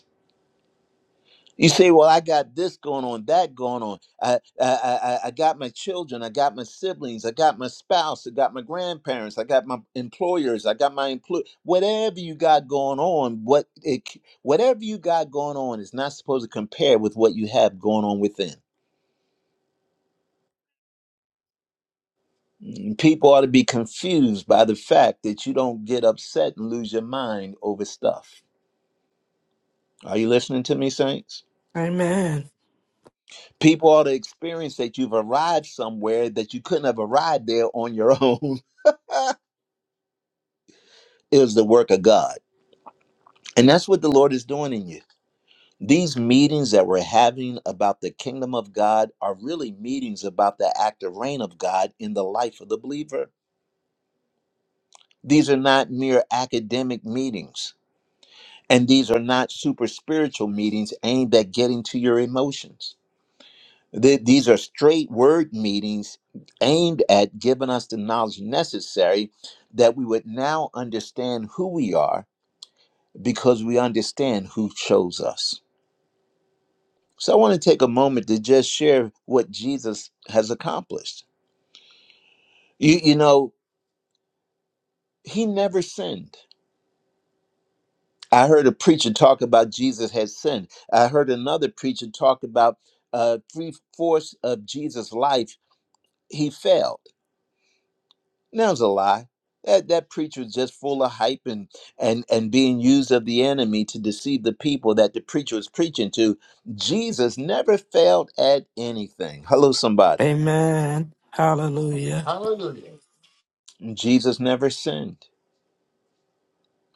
Speaker 1: You say, "Well, I got this going on, that going on. I, I, I, I got my children, I got my siblings, I got my spouse, I got my grandparents, I got my employers, I got my employ. Whatever you got going on, what it, c- whatever you got going on is not supposed to compare with what you have going on within. And People ought to be confused by the fact that you don't get upset and lose your mind over stuff. Are you listening to me, saints?
Speaker 4: Amen.
Speaker 1: People ought to experience that you've arrived somewhere that you couldn't have arrived there on your [laughs] own. is the work of God. And that's what the Lord is doing in you. These meetings that we're having about the kingdom of God are really meetings about the active reign of God in the life of the believer. These are not mere academic meetings, and these are not super spiritual meetings aimed at getting to your emotions. Th- These are straight word meetings aimed at giving us the knowledge necessary that we would now understand who we are because we understand who chose us. So I want to take a moment to just share what Jesus has accomplished. You, you know, he never sinned. I heard a preacher talk about Jesus had sinned. I heard another preacher talk about uh, three fourths of Jesus' life he failed. That was a lie. That that preacher was just full of hype and and and being used of the enemy to deceive the people that the preacher was preaching to. Jesus never failed at anything. Hello, somebody.
Speaker 4: Amen. Hallelujah.
Speaker 6: Hallelujah.
Speaker 1: Jesus never sinned.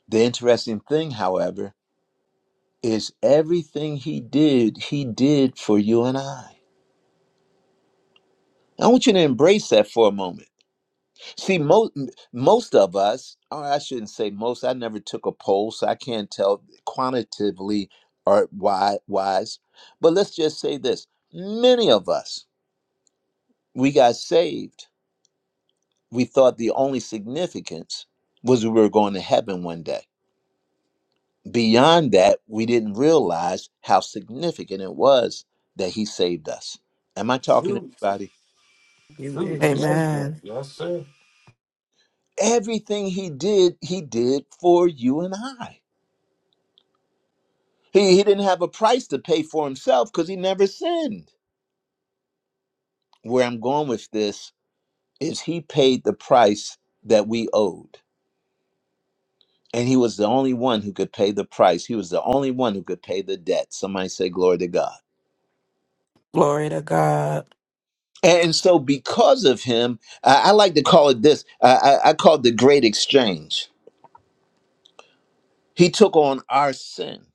Speaker 1: The interesting thing, however, is everything he did, he did for you and I. I want you to embrace that for a moment. See, most most of us, or I shouldn't say most. I never took a poll, so I can't tell quantitatively or why wise. But let's just say this: many of us, we got saved. We thought the only significance was we were going to heaven one day. Beyond that, we didn't realize how significant it was that he saved us. Am I talking to
Speaker 6: Truth,
Speaker 1: anybody?
Speaker 8: Amen.
Speaker 6: truth,
Speaker 8: Yes, sir.
Speaker 6: yes, sir.
Speaker 4: Amen.
Speaker 6: Yes, sir.
Speaker 1: Everything he did, he did for you and I. He, he didn't have a price to pay for himself because he never sinned. Where I'm going with this is he paid the price that we owed. And he was the only one who could pay the price. He was the only one who could pay the debt. Somebody say, Glory to God.
Speaker 4: Glory to God.
Speaker 1: And so, because of him, I, I like to call it this I, I I call it the great exchange. He took on our sin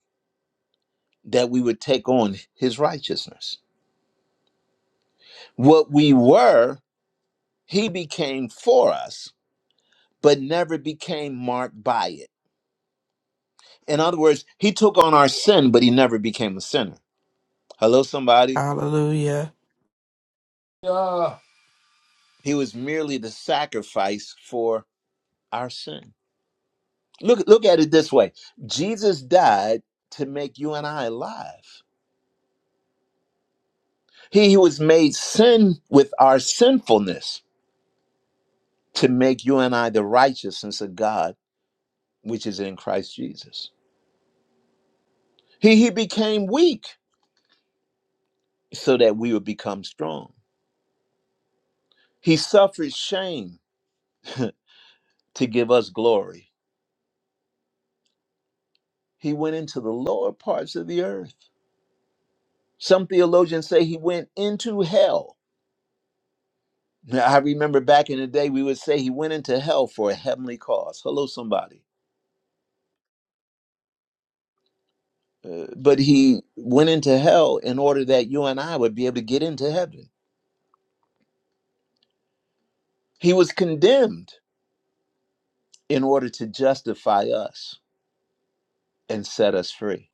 Speaker 1: that we would take on his righteousness. What we were, he became for us, but never became marked by it. In other words, he took on our sin, but he never became a sinner. Hello, somebody.
Speaker 4: Hallelujah.
Speaker 6: Yeah.
Speaker 1: He was merely the sacrifice for our sin. Look, look at it this way Jesus died to make you and I alive He who was made sin with our sinfulness to make you and I the righteousness of God, which is in Christ Jesus. He, he became weak so that we would become strong. He suffered shame [laughs] to give us glory. He went into the lower parts of the earth. Some theologians say he went into hell. Now, I remember back in the day, we would say he went into hell for a heavenly cause. Hello, somebody. Uh, but he went into hell in order that you and I would be able to get into heaven. He was condemned in order to justify us and set us free.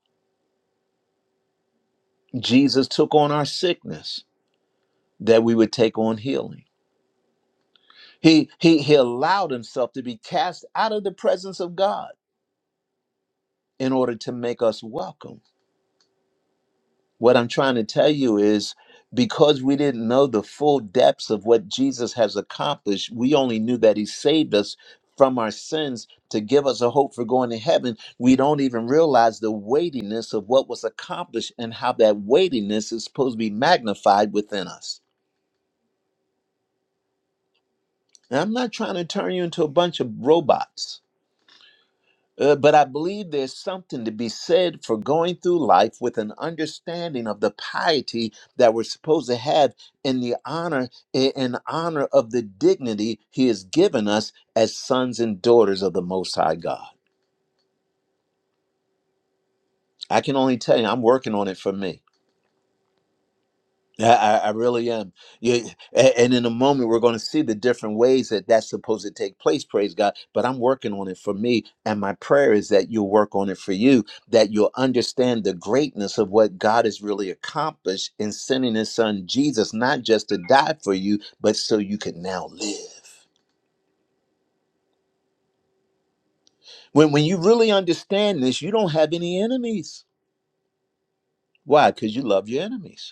Speaker 1: Jesus took on our sickness that we would take on healing. He, he, he allowed himself to be cast out of the presence of God in order to make us welcome What I'm trying to tell you is because we didn't know the full depths of what Jesus has accomplished, we only knew that he saved us from our sins to give us a hope for going to heaven. We don't even realize the weightiness of what was accomplished and how that weightiness is supposed to be magnified within us. And I'm not trying to turn you into a bunch of robots. Uh, but I believe there's something to be said for going through life with an understanding of the piety that we're supposed to have in the honor i- in honor of the dignity he has given us as sons and daughters of the most high God. I can only tell you I'm working on it for me. I, I I really am. You, a- and in a moment, we're going to see the different ways that that's supposed to take place. Praise God! But I'm working on it for me, and my prayer is that you'll work on it for you. That you'll understand the greatness of what God has really accomplished in sending His Son Jesus, not just to die for you, but so you can now live. When when you really understand this, you don't have any enemies. Why? Because you love your enemies.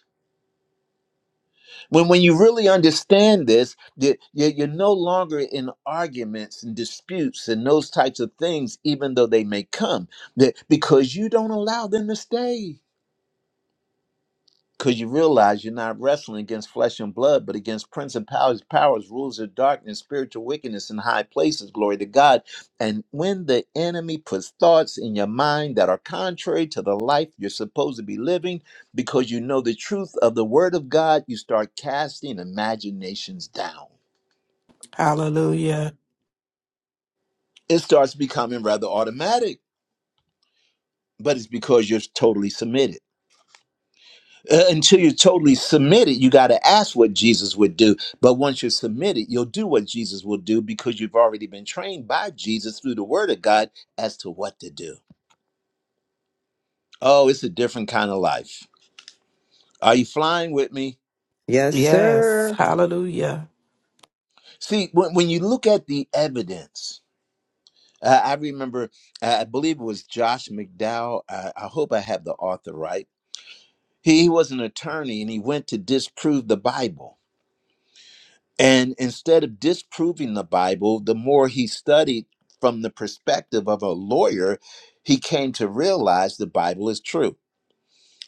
Speaker 1: When, when you really understand this, you- you- you're no longer in arguments and disputes and those types of things, even though they may come, that- because you don't allow them to stay because you realize you're not wrestling against flesh and blood, but against principalities, powers, rules of darkness, spiritual wickedness in high places. Glory to God. And when the enemy puts thoughts in your mind that are contrary to the life you're supposed to be living, because you know the truth of the word of God, you start casting imaginations down.
Speaker 4: Hallelujah.
Speaker 1: It starts becoming rather automatic, but it's because you're totally submitted. Uh, until you're totally submitted, you got to ask what Jesus would do. But once you're submitted, you'll do what Jesus will do because you've already been trained by Jesus through the Word of God as to what to do. Oh, it's a different kind of life. Are you flying with me?
Speaker 8: Yes,
Speaker 4: Yes.
Speaker 8: sir.
Speaker 4: Hallelujah.
Speaker 1: See, when, when you look at the evidence, uh, I remember, uh, I believe it was Josh McDowell. I, I hope I have the author right. He, he was an attorney and he went to disprove the Bible And instead of disproving the Bible, the more he studied from the perspective of a lawyer, he came to realize the Bible is true.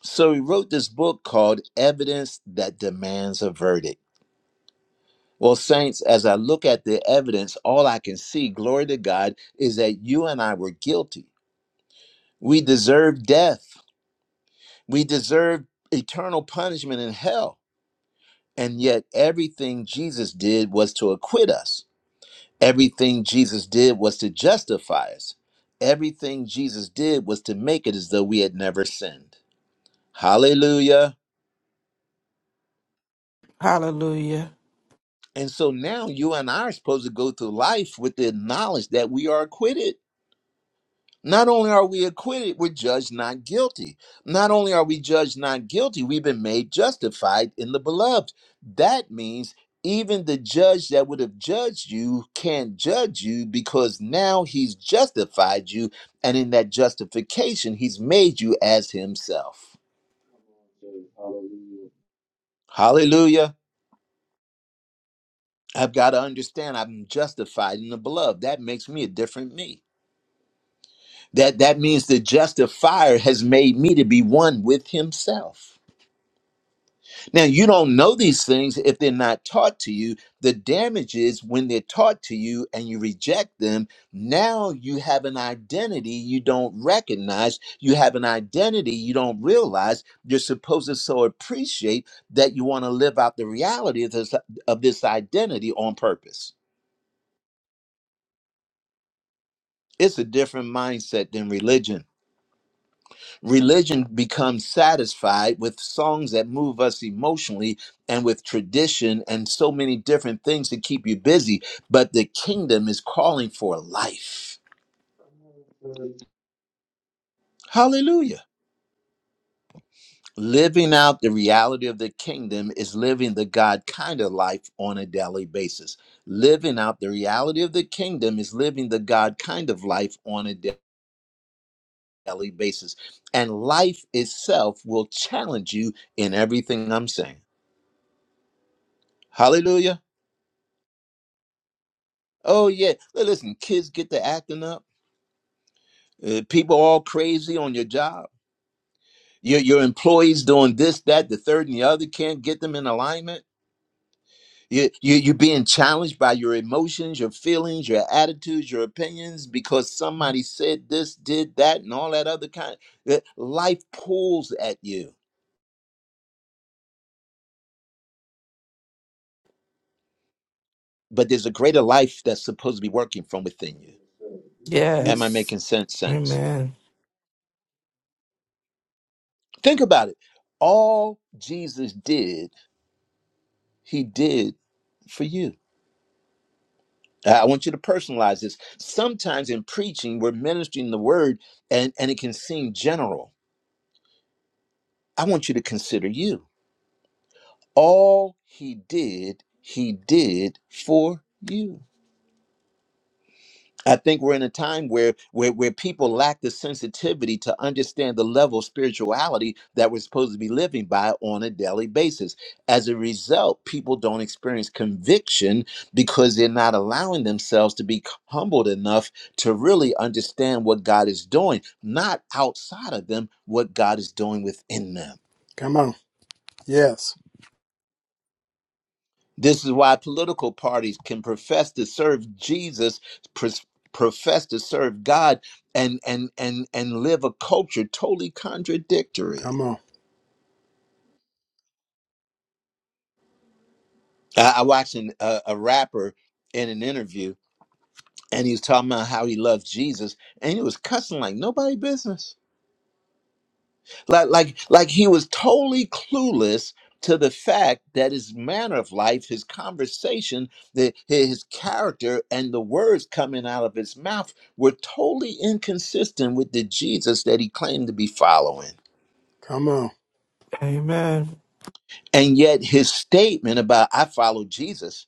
Speaker 1: So he wrote this book called Evidence That Demands a Verdict. Well, Saints, as I look at the evidence, all I can see, glory to God, is that you and I were guilty. We deserve death, we deserve eternal punishment in hell. And yet, everything Jesus did was to acquit us. Everything Jesus did was to justify us. Everything Jesus did was to make it as though we had never sinned. Hallelujah.
Speaker 4: Hallelujah.
Speaker 1: And so now you and I are supposed to go through life with the knowledge that we are acquitted. Not only are we acquitted, we're judged not guilty. Not only are we judged not guilty, we've been made justified in the beloved. That means even the judge that would have judged you can't judge you because now he's justified you. And in that justification, he's made you as himself. Hallelujah. I've got to understand I'm justified in the beloved. That makes me a different me. That that means the justifier has made me to be one with himself. Now, you don't know these things if they're not taught to you. The damage is when they're taught to you and you reject them. Now you have an identity you don't recognize. You have an identity you don't realize. You're supposed to so appreciate that you want to live out the reality of this, of this identity on purpose. It's a different mindset than religion. Religion becomes satisfied with songs that move us emotionally and with tradition and so many different things to keep you busy. But the kingdom is calling for life.
Speaker 2: Hallelujah.
Speaker 1: Hallelujah. Living out the reality of the kingdom is living the God kind of life on a daily basis. Living out the reality of the kingdom is living the God kind of life on a da- daily basis. And life itself will challenge you in everything I'm saying. Hallelujah. Oh yeah. Li- Listen, kids get to acting up. Uh, people all crazy on your job. Your your employees doing this, that, the third, and the other can't get them in alignment. You, you you're being challenged by your emotions, your feelings, your attitudes, your opinions because somebody said this, did that, and all that other kind. Uh, Life pulls at you, but there's a greater life that's supposed to be working from within you. Am I
Speaker 4: Yes.
Speaker 1: making sense, saints?
Speaker 4: Amen.
Speaker 1: Think about it. All Jesus did, he did for you. Uh, I want you to personalize this. Sometimes in preaching, we're ministering the word and, and it can seem general. I want you to consider you. All he did, he did for you. I think we're in a time where, where where people lack the sensitivity to understand the level of spirituality that we're supposed to be living by on a daily basis. As a result, people don't experience conviction because they're not allowing themselves to be humbled enough to really understand what God is doing, not outside of them, what God is doing within them.
Speaker 10: Come on. Yes.
Speaker 1: This is why political parties can profess to serve Jesus, pr- profess to serve God, and and and and live a culture totally
Speaker 10: Come
Speaker 1: contradictory.
Speaker 10: on.
Speaker 1: I, I watched an, a, a rapper in an interview, and he was talking about how he loved Jesus, and he was cussing like nobody business. like like like he was totally clueless to the fact that his manner of life his conversation the, his character and the words coming out of his mouth were totally inconsistent with the jesus that he claimed to be following
Speaker 10: Come on.
Speaker 4: Amen.
Speaker 1: and yet his statement about i follow jesus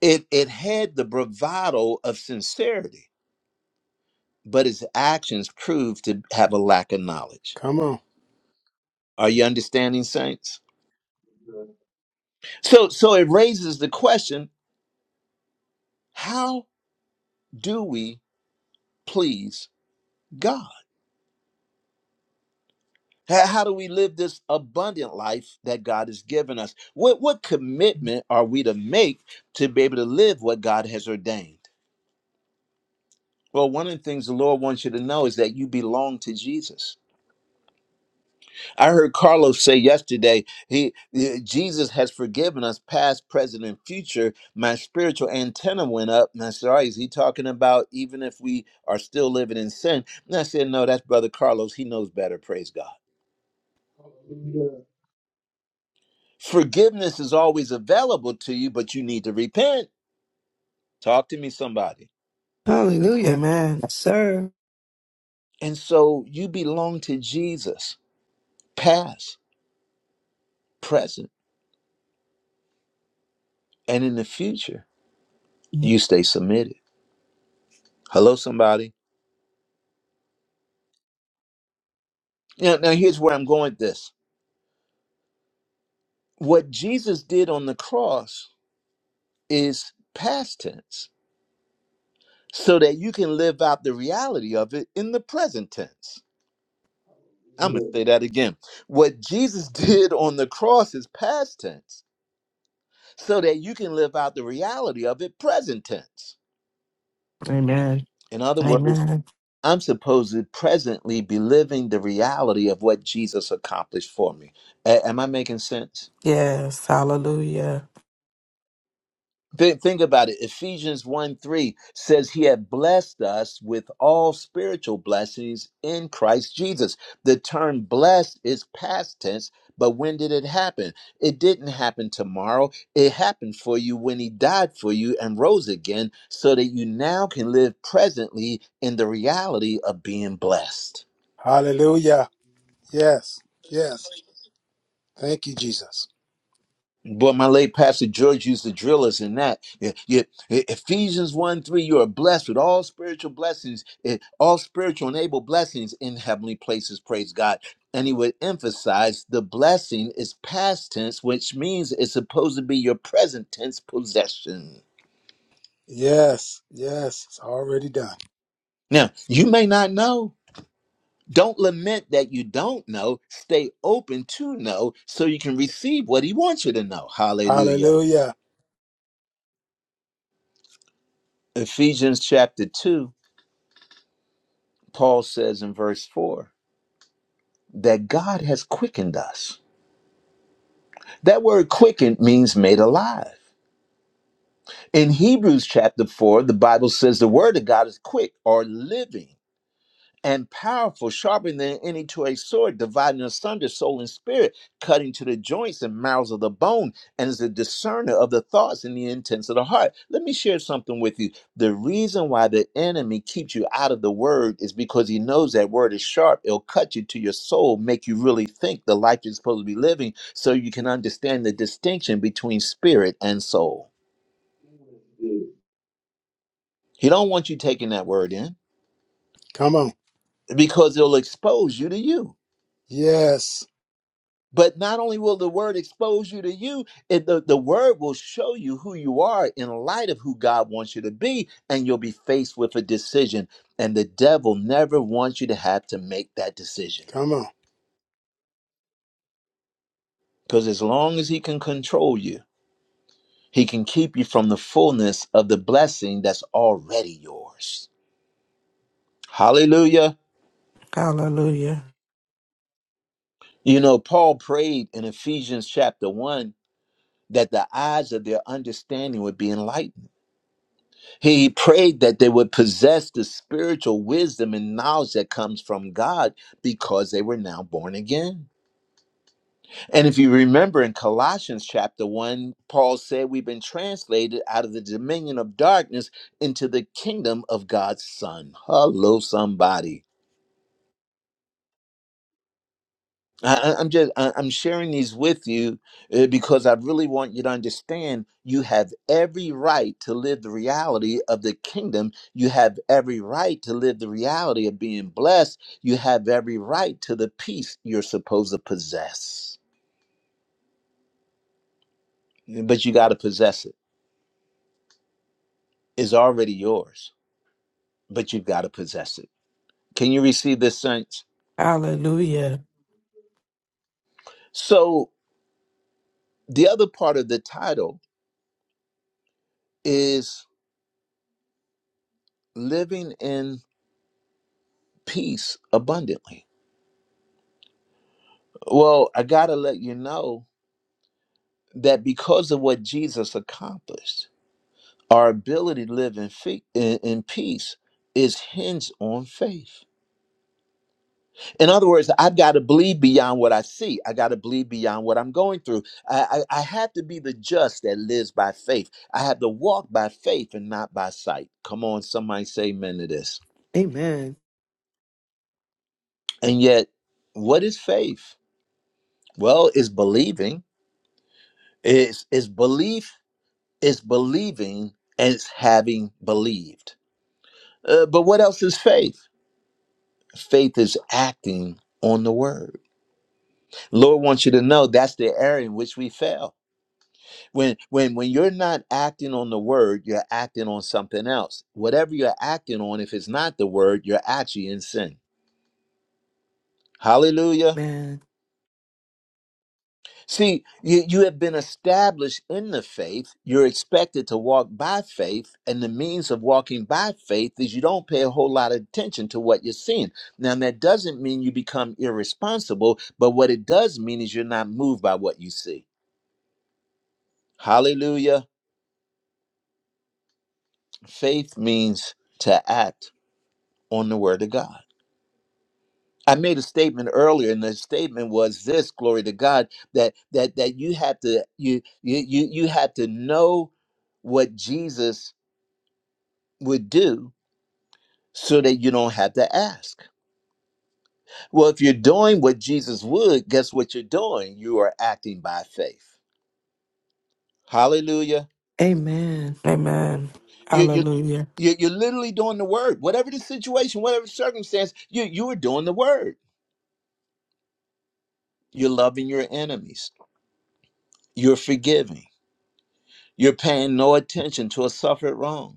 Speaker 1: it it had the bravado of sincerity but his actions proved to have a lack of knowledge
Speaker 10: Come on.
Speaker 1: are you understanding saints so so it raises the question how do we please God? How, how do we live this abundant life that God has given us? What, what commitment are we to make to be able to live what God has ordained? Well, one of the things the Lord wants you to know is that you belong to Jesus. I heard Carlos say yesterday, he eh, Jesus has forgiven us past, present, and future. My spiritual antenna went up, and I said, "All right, is he talking about even if we are still living in sin?" And I said, "No, that's Brother Carlos. He knows better. Praise God."
Speaker 2: Hallelujah.
Speaker 1: Forgiveness is always available to you, but you need to repent. Talk to me, somebody.
Speaker 8: Hallelujah.
Speaker 4: Amen.
Speaker 8: Yes, sir.
Speaker 1: And so you belong to Jesus, past, present, and in the future. You stay submitted. Hello, somebody. Now, now here's where I'm going with this. What Jesus did on the cross is past tense so that you can live out the reality of it in the present tense. I'm going to
Speaker 2: Hallelujah.
Speaker 1: say that again. What Jesus [laughs] did on the cross is past tense so that you can live out the reality of it present tense.
Speaker 4: Amen.
Speaker 1: In other words,
Speaker 4: Amen.
Speaker 1: I'm supposed to presently be living the reality of what Jesus accomplished for me. A- am I making sense?
Speaker 4: Yes. Hallelujah.
Speaker 1: Think, think about it. Ephesians 1 3 says he had blessed us with all spiritual blessings in Christ Jesus. The term blessed is past tense, but when did it happen? It didn't happen tomorrow. It happened for you when he died for you and rose again so that you now can live presently in the reality of being blessed.
Speaker 10: Hallelujah. Yes. Yes. Thank you, Jesus.
Speaker 1: But my late pastor George used to drill us in that. Yeah, yeah, E- Ephesians 1 3, you are blessed with all spiritual blessings, eh, all spiritual and able blessings in heavenly places. Praise God. And he would emphasize the blessing is past tense, which means it's supposed to be your present tense possession.
Speaker 10: Yes. Yes. It's already done.
Speaker 1: Now, you may not know. Don't lament that you don't know. Stay open to know so you can receive what he wants you to know. Hallelujah.
Speaker 10: Hallelujah.
Speaker 1: Ephesians chapter 2 Paul says in verse 4 that God has quickened us. That word quickened means made alive. In Hebrews chapter 4, the Bible says the word of God is quick or living and powerful, sharper than any two-edged sword, dividing asunder soul and spirit, cutting to the joints and marrows of the bone, and is a discerner of the thoughts and the intents of the heart. Let me share something with you. The reason why the enemy keeps you out of the word is because he knows that word is sharp. It'll cut you to your soul, make you really think the life you're supposed to be living, so you can understand the distinction between spirit and soul.
Speaker 2: Hallelujah.
Speaker 1: He don't want you taking that word in
Speaker 10: Come on.
Speaker 1: because it'll expose you to you.
Speaker 10: Yes.
Speaker 1: But not only will the word expose you to you, it, the, the word will show you who you are in light of who God wants you to be, and you'll be faced with a decision. And the devil never wants you to have to make that decision.
Speaker 10: Come on.
Speaker 1: Because as long as he can control you, he can keep you from the fullness of the blessing that's already yours. Hallelujah.
Speaker 4: Hallelujah.
Speaker 1: You know, Paul prayed in Ephesians chapter 1 that the eyes of their understanding would be enlightened He prayed that they would possess the spiritual wisdom and knowledge that comes from God because they were now born again. And if you remember in Colossians chapter 1, Paul said, We've been translated out of the dominion of darkness into the kingdom of God's Son. Hello, somebody. I, I- I'm just I- I'm sharing these with you uh, because I really want you to understand you have every right to live the reality of the kingdom. You have every right to live the reality of being blessed. You have every right to the peace you're supposed to possess. But you got to possess it. It's already yours, but you've got to possess it. Can you receive this sense?
Speaker 4: Hallelujah.
Speaker 1: So the other part of the title is living in peace abundantly Well, I got to let you know that because of what Jesus accomplished, our ability to live in, fe- in, in peace is hinged on faith. In other words, I've got to believe beyond what I see. I got to believe beyond what I'm going through. I, I, I have to be the just that lives by faith. I have to walk by faith and not by sight. Come on, somebody say amen to this.
Speaker 8: Amen.
Speaker 1: And yet, what is faith? Well, it's believing. It's, it's belief It's believing and it's having believed. Uh, but what else is faith? Faith is acting on the word. Lord wants you to know that's the area in which we fail. When when when you're not acting on the word, you're acting on something else. Whatever you're acting on, if it's not the word, you're actually in sin. Hallelujah.
Speaker 8: Amen.
Speaker 1: See, you, you have been established in the faith. You're expected to walk by faith, and the means of walking by faith is you don't pay a whole lot of attention to what you're seeing. Now, that doesn't mean you become irresponsible, but what it does mean is you're not moved by what you see. Hallelujah. Faith means to act on the word of God. I made a statement earlier, and the statement was this: Glory to God that that that you have to you you you you have to know what Jesus would do so that you don't have to ask. Well, if you're doing what Jesus would, guess what you're doing? You are acting by faith. Hallelujah.
Speaker 8: Amen.
Speaker 4: Amen.
Speaker 1: You, you, you-
Speaker 4: Hallelujah.
Speaker 1: you're literally doing the word. Whatever the situation, whatever circumstance, you, you are doing the word. You're loving your enemies. You're forgiving. You're paying no attention to a suffered wrong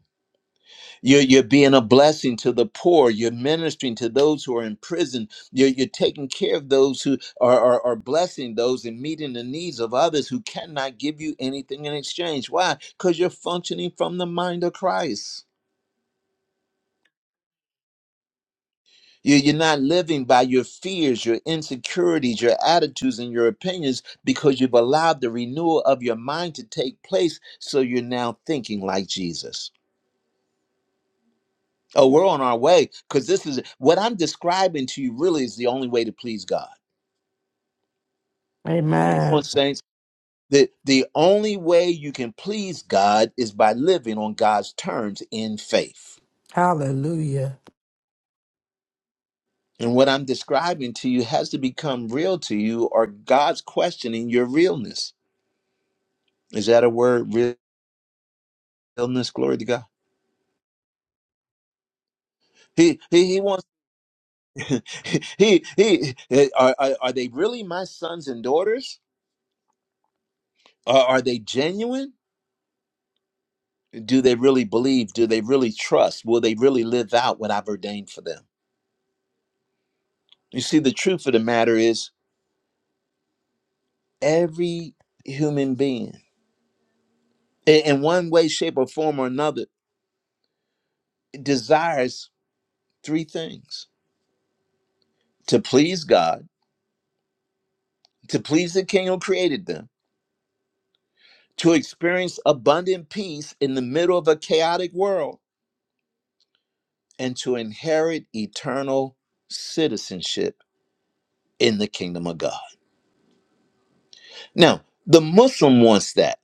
Speaker 1: You're, you're being a blessing to the poor. You're ministering to those who are in prison. You're, you're taking care of those who are, are, are blessing those and meeting the needs of others who cannot give you anything in exchange. Why? Because you're functioning from the mind of Christ. You- You're not living by your fears, your insecurities, your attitudes, and your opinions because you've allowed the renewal of your mind to take place. So you're now thinking like Jesus. Oh, we're on our way because this is what I'm describing to you really is the only way to please God. Come on,
Speaker 4: Amen.
Speaker 1: saints. The, the only way you can please God is by living on God's terms in faith.
Speaker 4: Hallelujah.
Speaker 1: And what I'm describing to you has to become real to you, or God's questioning your realness. Is that a word? Realness, glory to God. He he, he wants [laughs] he he eh, are, are are they really my sons and daughters? Are, are they genuine? do they really believe? Do they really trust? Will they really live out what I've ordained for them? You see, the truth of the matter is every human being, in one way, shape, or form or another, desires three things to please God, to please the King who created them, to experience abundant peace in the middle of a chaotic world, and to inherit eternal citizenship in the kingdom of God. Now, the Muslim wants that,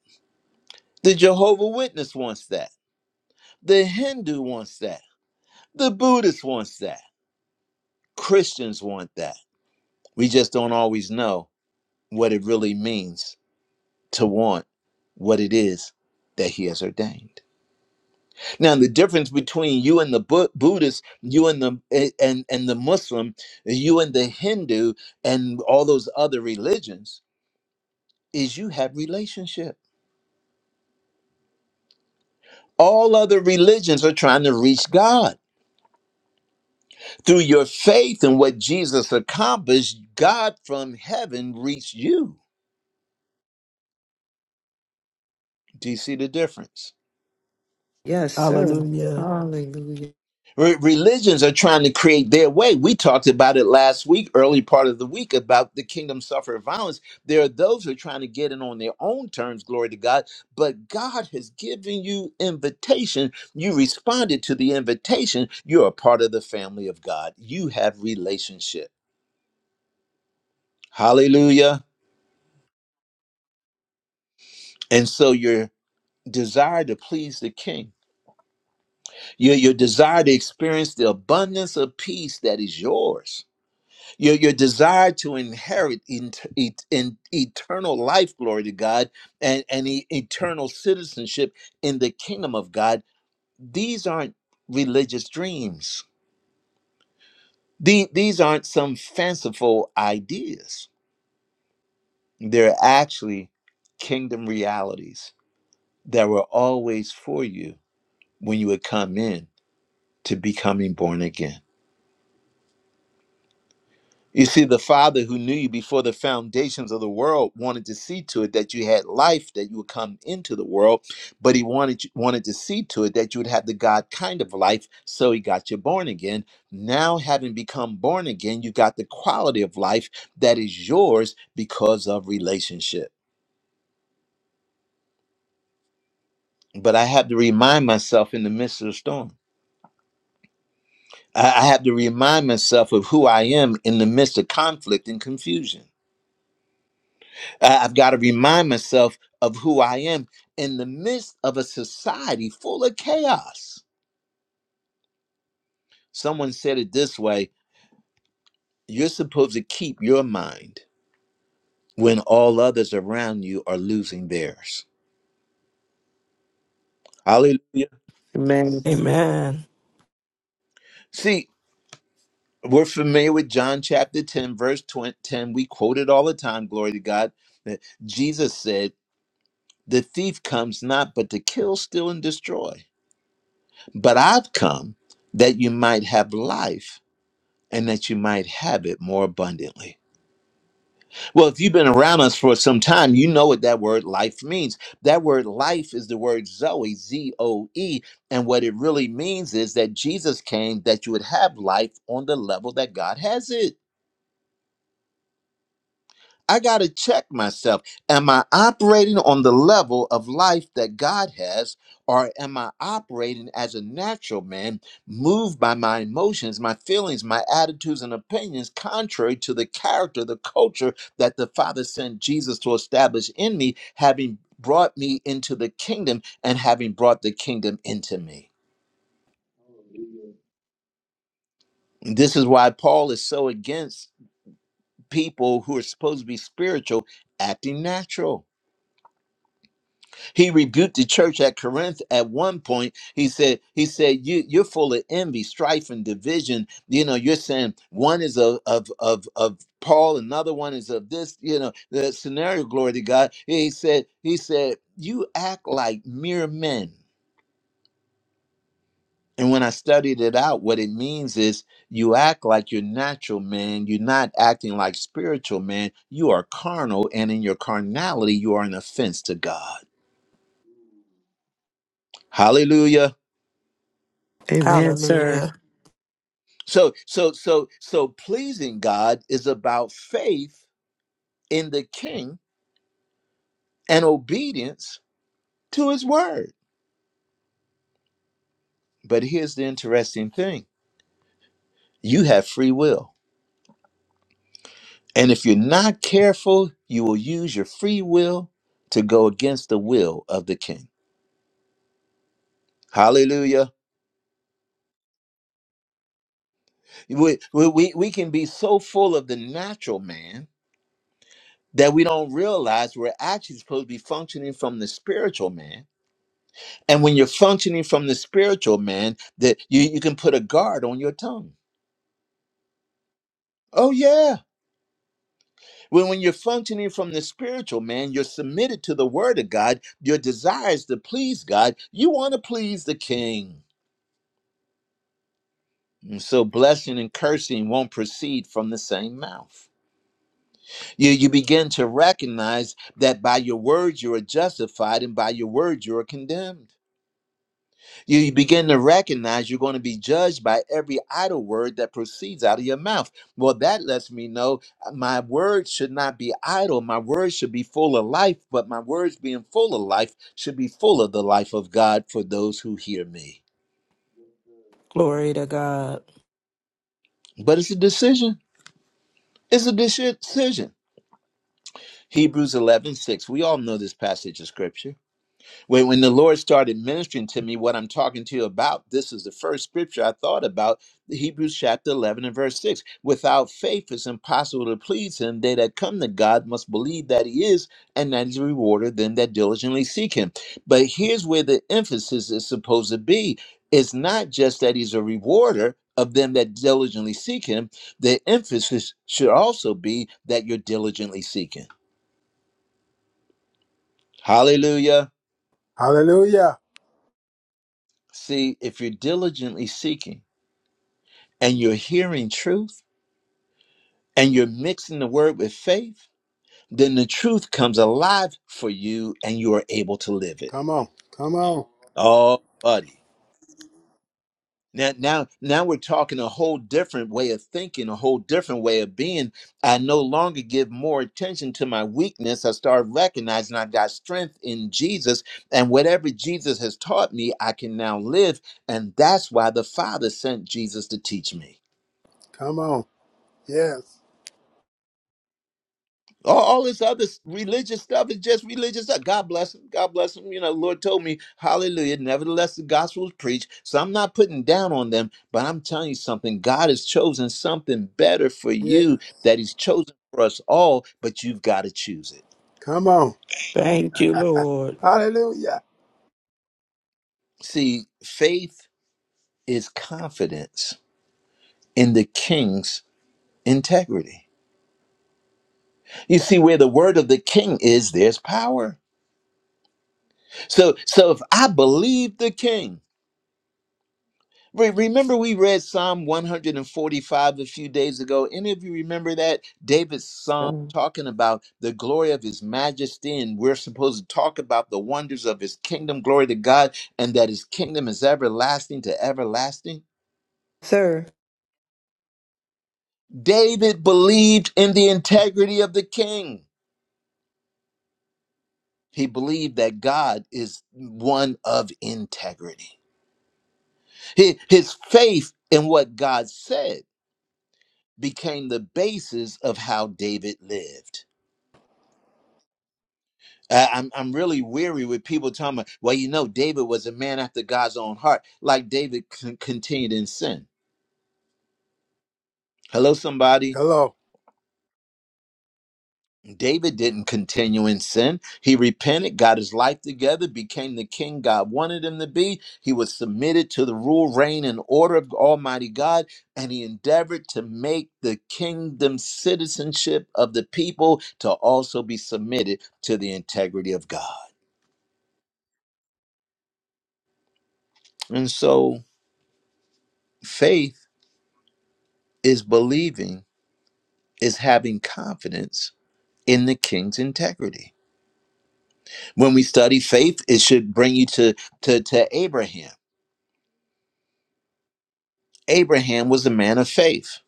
Speaker 1: the Jehovah Witness wants that. The Hindu wants that. The Buddhist wants that. Christians want that. We just don't always know what it really means to want what it is that he has ordained. Now the difference between you and the Bu- Buddhist, you and the and and the Muslim, you and the Hindu and all those other religions is you have relationship. All other religions are trying to reach God Through your faith in what Jesus accomplished, God from heaven reached you. Do you see the difference?
Speaker 8: Yes, sir.
Speaker 4: Hallelujah.
Speaker 8: Hallelujah.
Speaker 1: Re- Religions are trying to create their way. We talked about it last week, early part of the week, about the kingdom suffer violence. There are those who are trying to get in on their own terms, glory to God. But God has given you invitation. You responded to the invitation. You're a part of the family of God. You have relationship. Hallelujah. And so your desire to please the king Your, your desire to experience the abundance of peace that is yours. Your, your desire to inherit in, in, in eternal life, glory to God, and, and e- eternal citizenship in the kingdom of God. These aren't religious dreams. The- these aren't some fanciful ideas. They're actually kingdom realities that were always for you when you would come in to becoming born again. You see, the Father who knew you before the foundations of the world wanted to see to it that you had life, that you would come into the world, but He wanted you- wanted to see to it that you would have the God kind of life. So He got you born again. Now, having become born again, you got the quality of life that is yours because of relationship. But I have to remind myself in the midst of the storm. I I have to remind myself of who I am in the midst of conflict and confusion. I- I've got to remind myself of who I am in the midst of a society full of chaos. Someone said it this way you're supposed to keep your mind when all others around you are losing theirs. Hallelujah.
Speaker 8: Amen.
Speaker 4: Amen.
Speaker 1: See, we're familiar with John chapter 10, verse 20, 10. We quote it all the time. Glory to God. that Jesus said, The thief comes not but to kill, steal, and destroy. But I've come that you might have life and that you might have it more abundantly. Well, if you've been around us for some time, you know what that word life means. That word life is the word Zoe, Z O E. And what it really means is that Jesus came that you would have life on the level that God has it. I got to check myself. Am I operating on the level of life that God has, or am I operating as a natural man, moved by my emotions, my feelings, my attitudes, and opinions, contrary to the character, the culture that the Father sent Jesus to establish in me, having brought me into the kingdom and having brought the kingdom into me?
Speaker 2: Hallelujah.
Speaker 1: This is why Paul is so against people who are supposed to be spiritual acting natural He rebuked the church at Corinth at one point. He said, he said, you, you're full of envy, strife, and division. You know, you're saying one is of of of, of Paul, another one is of this, you know, the scenario, glory to God. He said, he said, you act like mere men. And when I studied it out, what it means is you act like you're natural man. You're not acting like spiritual man. You are carnal, and in your carnality, you are an offense to God. Hallelujah.
Speaker 8: Amen, sir.
Speaker 4: Hallelujah.
Speaker 1: So so so so pleasing God is about faith in the king and obedience to his word. But here's the interesting thing. You have free will. And if you're not careful, you will use your free will to go against the will of the king. Hallelujah. We, we, we we can be so full of the natural man that we don't realize we're actually supposed to be functioning from the spiritual man And when you're functioning from the spiritual man, that you, you can put a guard on your tongue. Oh yeah. When when you're functioning from the spiritual man, you're submitted to the word of God. Your desires to please God. You want to please the king. And so blessing and cursing won't proceed from the same mouth. You you begin to recognize that by your words you are justified and by your words you are condemned. You you begin to recognize you're going to be judged by every idle word that proceeds out of your mouth. Well, that lets me know uh, my words should not be idle. My words should be full of life, but my words being full of life should be full of the life of God for those who hear me.
Speaker 4: Glory to God.
Speaker 1: But it's a decision. It's a deci- decision. Hebrews 11 6. We all know this passage of scripture. When, when the Lord started ministering to me what I'm talking to you about, this is the first scripture I thought about Hebrews chapter 11 and verse 6. Without faith, it's impossible to please him. They that come to God must believe that he is and that he's a rewarder of them that diligently seek him. But here's where the emphasis is supposed to be it's not just that he's a rewarder of them that diligently seek him, the emphasis should also be that you're diligently seeking. Hallelujah.
Speaker 10: Hallelujah.
Speaker 1: See, if you're diligently seeking, and you're hearing truth and you're mixing the word with faith, then the truth comes alive for you and you are able to live it.
Speaker 10: Come on. Come on.
Speaker 1: Oh, buddy. Now, now, now we're talking a whole different way of thinking, a whole different way of being. I no longer give more attention to my weakness. I start recognizing I've got strength in Jesus, and whatever Jesus has taught me, I can now live. And that's why the Father sent Jesus to teach me.
Speaker 10: Come on. Yes.
Speaker 1: All, all this other s- religious stuff is just religious stuff. God bless him. God bless him. You know, Lord told me, hallelujah. Nevertheless, the gospel is preached. So I'm not putting down on them, but I'm telling you something. God has chosen something better for
Speaker 10: Yeah.
Speaker 1: you that he's chosen for us all, but you've got to choose it.
Speaker 10: Come on.
Speaker 4: Thank you, Lord.
Speaker 10: Hallelujah.
Speaker 1: See, faith is confidence in the king's integrity. You see, where the word of the king is, there's power. So, so if I believe the king, Re- Remember, we read Psalm 145 a few days ago. Any of you remember that? David's psalm
Speaker 8: Sir.
Speaker 1: talking about the glory of his majesty, and we're supposed to talk about the wonders of his kingdom. Glory to God, and that his kingdom is everlasting to everlasting.
Speaker 8: Sir.
Speaker 1: David believed in the integrity of the king, he believed that God is one of integrity. He- His faith in what God said became the basis of how David lived. Uh, I'm I'm really weary with people telling me, well, you know, David was a man after God's own heart. Like David con- continued in sin. Hello, somebody.
Speaker 10: Hello.
Speaker 1: David didn't continue in sin. He repented, got his life together, became the king God wanted him to be. He was submitted to the rule, reign, and order of Almighty God, and he endeavored to make the kingdom citizenship of the people to also be submitted to the integrity of God. And so faith is believing is having confidence in the king's integrity. When we study faith, it should bring you to, to, to Abraham. Abraham was a man of faith.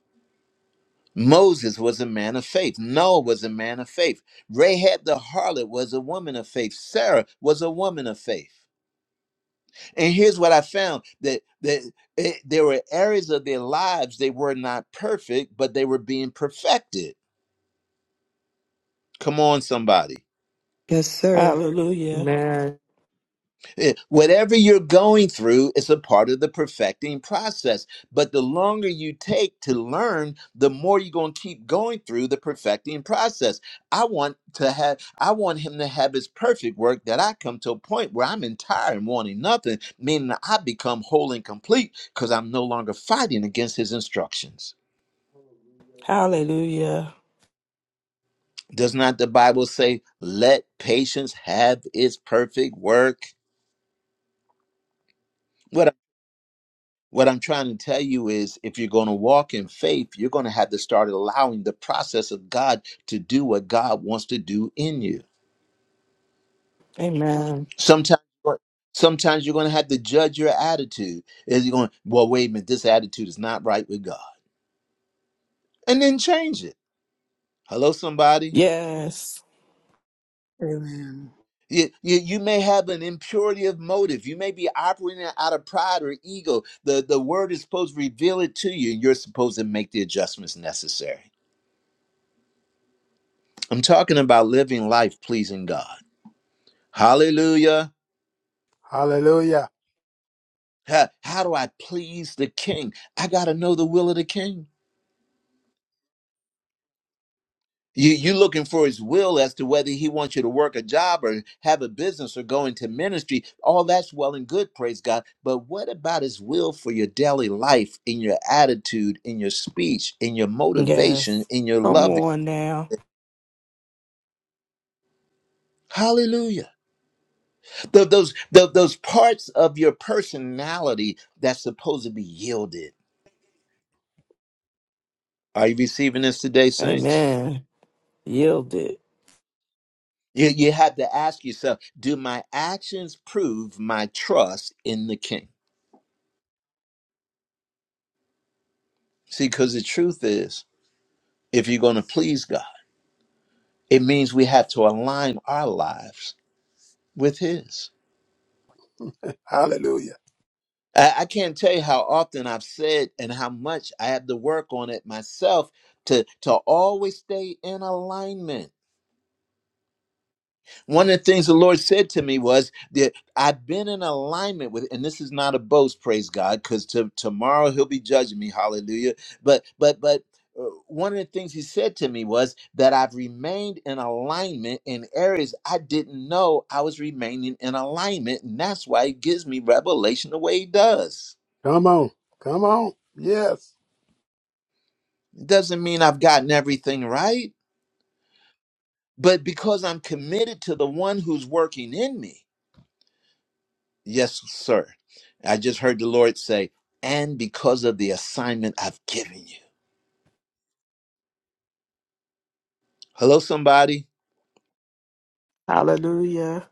Speaker 1: Moses was a man of faith. Noah was a man of faith. Rahab the harlot was a woman of faith. Sarah was a woman of faith. And here's what I found that, that it- there were areas of their lives they were not perfect, but they were being perfected. Come on, somebody
Speaker 8: Yes, sir.
Speaker 4: Hallelujah.
Speaker 8: Amen.
Speaker 1: Eh, Whatever you're going through is a part of the perfecting process. But the longer you take to learn, the more you're going to keep going through the perfecting process. I want to have, I want him to have his perfect work that I come to a point where I'm entire and wanting nothing, meaning that I become whole and complete because I'm no longer fighting against his instructions.
Speaker 2: Hallelujah.
Speaker 4: Hallelujah.
Speaker 1: Does not the Bible say, let patience have its perfect work? What I'm trying to tell you is if you're going to walk in faith, you're going to have to start allowing the process of God to do what God wants to do in you.
Speaker 4: Amen.
Speaker 1: Sometimes sometimes you're going to have to judge your attitude. Is you going, well, wait a minute, this attitude is not right with God. And then change it. Hello, somebody.
Speaker 4: Yes.
Speaker 3: Amen.
Speaker 1: You, you, you may have an impurity of motive. You may be operating out of pride or ego. The, the word is supposed to reveal it to you, and you're supposed to make the adjustments necessary. I'm talking about living life pleasing God. Hallelujah.
Speaker 10: Hallelujah.
Speaker 1: Ha- How, do I please the king? I got to know the will of the king. You, you looking for his will as to whether he wants you to work a job or have a business or go into ministry. All that's well and good, praise God. But what about his will for your daily life, in your attitude, in your speech, in your motivation,
Speaker 4: Yes.
Speaker 1: in your
Speaker 4: Come
Speaker 1: loving?
Speaker 4: on now.
Speaker 1: Hallelujah. Th- those, th- those parts of your personality that's supposed to be yielded. Are you receiving this today, saints?
Speaker 4: Amen. Yield it.
Speaker 1: You, you have to ask yourself, do my actions prove my trust in the king? See, because the truth is, if you're going to please God, it means we have to align our lives with his.
Speaker 10: Hallelujah.
Speaker 1: I, I can't tell you how often I've said and how much I have to work on it myself to, to always stay in alignment. One of the things the Lord said to me was that I've been in alignment with, and this is not a boast, praise God, because to, tomorrow He'll be judging me, hallelujah. But, but, but uh, one of the things He said to me was that I've remained in alignment in areas I didn't know I was remaining in alignment. And that's why He gives me revelation the way He does.
Speaker 10: Come on. Come on. Yes.
Speaker 1: It doesn't mean I've gotten everything right, but because I'm committed to the one who's working in me. Yes, sir. I just heard the Lord say, and because of the assignment I've given you. Hello, somebody.
Speaker 4: Hallelujah.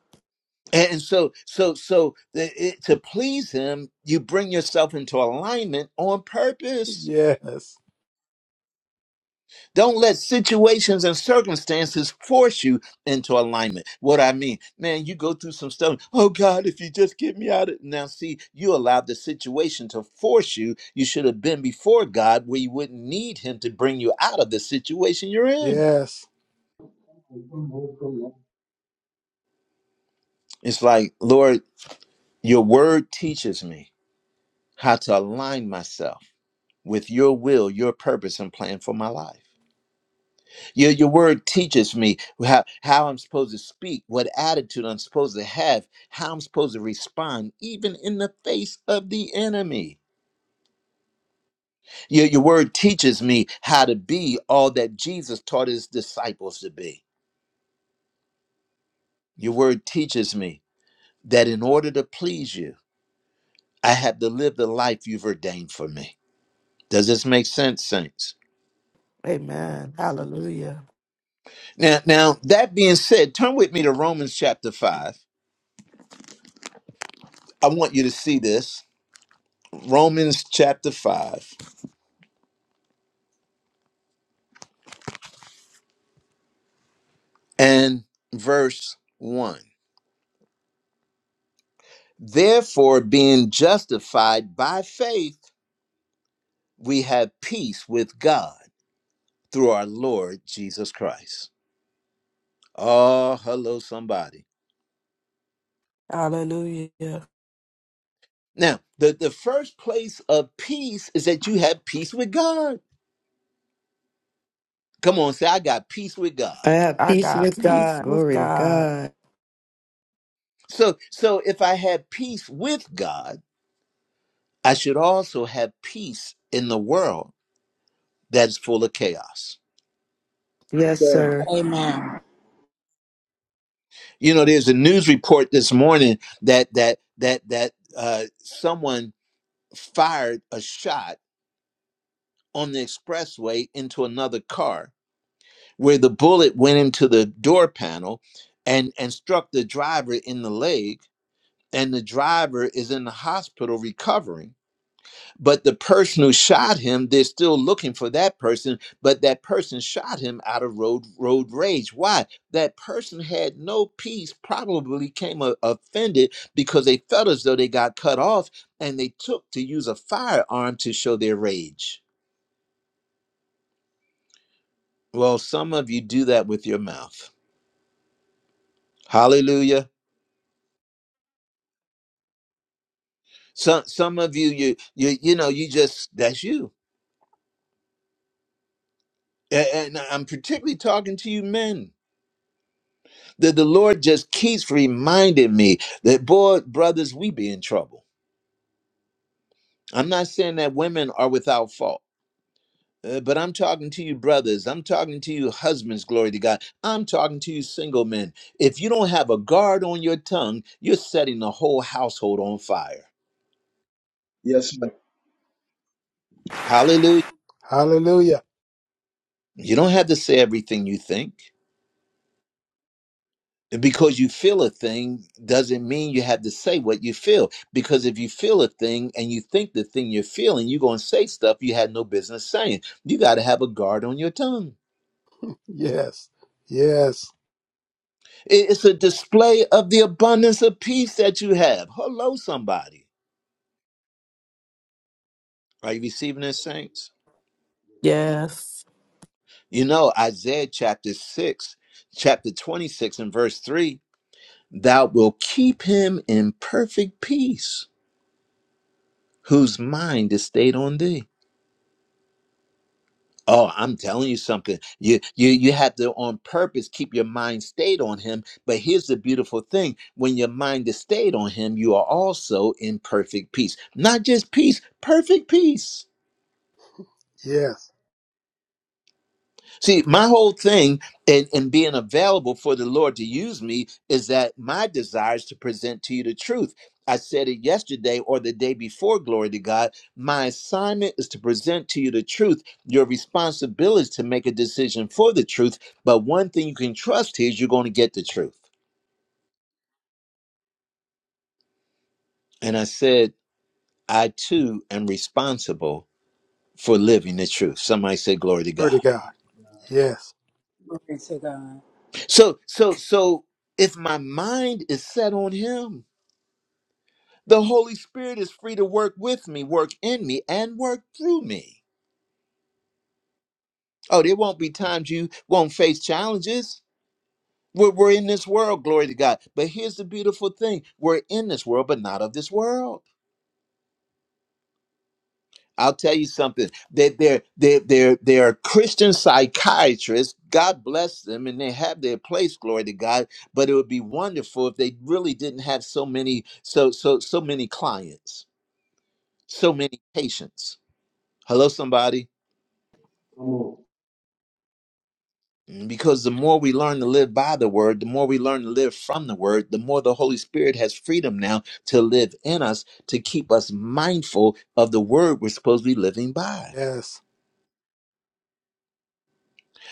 Speaker 1: And so, so, so the- it, to please Him, you bring yourself into alignment on purpose.
Speaker 10: Yes.
Speaker 1: Don't let situations and circumstances force you into alignment. What I mean, man, you go through some stuff. Oh God, if you just get me out of now, see, you allowed the situation to force you. You should have been before God, where you wouldn't need Him to bring you out of the situation you're in.
Speaker 10: Yes.
Speaker 2: Come on, come on.
Speaker 1: It's like, Lord, your word teaches me how to align myself with your will, your purpose, and plan for my life. Your, your word teaches me how, how I'm supposed to speak, what attitude I'm supposed to have, how I'm supposed to respond, even in the face of the enemy. Your, your word teaches me how to be all that Jesus taught his disciples to be. Your word teaches me that in order to please you, I have to live the life you've ordained for me. Does this make sense, saints?
Speaker 4: Amen. Hallelujah.
Speaker 1: Now, now that being said, turn with me to Romans chapter 5. I want you to see this. Romans chapter 5 and verse 1. Therefore, being justified by faith, we have peace with God through our Lord Jesus Christ. Oh, hello, somebody.
Speaker 4: Hallelujah.
Speaker 1: Now, the, the first place of peace is that you have peace with God. Come on, say, I got peace with God.
Speaker 8: I have
Speaker 4: I
Speaker 8: peace
Speaker 4: got
Speaker 8: with
Speaker 4: peace
Speaker 8: God.
Speaker 4: with
Speaker 8: Glory to
Speaker 4: God.
Speaker 8: God.
Speaker 1: So, so if I have peace with God, I should also have peace in the world that's full of chaos.
Speaker 8: Yes,
Speaker 9: Sir,
Speaker 8: sir.
Speaker 3: Amen.
Speaker 1: You know, there's a news report this morning that that that that uh, someone fired a shot on the expressway into another car, where the bullet went into the door panel and and struck the driver in the leg, and the driver is in the hospital recovering But the person who shot him, they're still looking for that person, but that person shot him out of road road rage. Why? That person had no peace, probably came o- offended because they felt as though they got cut off and they took to use a firearm to show their rage. Well, some of you do that with your mouth. Hallelujah. Some some of you you you you know, you just that's you. A- And I'm particularly talking to you men that the Lord just keeps reminding me that, boy, brothers, we be in trouble. I'm not saying that women are without fault, uh, but I'm talking to you, brothers. I'm talking to you, husbands, glory to God. I'm talking to you, single men. If you don't have a guard on your tongue, you're setting the whole household on fire.
Speaker 9: yes, ma'am.
Speaker 1: Hallelujah.
Speaker 10: Hallelujah.
Speaker 1: You don't have to say everything you think. because you feel a thing doesn't mean you have to say what you feel because if you feel a thing and you think the thing you're feeling you're going to say stuff you had no business saying you got to have a guard on your tongue
Speaker 10: Yes. Yes.
Speaker 1: I- it's a display of the abundance of peace that you have hello somebody are you receiving this saints
Speaker 4: Yes.
Speaker 1: you know isaiah chapter 6 chapter 26 and verse 3 thou wilt keep him in perfect peace whose mind is stayed on thee Oh, I'm telling you something. You you you have to on purpose keep your mind stayed on him. But here's the beautiful thing. When your mind is stayed on him, you are also in perfect peace. Not just peace, perfect peace.
Speaker 10: Yes.
Speaker 1: See, my whole thing in, in being available for the Lord to use me is that my desire is to present to you the truth. I said it yesterday or the day before, glory to God. My assignment is to present to you the truth. Your responsibility is to make a decision for the truth. But one thing you can trust is you're going to get the truth. And I said, I too am responsible for living the truth. Somebody said, Glory to
Speaker 10: Glory
Speaker 1: God.
Speaker 10: to God. Yes.
Speaker 2: Yes, sir.
Speaker 3: Glory to God.
Speaker 1: So, so, so if my mind is set on Him, The Holy Spirit is free to work with me, work in me, and work through me. Oh, there won't be times you won't face challenges. We're, we're in this world, glory to God. But here's the beautiful thing we're in this world, but not of this world. I'll tell you something. They, they're, they're, they're, they're Christian psychiatrists. God bless them, and they have their place, glory to God. But it would be wonderful if they really didn't have so many, so, so, so many clients, so many patients. Hello, somebody.
Speaker 2: Come on.
Speaker 1: Because the more we learn to live by the word, the more we learn to live from the word, the more the Holy Spirit has freedom now to live in us, to keep us mindful of the word we're supposed to be living by.
Speaker 10: Yes.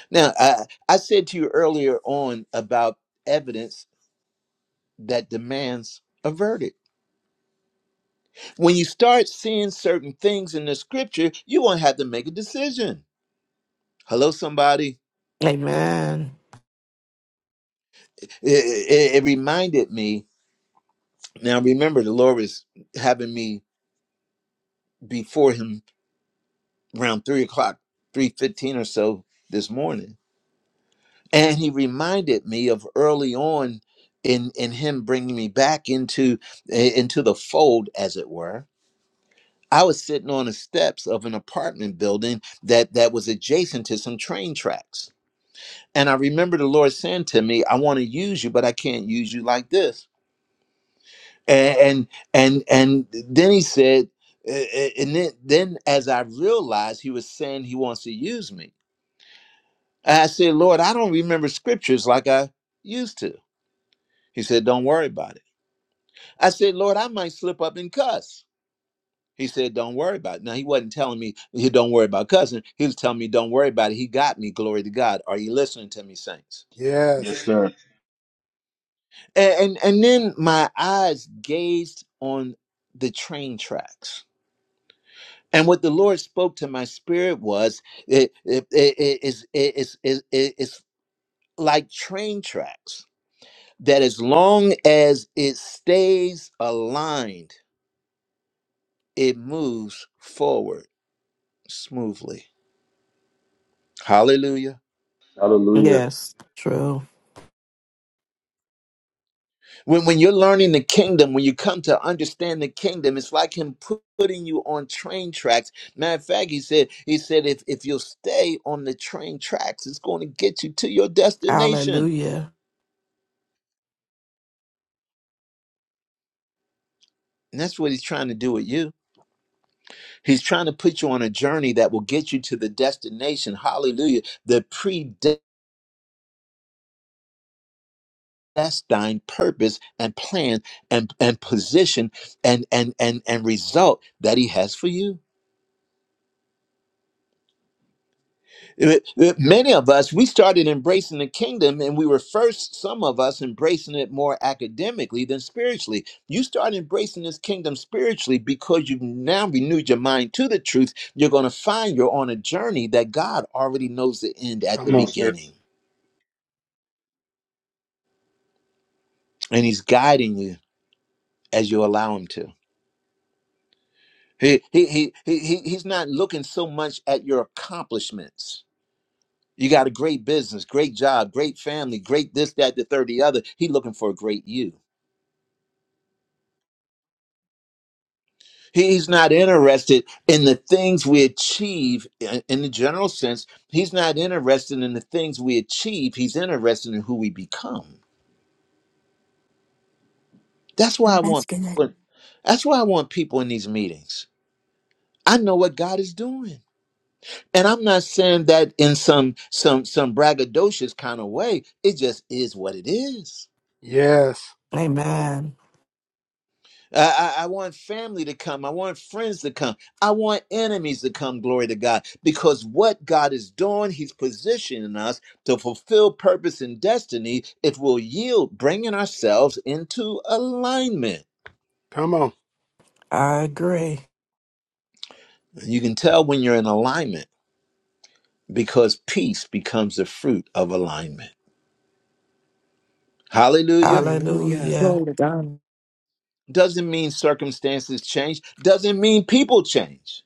Speaker 1: Now, I, I said to you earlier on about evidence that demands a verdict. When you start seeing certain things in the scripture, you won't have to make a decision. Hello, somebody.
Speaker 4: Amen.
Speaker 1: it it- it reminded me. Now, remember, the Lord was having me before Him around three o'clock, three fifteen or so this morning, and he reminded me of early on in in him bringing me back into eh, into the fold, as it were. I was sitting on the steps of an apartment building that that was adjacent to some train tracks, and I remember the Lord saying to me, "I want to use you, but I can't use you like this." And and and, and then he said. eh, eh, And then, then, as I realized, he was saying he wants to use me I said, Lord, I don't remember scriptures like I used to. He said, Don't worry about it. I said, Lord, I might slip up and cuss. He said, Don't worry about it. Now, he wasn't telling me, he Don't worry about cussing. He was telling me, Don't worry about it. He got me. Glory to God. Are you listening to me, saints?
Speaker 2: Yes,
Speaker 10: Yes.
Speaker 2: sir.
Speaker 1: And, and, and then my eyes gazed on the train tracks. And what the Lord spoke to my spirit was, it, it, it, it, it's, it's it's- it's like train tracks that as long as it stays aligned, it moves forward smoothly. Hallelujah.
Speaker 2: Hallelujah.
Speaker 4: Yes. True.
Speaker 1: When, when you're learning the kingdom, when you come to understand the kingdom, it's like him pu- putting you on train tracks. Matter of fact, he said, he said, if, if you'll stay on the train tracks, it's going to get you to your destination.
Speaker 4: Hallelujah.
Speaker 1: And that's what he's trying to do with you. He's trying to put you on a journey that will get you to the destination. Hallelujah. The predestined. that's thine purpose and plan and and position and and and and result that he has for you Uh, uh, many of us we started embracing the kingdom and we were first some of us embracing it more academically than spiritually you start embracing this kingdom spiritually because you've now renewed your mind to the truth you're going to find you're on a journey that god already knows the end at
Speaker 10: Come
Speaker 1: the
Speaker 2: Come on,
Speaker 10: on.
Speaker 2: sir.
Speaker 1: beginning and he's guiding you as you allow him to He, he, he, he, he- he's not looking so much at your accomplishments. You got a great business, great job, great family, great this, that, the third, the other. He's looking for a great you. He's not interested in the things we achieve in, in the general sense. He's not interested in the things we achieve. He's interested in who we become. That's why I
Speaker 7: And That's
Speaker 1: want.
Speaker 7: good.
Speaker 1: That's why I want people in these meetings. I know what God is doing. And I'm not saying that in some some some braggadocious kind of way. It just is what it is.
Speaker 10: Yes.
Speaker 4: Amen.
Speaker 1: I, I, I want family to come. I want friends to come. I want enemies to come. Glory to God. Because what God is doing, He's positioning us to fulfill purpose and destiny. It will yield bringing ourselves into alignment.
Speaker 10: Come on.
Speaker 4: I agree.
Speaker 1: You can tell when you're in alignment because peace becomes the fruit of alignment. Hallelujah.
Speaker 8: Hallelujah.
Speaker 4: Hallelujah.
Speaker 8: Glory to God.
Speaker 1: Doesn't mean circumstances change, doesn't mean people change,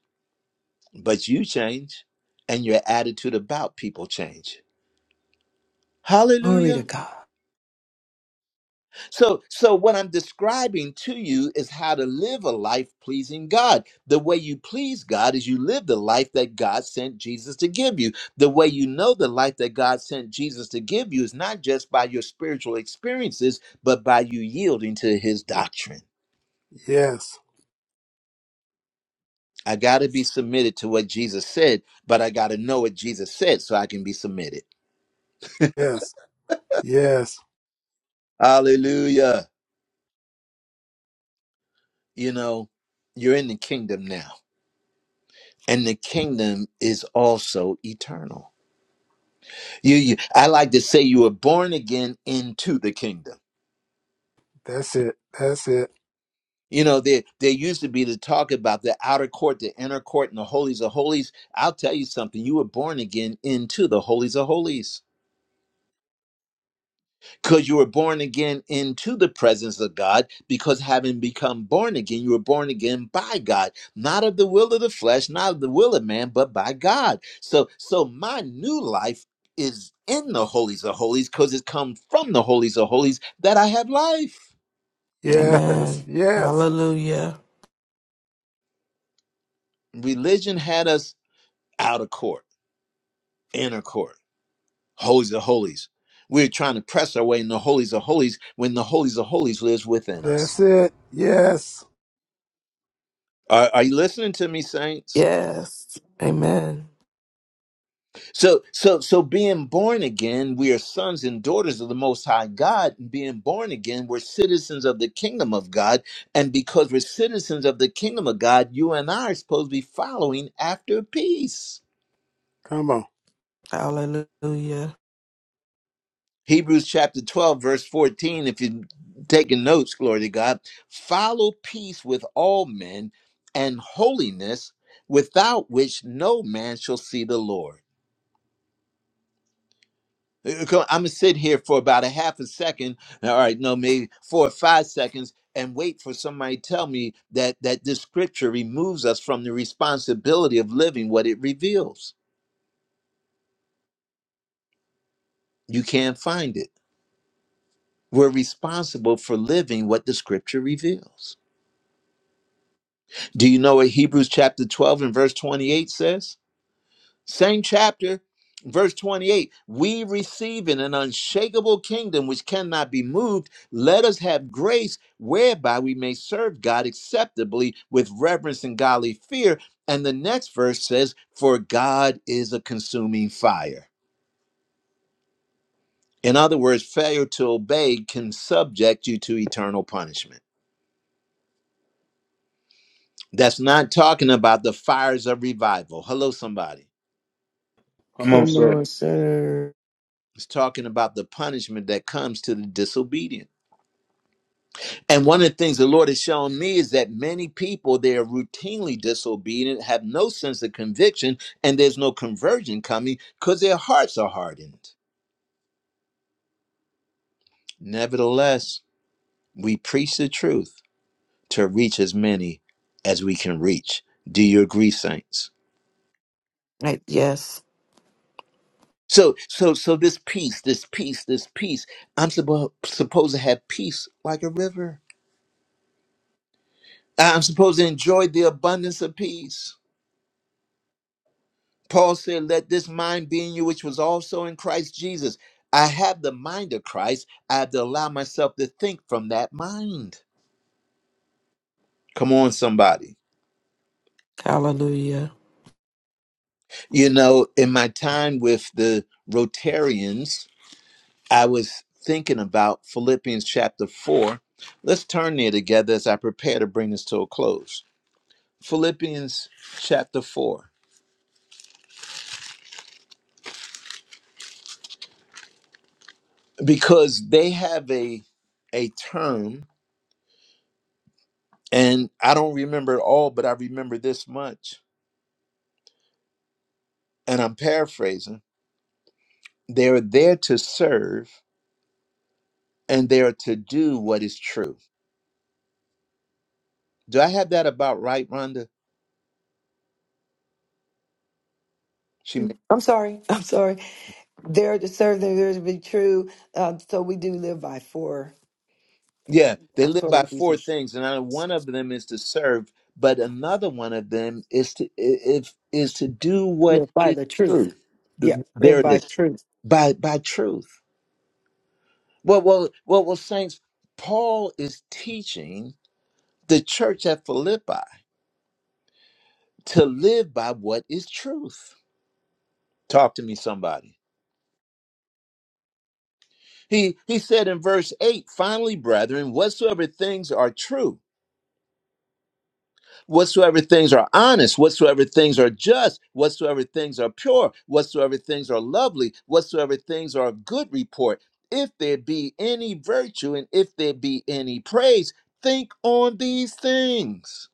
Speaker 1: but you change and your attitude about people change.
Speaker 8: Glory to
Speaker 1: Hallelujah.
Speaker 8: God.
Speaker 1: So so what I'm describing to you is how to live a life pleasing God. The way you please God is you live the life that God sent Jesus to give you. The way you know the life that God sent Jesus to give you is not just by your spiritual experiences, but by you yielding to his doctrine.
Speaker 10: Yes.
Speaker 1: I got to be submitted to what Jesus said, but I got to know what Jesus said so I can be submitted.
Speaker 10: Yes. Yes.
Speaker 1: Hallelujah. You know, you're in the kingdom now. And the kingdom is also eternal. You, you I like to say you were born again into the kingdom.
Speaker 10: That's it. That's it.
Speaker 1: You know, there there used to be the talk about the outer court, the inner court, and the holies of holies. I'll tell you something, you were born again into the holies of holies. because you were born again into the presence of God, because having become born again, you were born again by God, not of the will of the flesh, not of the will of man, but by God. So, so my new life is in the holies of holies because it's come from the holies of holies that I have life.
Speaker 10: Yes.
Speaker 4: Amen.
Speaker 10: Yes.
Speaker 4: Hallelujah.
Speaker 1: Religion had us out of court, inner court, holies of holies. We're trying to press our way in the holies of holies when the holies of holies lives within us.
Speaker 10: That's it. Yes.
Speaker 1: Are, are you listening to me, saints?
Speaker 4: Yes. Amen.
Speaker 1: So, so, so being born again, we are sons and daughters of the Most High God. And being born again, we're citizens of the kingdom of God. And because we're citizens of the kingdom of God, you and I are supposed to be following after peace.
Speaker 10: Come on.
Speaker 4: Hallelujah.
Speaker 1: Hebrews chapter 12, verse 14. If you're taking notes, glory to God, follow peace with all men and holiness, without which no man shall see the Lord. I'm gonna sit here for about a half a second. uh, All right, no, maybe four or five seconds, and wait for somebody to tell me that that this scripture removes us from the responsibility of living what it reveals. You can't find it. We're responsible for living what the scripture reveals. Do you know what Hebrews chapter 12 and verse 28 says? Same chapter, verse 28. We receive in an unshakable kingdom which cannot be moved. Let us have grace whereby we may serve God acceptably with reverence and godly fear. And the next verse says, For God is a consuming fire. In other words, failure to obey can subject you to eternal punishment. That's not talking about the fires of revival. Hello, somebody.
Speaker 2: Come on,
Speaker 8: Come
Speaker 2: sir.
Speaker 8: on, sir.
Speaker 1: It's talking about the punishment that comes to the disobedient. And one of the things the Lord has shown me is that many people, they are routinely disobedient, have no sense of conviction, and there's no conversion coming because their hearts are hardened. Nevertheless, we preach the truth to reach as many as we can reach. Do you agree, saints?
Speaker 4: Right, Yes.
Speaker 1: So, so, so this peace, this peace, this peace, I'm suppo- supposed to have peace like a river. I'm supposed to enjoy the abundance of peace. Paul said, Let this mind be in you, which was also in Christ Jesus. I have the mind of Christ. I have to allow myself to think from that mind. Come on, somebody.
Speaker 4: Hallelujah.
Speaker 1: You know, in my time with the Rotarians, I was thinking about Philippians chapter 4. Let's turn there together as I prepare to bring this to a close. Philippians chapter 4. Because they have a a term, and I don't remember it all, but I remember this much and I'm paraphrasing, they're there to serve and they're to do what is true. Do I have that about right, Rhonda? She may,
Speaker 8: I'm sorry. [laughs] I'm sorry. There to serve, there to be true. Uh, so we do live by four.
Speaker 1: yeah,
Speaker 8: i
Speaker 1: they
Speaker 8: That's
Speaker 1: live
Speaker 8: what
Speaker 1: by
Speaker 8: it
Speaker 1: four
Speaker 8: is.
Speaker 1: things, and I know one of them is to serve, but another one of them is to i- if is to do what
Speaker 8: Live by
Speaker 1: is
Speaker 8: the
Speaker 1: true.
Speaker 8: truth. Yeah,
Speaker 1: Th- There
Speaker 8: live
Speaker 1: it
Speaker 8: by
Speaker 1: is
Speaker 8: truth.
Speaker 1: by by truth. Well, well, well, well, saints. Paul is teaching the church at Philippi to live by what is truth. Talk to me, somebody. He he said in verse 8, finally, brethren, whatsoever things are true, whatsoever things are honest, whatsoever things are just, whatsoever things are pure, whatsoever things are lovely, whatsoever things are of good report, if there be any virtue and if there be any praise, think on these things.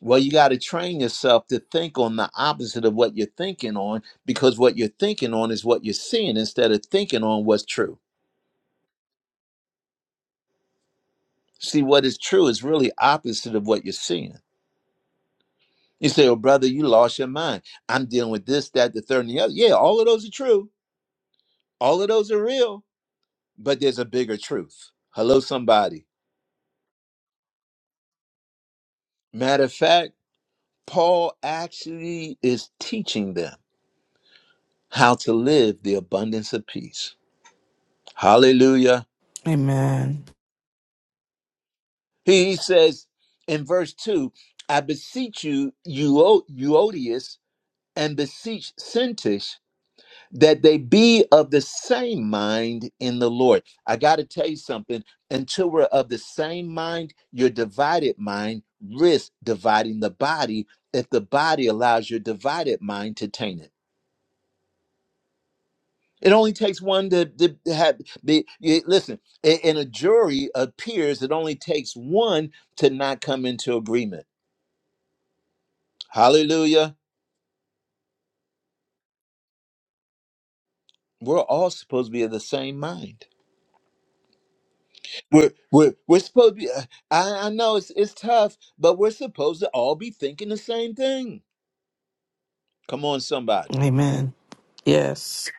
Speaker 1: Well, you got to train yourself to think on the opposite of what you're thinking on because what you're thinking on is what you're seeing instead of thinking on what's true. See, what is true is really opposite of what you're seeing. You say, Oh, brother, you lost your mind. I'm dealing with this, that, the third, and the other. Yeah, all of those are true. All of those are real, but there's a bigger truth. Hello, somebody. Matter of fact, Paul actually is teaching them how to live the abundance of peace. Hallelujah.
Speaker 4: Amen.
Speaker 1: He says in verse 2 I beseech you, Euodius, and beseech Syntyche that they be of the same mind in the Lord. I got to tell you something. Until we're of the same mind, your divided mind risks dividing the body if the body allows your divided mind to taint it. It only takes one to, to have the. you- Listen, i- in a jury of peers, it only takes one to not come into agreement. Hallelujah. We're all supposed to be of the same mind. We're, we're, we're supposed to be, uh, I, I know it's, it's tough, but we're supposed to all be thinking the same thing. Come on, somebody.
Speaker 4: Amen. Yes.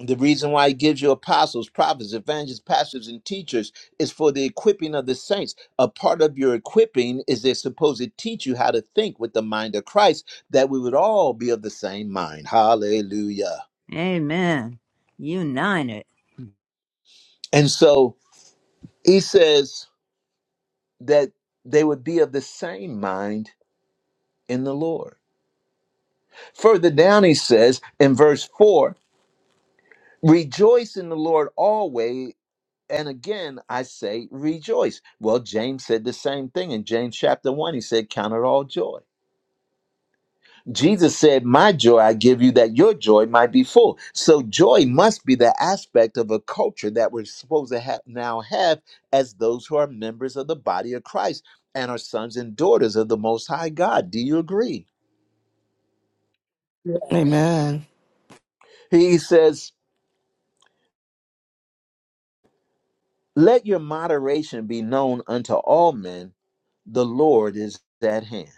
Speaker 1: The reason why he gives you apostles, prophets, evangelists, pastors, and teachers is for the equipping of the saints. A part of your equipping is they're supposed to teach you how to think with the mind of Christ, that we would all be of the same mind. Hallelujah.
Speaker 11: Amen. United.
Speaker 1: And so he says that they would be of the same mind in the Lord. Further down, he says in verse 4 Rejoice in the Lord always. And again, I say rejoice. Well, James said the same thing in James chapter 1. He said, Count it all joy. Jesus said, My joy I give you that your joy might be full. So, joy must be the aspect of a culture that we're supposed to have now have as those who are members of the body of Christ and are sons and daughters of the Most High God. Do you agree?
Speaker 3: Yes.
Speaker 4: Amen.
Speaker 1: He says, Let your moderation be known unto all men, the Lord is at hand.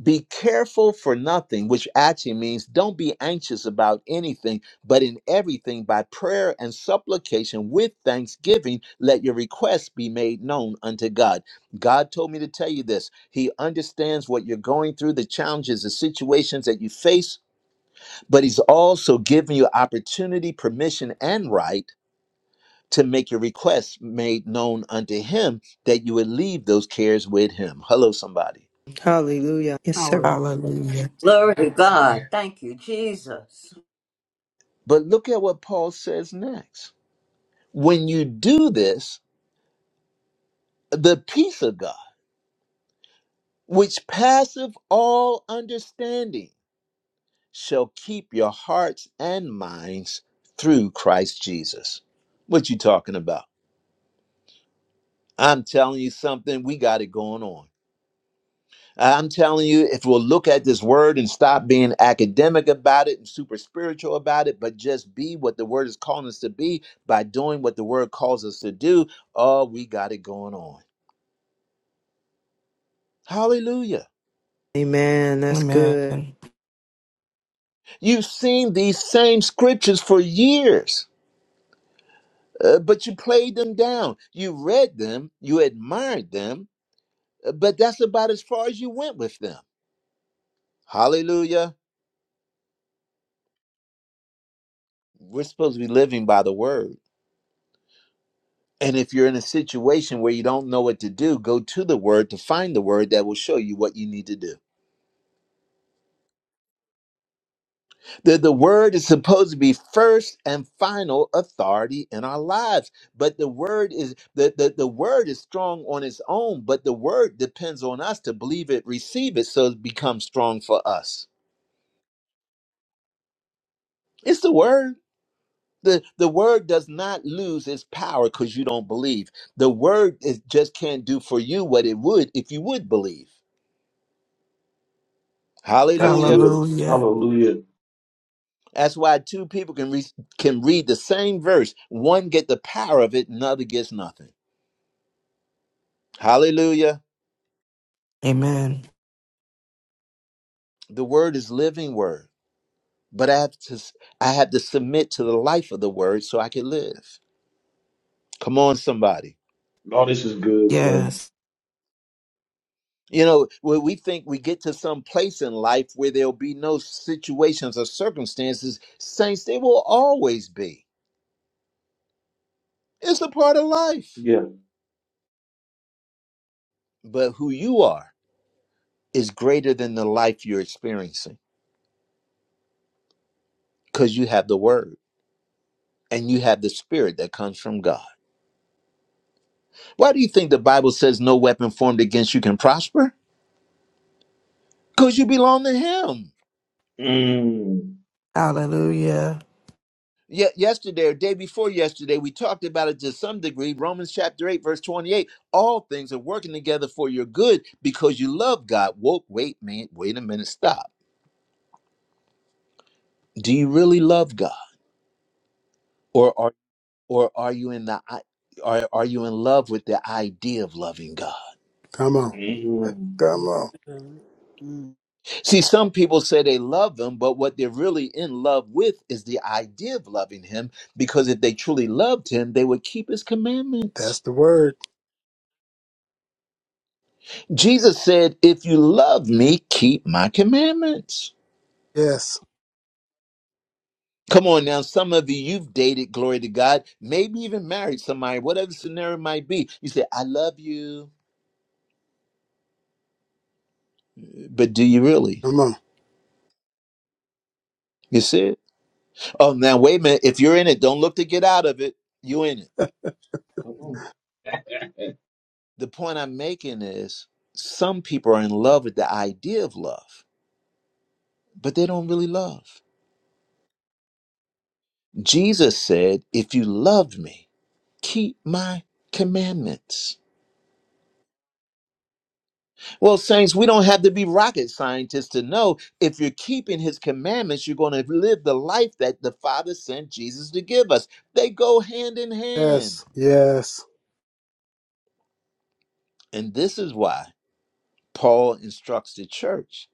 Speaker 1: Be careful for nothing, which actually means don't be anxious about anything, but in everything by prayer and supplication with thanksgiving, let your requests be made known unto God. God told me to tell you this. He understands what you're going through, the challenges, the situations that you face, but He's also giving you opportunity, permission, and right to make your requests made known unto Him that you would leave those cares with Him. Hello, somebody.
Speaker 8: Hallelujah. Yes, sir.
Speaker 3: Hallelujah.
Speaker 4: Hallelujah.
Speaker 11: Glory to God. Thank you, Jesus.
Speaker 1: But look at what Paul says next. When you do this, the peace of God, which passeth all understanding, shall keep your hearts and minds through Christ Jesus. What you talking about? I'm telling you something, we got it going on. I'm telling you, if we'll look at this word and stop being academic about it and super spiritual about it, but just be what the word is calling us to be by doing what the word calls us to do, oh, we got it going on. Hallelujah.
Speaker 8: Amen. That's
Speaker 4: Amen.
Speaker 8: good.
Speaker 1: You've seen these same scriptures for years, uh, but you played them down. You read them, you admired them, uh, but that's about as far as you went with them. Hallelujah. We're supposed to be living by the word. And if you're in a situation where you don't know what to do, go to the word to find the word that will show you what you need to do. The, the word is supposed to be first and final authority in our lives. But the word is the, the, the word is strong on its own, but the word depends on us to believe it, receive it, so it becomes strong for us. It's the word. The, the word does not lose its power because you don't believe. The word is, just can't do for you what it would if you would believe.
Speaker 2: That's
Speaker 1: Hallelujah.
Speaker 2: good.
Speaker 4: Hallelujah.
Speaker 2: Hallelujah.
Speaker 1: That's why two people can re- can read the same verse. One get the power of it, another gets nothing. Hallelujah.
Speaker 4: Amen.
Speaker 1: The word is living word, but I have to I have to submit to the life of the word so I can live. Come on, somebody.
Speaker 2: Lord, this is good, sir.
Speaker 4: Yes.
Speaker 1: You know, when we think we get to some place in life where there'll be no situations or circumstances, saints, they will always be. It's a part of life.
Speaker 2: Yeah.
Speaker 1: But who you are is greater than the life you're experiencing because you have the word and you have the spirit that comes from God. Why do you think the Bible says no weapon formed against you can prosper? Because you belong to Him.
Speaker 2: Mm.
Speaker 4: Hallelujah.
Speaker 1: Ye- yesterday or day before yesterday, we talked about it to some degree. Romans chapter 8, verse 28. All things are working together for your good because you love God. Whoa, wait, man, wait a minute, stop. Do you really love God? Or are or are you in the i- are, are you in love with the idea of loving God?
Speaker 10: Come on.
Speaker 2: Mm.
Speaker 10: Come on.
Speaker 3: Amen.
Speaker 1: See, some people say they love him, but what they're really in love with is the idea of loving him, because if they truly loved him, they would keep his commandments.
Speaker 10: That's the word.
Speaker 1: Jesus said, If you love me, keep my commandments.
Speaker 10: Yes.
Speaker 1: Come on now, some of you, you've dated, glory to God, maybe even married somebody, whatever the scenario might be. You say, I love you, but do you really?
Speaker 10: Come on.
Speaker 1: You see it? Oh, now, wait a minute. If you're in it, don't look to get out of it. You're in it.
Speaker 2: Come on.
Speaker 1: The point I'm making is some people are in love with the idea of love, but they don't really love. Jesus said, If you loved me, keep my commandments. Well, saints, we don't have to be rocket scientists to know if you're keeping his commandments, you're going to live the life that the Father sent Jesus to give us. They go hand in hand.
Speaker 10: Yes. Yes.
Speaker 1: And this is why Paul instructs the church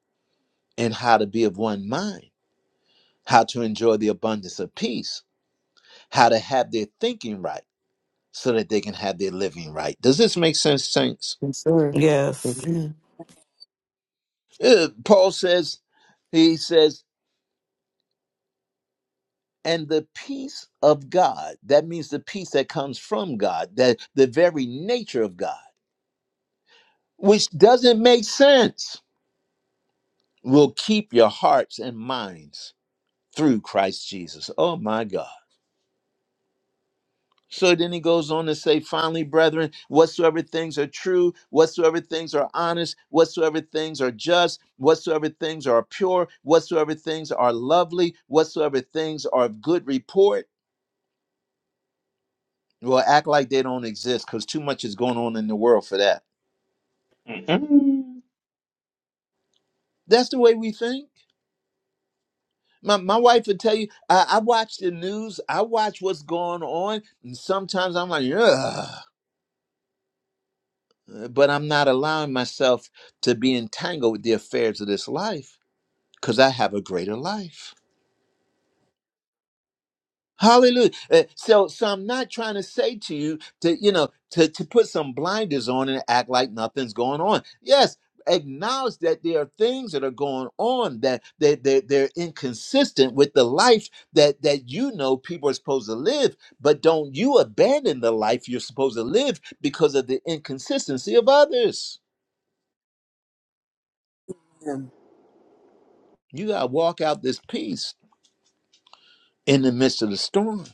Speaker 1: in how to be of one mind, how to enjoy the abundance of peace, how to have their thinking right so that they can have their living right. Does this make sense, saints?
Speaker 8: Yes, sir.
Speaker 4: Yes.
Speaker 8: Amen.
Speaker 1: Uh, Paul says, he says, and the peace of God, that means the peace that comes from God, that the very nature of God, which doesn't make sense, will keep your hearts and minds through Christ Jesus. Oh my God. So then he goes on to say, finally, brethren, whatsoever things are true, whatsoever things are honest, whatsoever things are just, whatsoever things are pure, whatsoever things are lovely, whatsoever things are of good report Well, act like they don't exist because too much is going on in the world for that.
Speaker 2: Mm.
Speaker 1: That's the way we think. My, my wife would tell you, I, I watch the news, I watch what's going on, and sometimes I'm like, ugh, but I'm not allowing myself to be entangled with the affairs of this life because I have a greater life. Hallelujah. Uh, so, so I'm not trying to say to you to, you know, to, to put some blinders on and act like nothing's going on. Yes, acknowledge that there are things that are going on that they, they, they're inconsistent with the life that, that you know people are supposed to live, but don't you abandon the life you're supposed to live because of the inconsistency of others.
Speaker 3: Amen.
Speaker 1: You got to walk out this peace in the midst of the storm.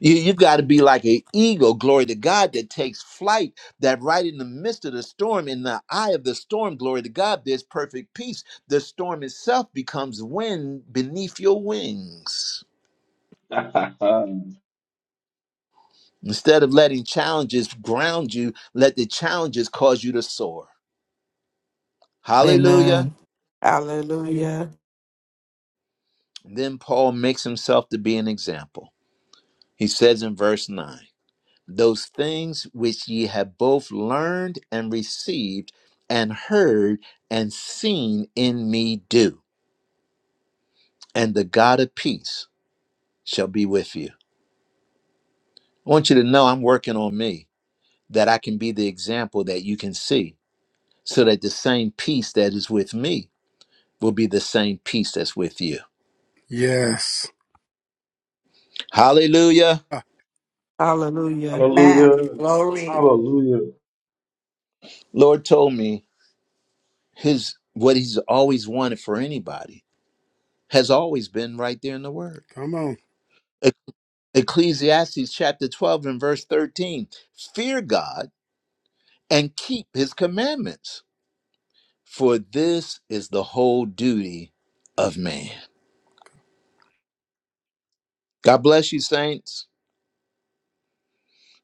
Speaker 1: You, you've got to be like an eagle, glory to God, that takes flight, that right in the midst of the storm, in the eye of the storm, glory to God, there's perfect peace. The storm itself becomes wind beneath your wings.
Speaker 2: [laughs]
Speaker 1: Instead of letting challenges ground you, let the challenges cause you to soar. Hallelujah.
Speaker 4: Amen. Hallelujah.
Speaker 1: Then Paul makes himself to be an example. He says in verse 9. those things which ye have both learned and received and heard and seen in me do and the god of peace shall be with you i want you to know i'm working on me that i can be the example that you can see so that the same peace that is with me will be the same peace that's with you
Speaker 10: Yes.
Speaker 1: hallelujah
Speaker 10: Ah,
Speaker 4: Hallelujah.
Speaker 12: Man,
Speaker 2: Hallelujah.
Speaker 12: Glory.
Speaker 2: Hallelujah.
Speaker 1: lord told me his what he's always wanted for anybody has always been right there in the word
Speaker 10: come on,
Speaker 1: Ecclesiastes chapter 12 and verse 13 Fear God and keep his commandments, for this is the whole duty of man. God bless you, saints.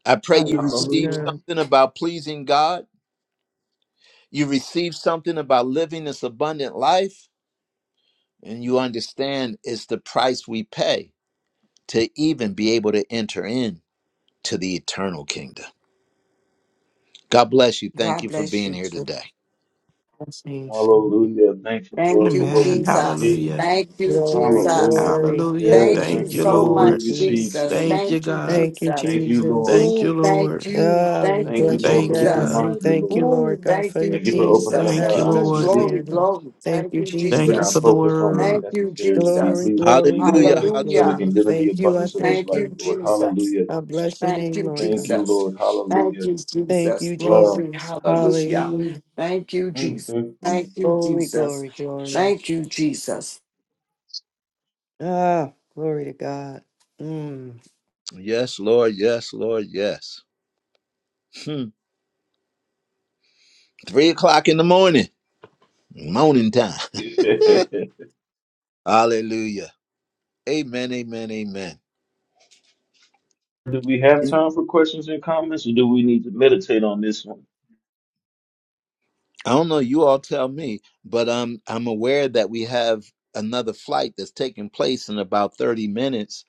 Speaker 1: I pray you receive
Speaker 2: Hallelujah.
Speaker 8: Hallelujah.
Speaker 1: something about pleasing God, you receive something about living this abundant life, and you understand it's the price we pay to even be able to enter in to the eternal kingdom. God bless you. Thank
Speaker 12: God
Speaker 1: you for
Speaker 12: bless
Speaker 1: being
Speaker 12: you
Speaker 1: here
Speaker 12: too.
Speaker 1: today.
Speaker 8: Blessings.
Speaker 2: Hallelujah. Thank you, Lord,
Speaker 12: Thank
Speaker 2: for
Speaker 12: you,
Speaker 2: what
Speaker 4: Amen.
Speaker 2: we
Speaker 12: Jesus.
Speaker 2: received.
Speaker 4: Hallelujah.
Speaker 12: Thank you,
Speaker 8: Glory,
Speaker 12: Jesus.
Speaker 2: Hallelujah.
Speaker 8: glory. Thank
Speaker 4: Hallelujah.
Speaker 8: you,
Speaker 2: Yes,
Speaker 12: Thank you
Speaker 2: thank
Speaker 4: Thank
Speaker 2: you
Speaker 4: you,
Speaker 8: Lord.
Speaker 2: for
Speaker 12: so
Speaker 2: what
Speaker 8: Yes.
Speaker 2: we
Speaker 4: Lord.
Speaker 12: much,
Speaker 2: received
Speaker 12: Jesus.
Speaker 2: today.
Speaker 4: Thank you,
Speaker 12: Thank you,
Speaker 4: God.
Speaker 8: Thank you.
Speaker 12: Jesus.
Speaker 2: Thank
Speaker 8: Jesus.
Speaker 2: you, Lord.
Speaker 4: Thank you,
Speaker 12: Ooh,
Speaker 4: Lord.
Speaker 12: thank
Speaker 8: Uh,
Speaker 12: you.
Speaker 8: we
Speaker 12: Thank
Speaker 2: Thank you,
Speaker 12: you,
Speaker 8: bless
Speaker 2: Lord, for
Speaker 4: Thank
Speaker 2: the
Speaker 4: you,
Speaker 8: you. I
Speaker 12: Jesus.
Speaker 4: God.
Speaker 8: do
Speaker 2: reminder,
Speaker 8: thank you
Speaker 2: Lord.
Speaker 12: Ooh, thank
Speaker 8: for your
Speaker 12: you,
Speaker 2: Thank you for opening
Speaker 8: acceptance.
Speaker 2: up
Speaker 12: Jesus.
Speaker 4: Thank you,
Speaker 2: our
Speaker 12: Ooh,
Speaker 2: eyes we
Speaker 4: Lord.
Speaker 12: glory,
Speaker 2: didn't know,
Speaker 12: glory.
Speaker 8: Thank you.
Speaker 12: Thank you,
Speaker 2: for keeping
Speaker 4: Thank you
Speaker 2: our
Speaker 4: for
Speaker 12: Jesus.
Speaker 4: the
Speaker 2: focus on what's
Speaker 4: word.
Speaker 12: Thank you,
Speaker 2: necessary to be
Speaker 8: Glory,
Speaker 12: Jesus.
Speaker 2: pleasing to
Speaker 8: glory,
Speaker 2: you
Speaker 1: Hallelujah.
Speaker 8: glory,
Speaker 2: so we
Speaker 12: Hallelujah.
Speaker 2: can
Speaker 8: glory.
Speaker 2: live in the
Speaker 8: Thank you. I
Speaker 2: abundance of this
Speaker 8: thank
Speaker 12: Thank
Speaker 2: life,
Speaker 12: you,
Speaker 8: you.
Speaker 2: Lord.
Speaker 12: Jesus.
Speaker 2: Hallelujah.
Speaker 8: I bless your
Speaker 12: Thank
Speaker 8: name,
Speaker 12: you,
Speaker 8: Lord
Speaker 2: Thank
Speaker 8: God.
Speaker 2: you,
Speaker 12: Jesus.
Speaker 2: Lord.
Speaker 12: Thank
Speaker 2: Hallelujah.
Speaker 12: you,
Speaker 8: Thank
Speaker 12: Jesus.
Speaker 8: you, Jesus.
Speaker 2: Wow.
Speaker 12: Glory.
Speaker 2: [laughs]
Speaker 12: Hallelujah.
Speaker 8: Hallelujah.
Speaker 12: Thank you,
Speaker 2: Mm,
Speaker 12: Jesus.
Speaker 2: mm, mm.
Speaker 12: Thank you,
Speaker 8: Glory,
Speaker 12: Jesus.
Speaker 8: glory, glory.
Speaker 12: Thank you, Jesus.
Speaker 8: Ah, glory to God. Mm.
Speaker 1: Yes, Lord. Yes, Lord. Yes. Hmm. Three o'clock in the morning, morning time.
Speaker 2: [laughs]
Speaker 1: [laughs] Hallelujah. Amen. Amen. Amen.
Speaker 2: do we have
Speaker 1: And
Speaker 2: time for questions and comments or do we need to meditate on this one?
Speaker 1: I don't know. You all tell me, but um, I'm aware that we have another flight that's taking place in about 30 minutes.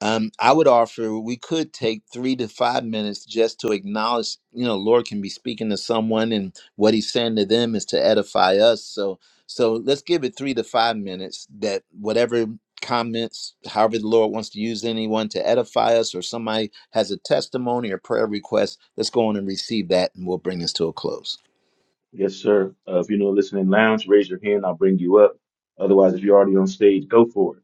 Speaker 1: um, I would offer we could take three to five minutes just to acknowledge, you know, Lord can be speaking to someone and what he's saying to them is to edify us. So so let's give it three to five minutes that whatever comments, however the Lord wants to use anyone to edify us or somebody has a testimony or prayer request, let's go on and receive that and we'll bring this to a close.
Speaker 2: Yes, sir. Uh, if you're in the listening lounge, raise your hand. I'll bring you up. Otherwise, if you're already on stage, go for it.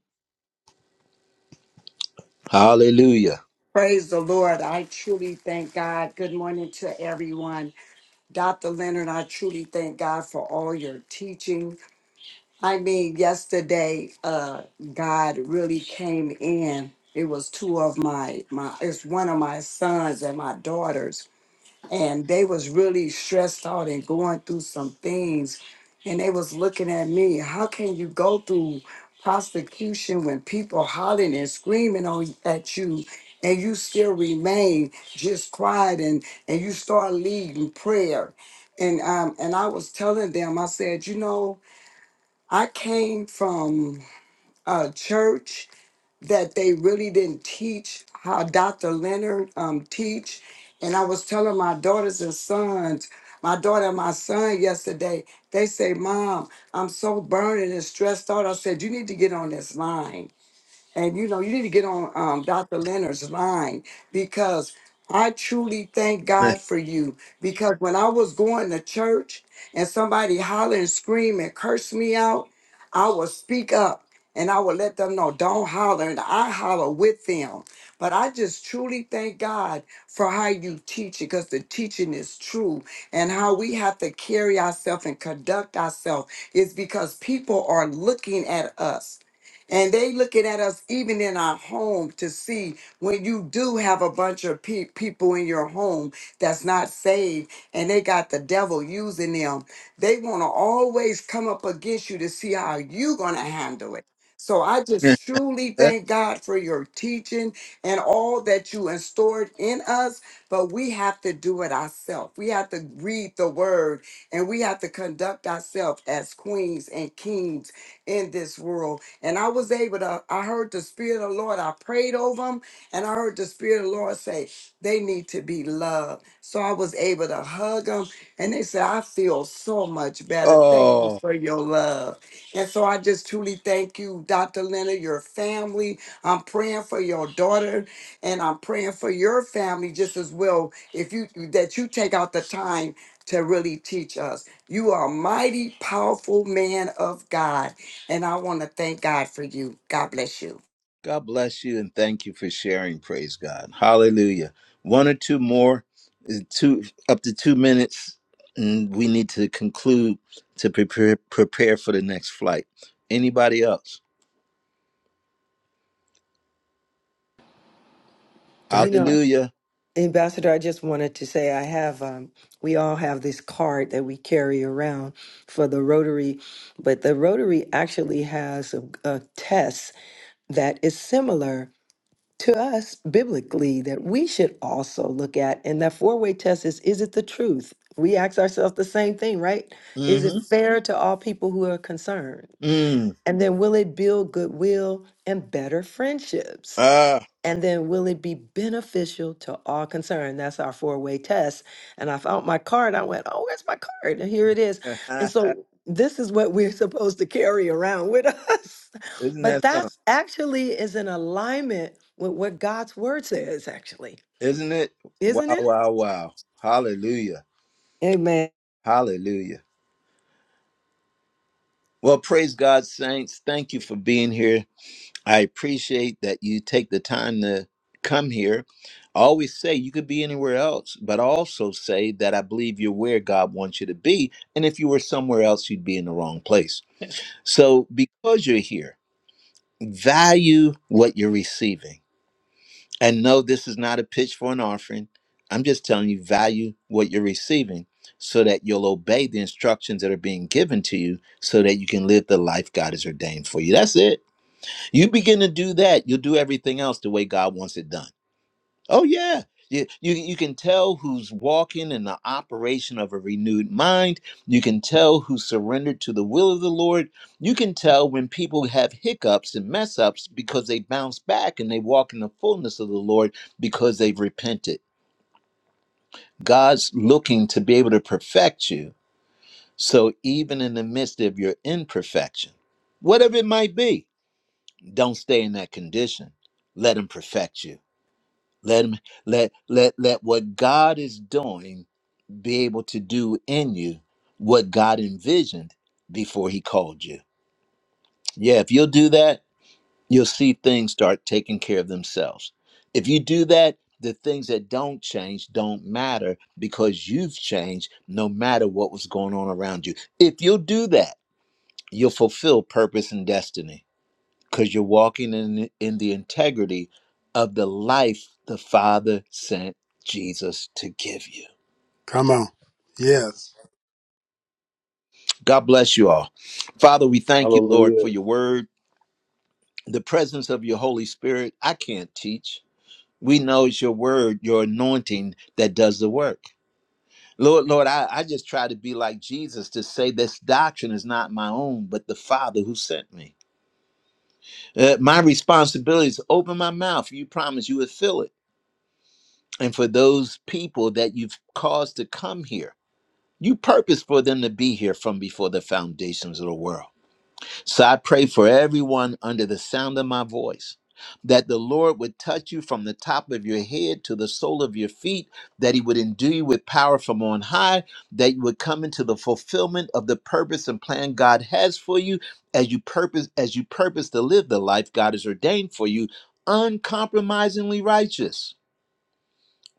Speaker 1: Hallelujah.
Speaker 12: Praise the Lord. I truly thank God. Good morning to everyone. Dr. Leonard, I truly thank God for all your teaching. I mean, yesterday, uh, God really came in. It was two of my my it's one of my sons and my daughters and they was really stressed out and going through some things and they was looking at me how can you go through prosecution when people hollering and screaming on at you and you still remain just quiet and and you start leading prayer and um and i was telling them i said you know i came from a church that they really didn't teach how Dr. Leonard um, teach. And I was telling my daughters and sons, my daughter and my son yesterday, they say, Mom, I'm so burning and stressed out. I said, You need to get on this line and you know, you need to get on um, Dr. Leonard's line because I truly thank God for you. Because when I was going to church and somebody holler and scream and curse me out, I would speak up and I would let them know, don't holler. And I holler with them. But I just truly thank God for how you teach it because the teaching is true and how we have to carry ourselves and conduct ourselves is because people are looking at us. And they looking at us even in our home to see when you do have a bunch of pe- people in your home that's not saved and they got the devil using them. They want to always come up against you to see how you going to handle it. So I just
Speaker 1: [laughs]
Speaker 12: truly thank God for your teaching and all that you instored in us, but we have to do it ourselves. We have to read the word and we have to conduct ourselves as queens and kings in this world and I was able to, I heard the Spirit of the Lord, I prayed over them, and I heard the Spirit of the Lord say, they need to be loved. So I was able to hug them, and they said, I feel so much better. Thank you
Speaker 1: oh
Speaker 12: for your love. And so I just truly thank you, Dr. Leonard, your family. I'm praying for your daughter, and I'm praying for your family just as well. If you that you take out the time to really teach us, you are a mighty, powerful man of God. And I want to thank God for you. God bless you.
Speaker 1: God bless you and thank you for sharing. Praise God. Hallelujah. One or two more, uh, two up to two minutes, and we need to conclude to prepare prepare for the next flight. Anybody else?
Speaker 8: You
Speaker 10: Doctor.
Speaker 8: know,
Speaker 1: Hallelujah.
Speaker 8: Ambassador, I just wanted to say I have, um, we all have this card that we carry around for the Rotary, but the Rotary actually has a, a test that is similar to us biblically that we should also look at and that four-way test is is it the truth we ask ourselves the same thing right is it
Speaker 1: Mm-hmm.
Speaker 8: fair to all people who are concerned
Speaker 1: Mm.
Speaker 8: and then will it build goodwill and better friendships
Speaker 1: Ah.
Speaker 8: and then will it be beneficial to all concerned? That's our four-way test. And I found my card. I went, oh, where's my card? And here it is. And
Speaker 1: [laughs]
Speaker 8: so this is what we're [laughs] supposed to carry around with us. [laughs]
Speaker 1: Isn't
Speaker 8: But
Speaker 1: that something?
Speaker 8: that's actually is in alignment with what God's word says, actually,
Speaker 1: Isn't it? Wow,
Speaker 8: isn't it?
Speaker 1: wow, wow. Hallelujah.
Speaker 8: Amen.
Speaker 1: Hallelujah. Well, praise God, saints. Thank you for being here. I appreciate that you take the time to come here. I always say you could be anywhere else, but I also say that I believe you're where God wants you to be. And if you were somewhere else, you'd be in the wrong place. So because you're here, value what you're receiving. And no, this is not a pitch for an offering. I'm just telling you, value what you're receiving so that you'll obey the instructions that are being given to you so that you can live the life God has ordained for you. That's it. You begin to do that, you'll do everything else the way God wants it done. Oh yeah. You, you, you can tell who's walking in the operation of a renewed mind. You can tell who surrendered to the will of the Lord. You can tell when people have hiccups and mess ups because they bounce back and they walk in the fullness of the Lord because they've repented. God's looking to be able to perfect you. So even in the midst of your imperfection, whatever it might be, don't stay in that condition. Let Him perfect you. Let him let let let what God is doing be able to do in you what God envisioned before he called you. Yeah, if you'll do that, you'll see things start taking care of themselves. If you do that, the things that don't change don't matter because you've changed no matter what was going on around you. If you'll do that, you'll fulfill purpose and destiny because you're walking in in the integrity of the life the Father sent Jesus to give you.
Speaker 10: Come on. Yes.
Speaker 1: God bless you all. Father, we thank you, Lord, for
Speaker 2: Hallelujah.
Speaker 1: your word, the presence of your Holy Spirit. I can't teach. We know it's your word, your anointing that does the work. Lord, Lord, I, I just try to be like Jesus to say this doctrine is not my own, but the Father who sent me. Uh, my responsibility is to open my mouth. You promise you would fill it. and for those people that you've caused to come here. You purpose for them to be here from before the foundations of the world. So I pray for everyone under the sound of my voice that the Lord would touch you from the top of your head to the sole of your feet, that He would endue you with power from on high, that you would come into the fulfillment of the purpose and plan God has for you as you purpose as you purpose to live the life God has ordained for you, uncompromisingly righteous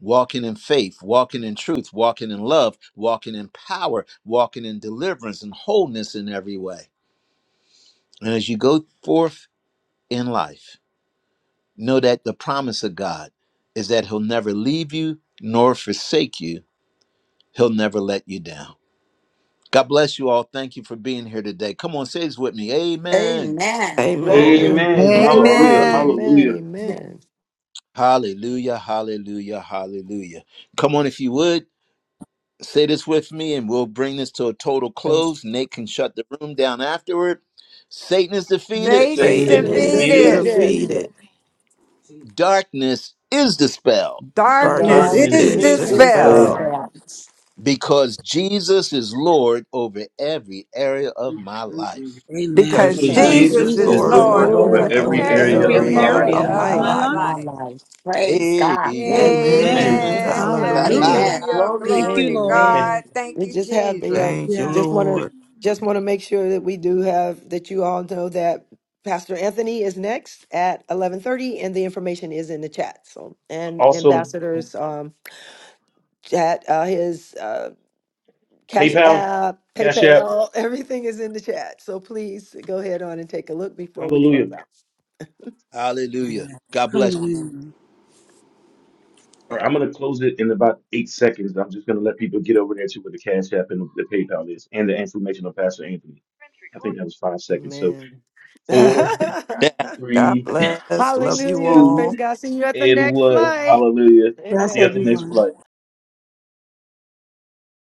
Speaker 1: walking in faith, walking in truth, walking in love, walking in power, walking in deliverance and wholeness in every way. And as you go forth in life, know that the promise of God is that He'll never leave you nor forsake you, He'll never let you down. God bless you all. Thank you for being here today. Come on, say this with me. Amen.
Speaker 12: Amen.
Speaker 4: Amen.
Speaker 12: Glory.
Speaker 2: Amen. Hallelujah.
Speaker 8: Amen.
Speaker 12: Glory.
Speaker 11: Amen.
Speaker 8: Amen.
Speaker 2: Hallelujah.
Speaker 8: Amen.
Speaker 1: Hallelujah, hallelujah, hallelujah. Come on, if you would. Say this with me, and we'll bring this to a total
Speaker 12: The
Speaker 1: close. Nate can shut the room down afterward. Satan is defeated.
Speaker 8: Mhm.
Speaker 11: Satan's
Speaker 2: Satan is
Speaker 4: Satan
Speaker 12: faith
Speaker 8: Satan
Speaker 3: Thank
Speaker 8: is
Speaker 4: is
Speaker 12: is
Speaker 3: you,
Speaker 12: the
Speaker 11: defeated.
Speaker 2: defeated.
Speaker 8: defeated.
Speaker 3: Jesus.
Speaker 12: leader.
Speaker 4: defeated.
Speaker 1: Darkness is dispelled
Speaker 3: Thank
Speaker 11: Darkness
Speaker 3: you,
Speaker 12: God
Speaker 4: Darkness
Speaker 8: Darkness
Speaker 2: Darkness
Speaker 11: is
Speaker 4: is
Speaker 12: is,
Speaker 2: is
Speaker 8: is
Speaker 3: Jesus.
Speaker 12: is the
Speaker 11: dispelled
Speaker 4: dispelled
Speaker 2: dispelled
Speaker 3: God.
Speaker 8: dispelled.
Speaker 12: staff.
Speaker 1: because Jesus is Lord over every area of my life.
Speaker 4: because
Speaker 3: Amen.
Speaker 11: because
Speaker 2: because
Speaker 8: So
Speaker 3: Because
Speaker 4: Jesus
Speaker 12: Because
Speaker 4: is
Speaker 11: Jesus
Speaker 2: Jesus
Speaker 11: is
Speaker 8: Jesus
Speaker 2: is
Speaker 3: Jesus
Speaker 8: is
Speaker 12: Jesus
Speaker 4: Lord
Speaker 3: is
Speaker 12: is
Speaker 2: Lord
Speaker 11: Lord
Speaker 2: over
Speaker 4: over
Speaker 8: Lord
Speaker 3: Lord
Speaker 12: Lord
Speaker 11: over
Speaker 8: over
Speaker 2: every
Speaker 4: every
Speaker 3: over
Speaker 12: over
Speaker 8: every
Speaker 2: area
Speaker 11: every
Speaker 2: of
Speaker 3: every
Speaker 12: every
Speaker 2: my
Speaker 8: area
Speaker 4: area
Speaker 8: of
Speaker 2: life.
Speaker 8: my
Speaker 11: area
Speaker 4: of
Speaker 3: area
Speaker 12: area
Speaker 3: of
Speaker 11: of
Speaker 4: my
Speaker 3: my
Speaker 8: life.
Speaker 11: my
Speaker 12: of
Speaker 4: life.
Speaker 3: life.
Speaker 12: my
Speaker 11: life.
Speaker 12: life. Praise God.
Speaker 1: Amen.
Speaker 12: Thank you,
Speaker 4: Amen.
Speaker 2: Amen.
Speaker 3: Amen.
Speaker 11: Amen.
Speaker 12: Jesus.
Speaker 4: Hallelujah.
Speaker 12: Amen.
Speaker 3: Hallelujah.
Speaker 11: Hallelujah.
Speaker 3: Thank
Speaker 12: Glory.
Speaker 11: Glory
Speaker 3: you,
Speaker 11: to
Speaker 3: Lord.
Speaker 2: [laughs]
Speaker 11: God.
Speaker 8: Amen.
Speaker 11: Thank
Speaker 8: We
Speaker 11: you,
Speaker 8: just have the
Speaker 11: Jesus.
Speaker 8: uh,
Speaker 4: Thank you,
Speaker 3: Yeah.
Speaker 8: just want to
Speaker 4: Lord.
Speaker 8: just want to make sure that we do have that you all know that Pastor Anthony is next at eleven thirty, and the information is in the chat. So and
Speaker 2: also,
Speaker 8: ambassadors um, chat uh, his uh, cash
Speaker 2: PayPal,
Speaker 8: app,
Speaker 2: Cash App.
Speaker 8: PayPal, [laughs] everything is in the chat. So please go ahead on and take a look before we close
Speaker 2: Hallelujah.
Speaker 8: out.
Speaker 1: [laughs] Hallelujah. God bless
Speaker 3: Hallelujah.
Speaker 2: All right, I'm gonna close it in about eight seconds. I'm just gonna let people get over there to where the Cash App and the PayPal is, and the information on Pastor Anthony. I think that was five seconds. So
Speaker 8: Amen. [laughs]
Speaker 2: four,
Speaker 1: you.
Speaker 2: [laughs]
Speaker 4: God
Speaker 2: three,
Speaker 4: bless. Love
Speaker 2: [laughs]
Speaker 4: you
Speaker 8: Hallelujah.
Speaker 2: two,
Speaker 8: Praise
Speaker 4: all.
Speaker 8: God. See you at the
Speaker 2: and
Speaker 8: next
Speaker 2: one.
Speaker 8: flight.
Speaker 2: Hallelujah.
Speaker 3: Bless
Speaker 2: See you
Speaker 8: Amen.
Speaker 2: at the next
Speaker 3: everyone.
Speaker 2: flight.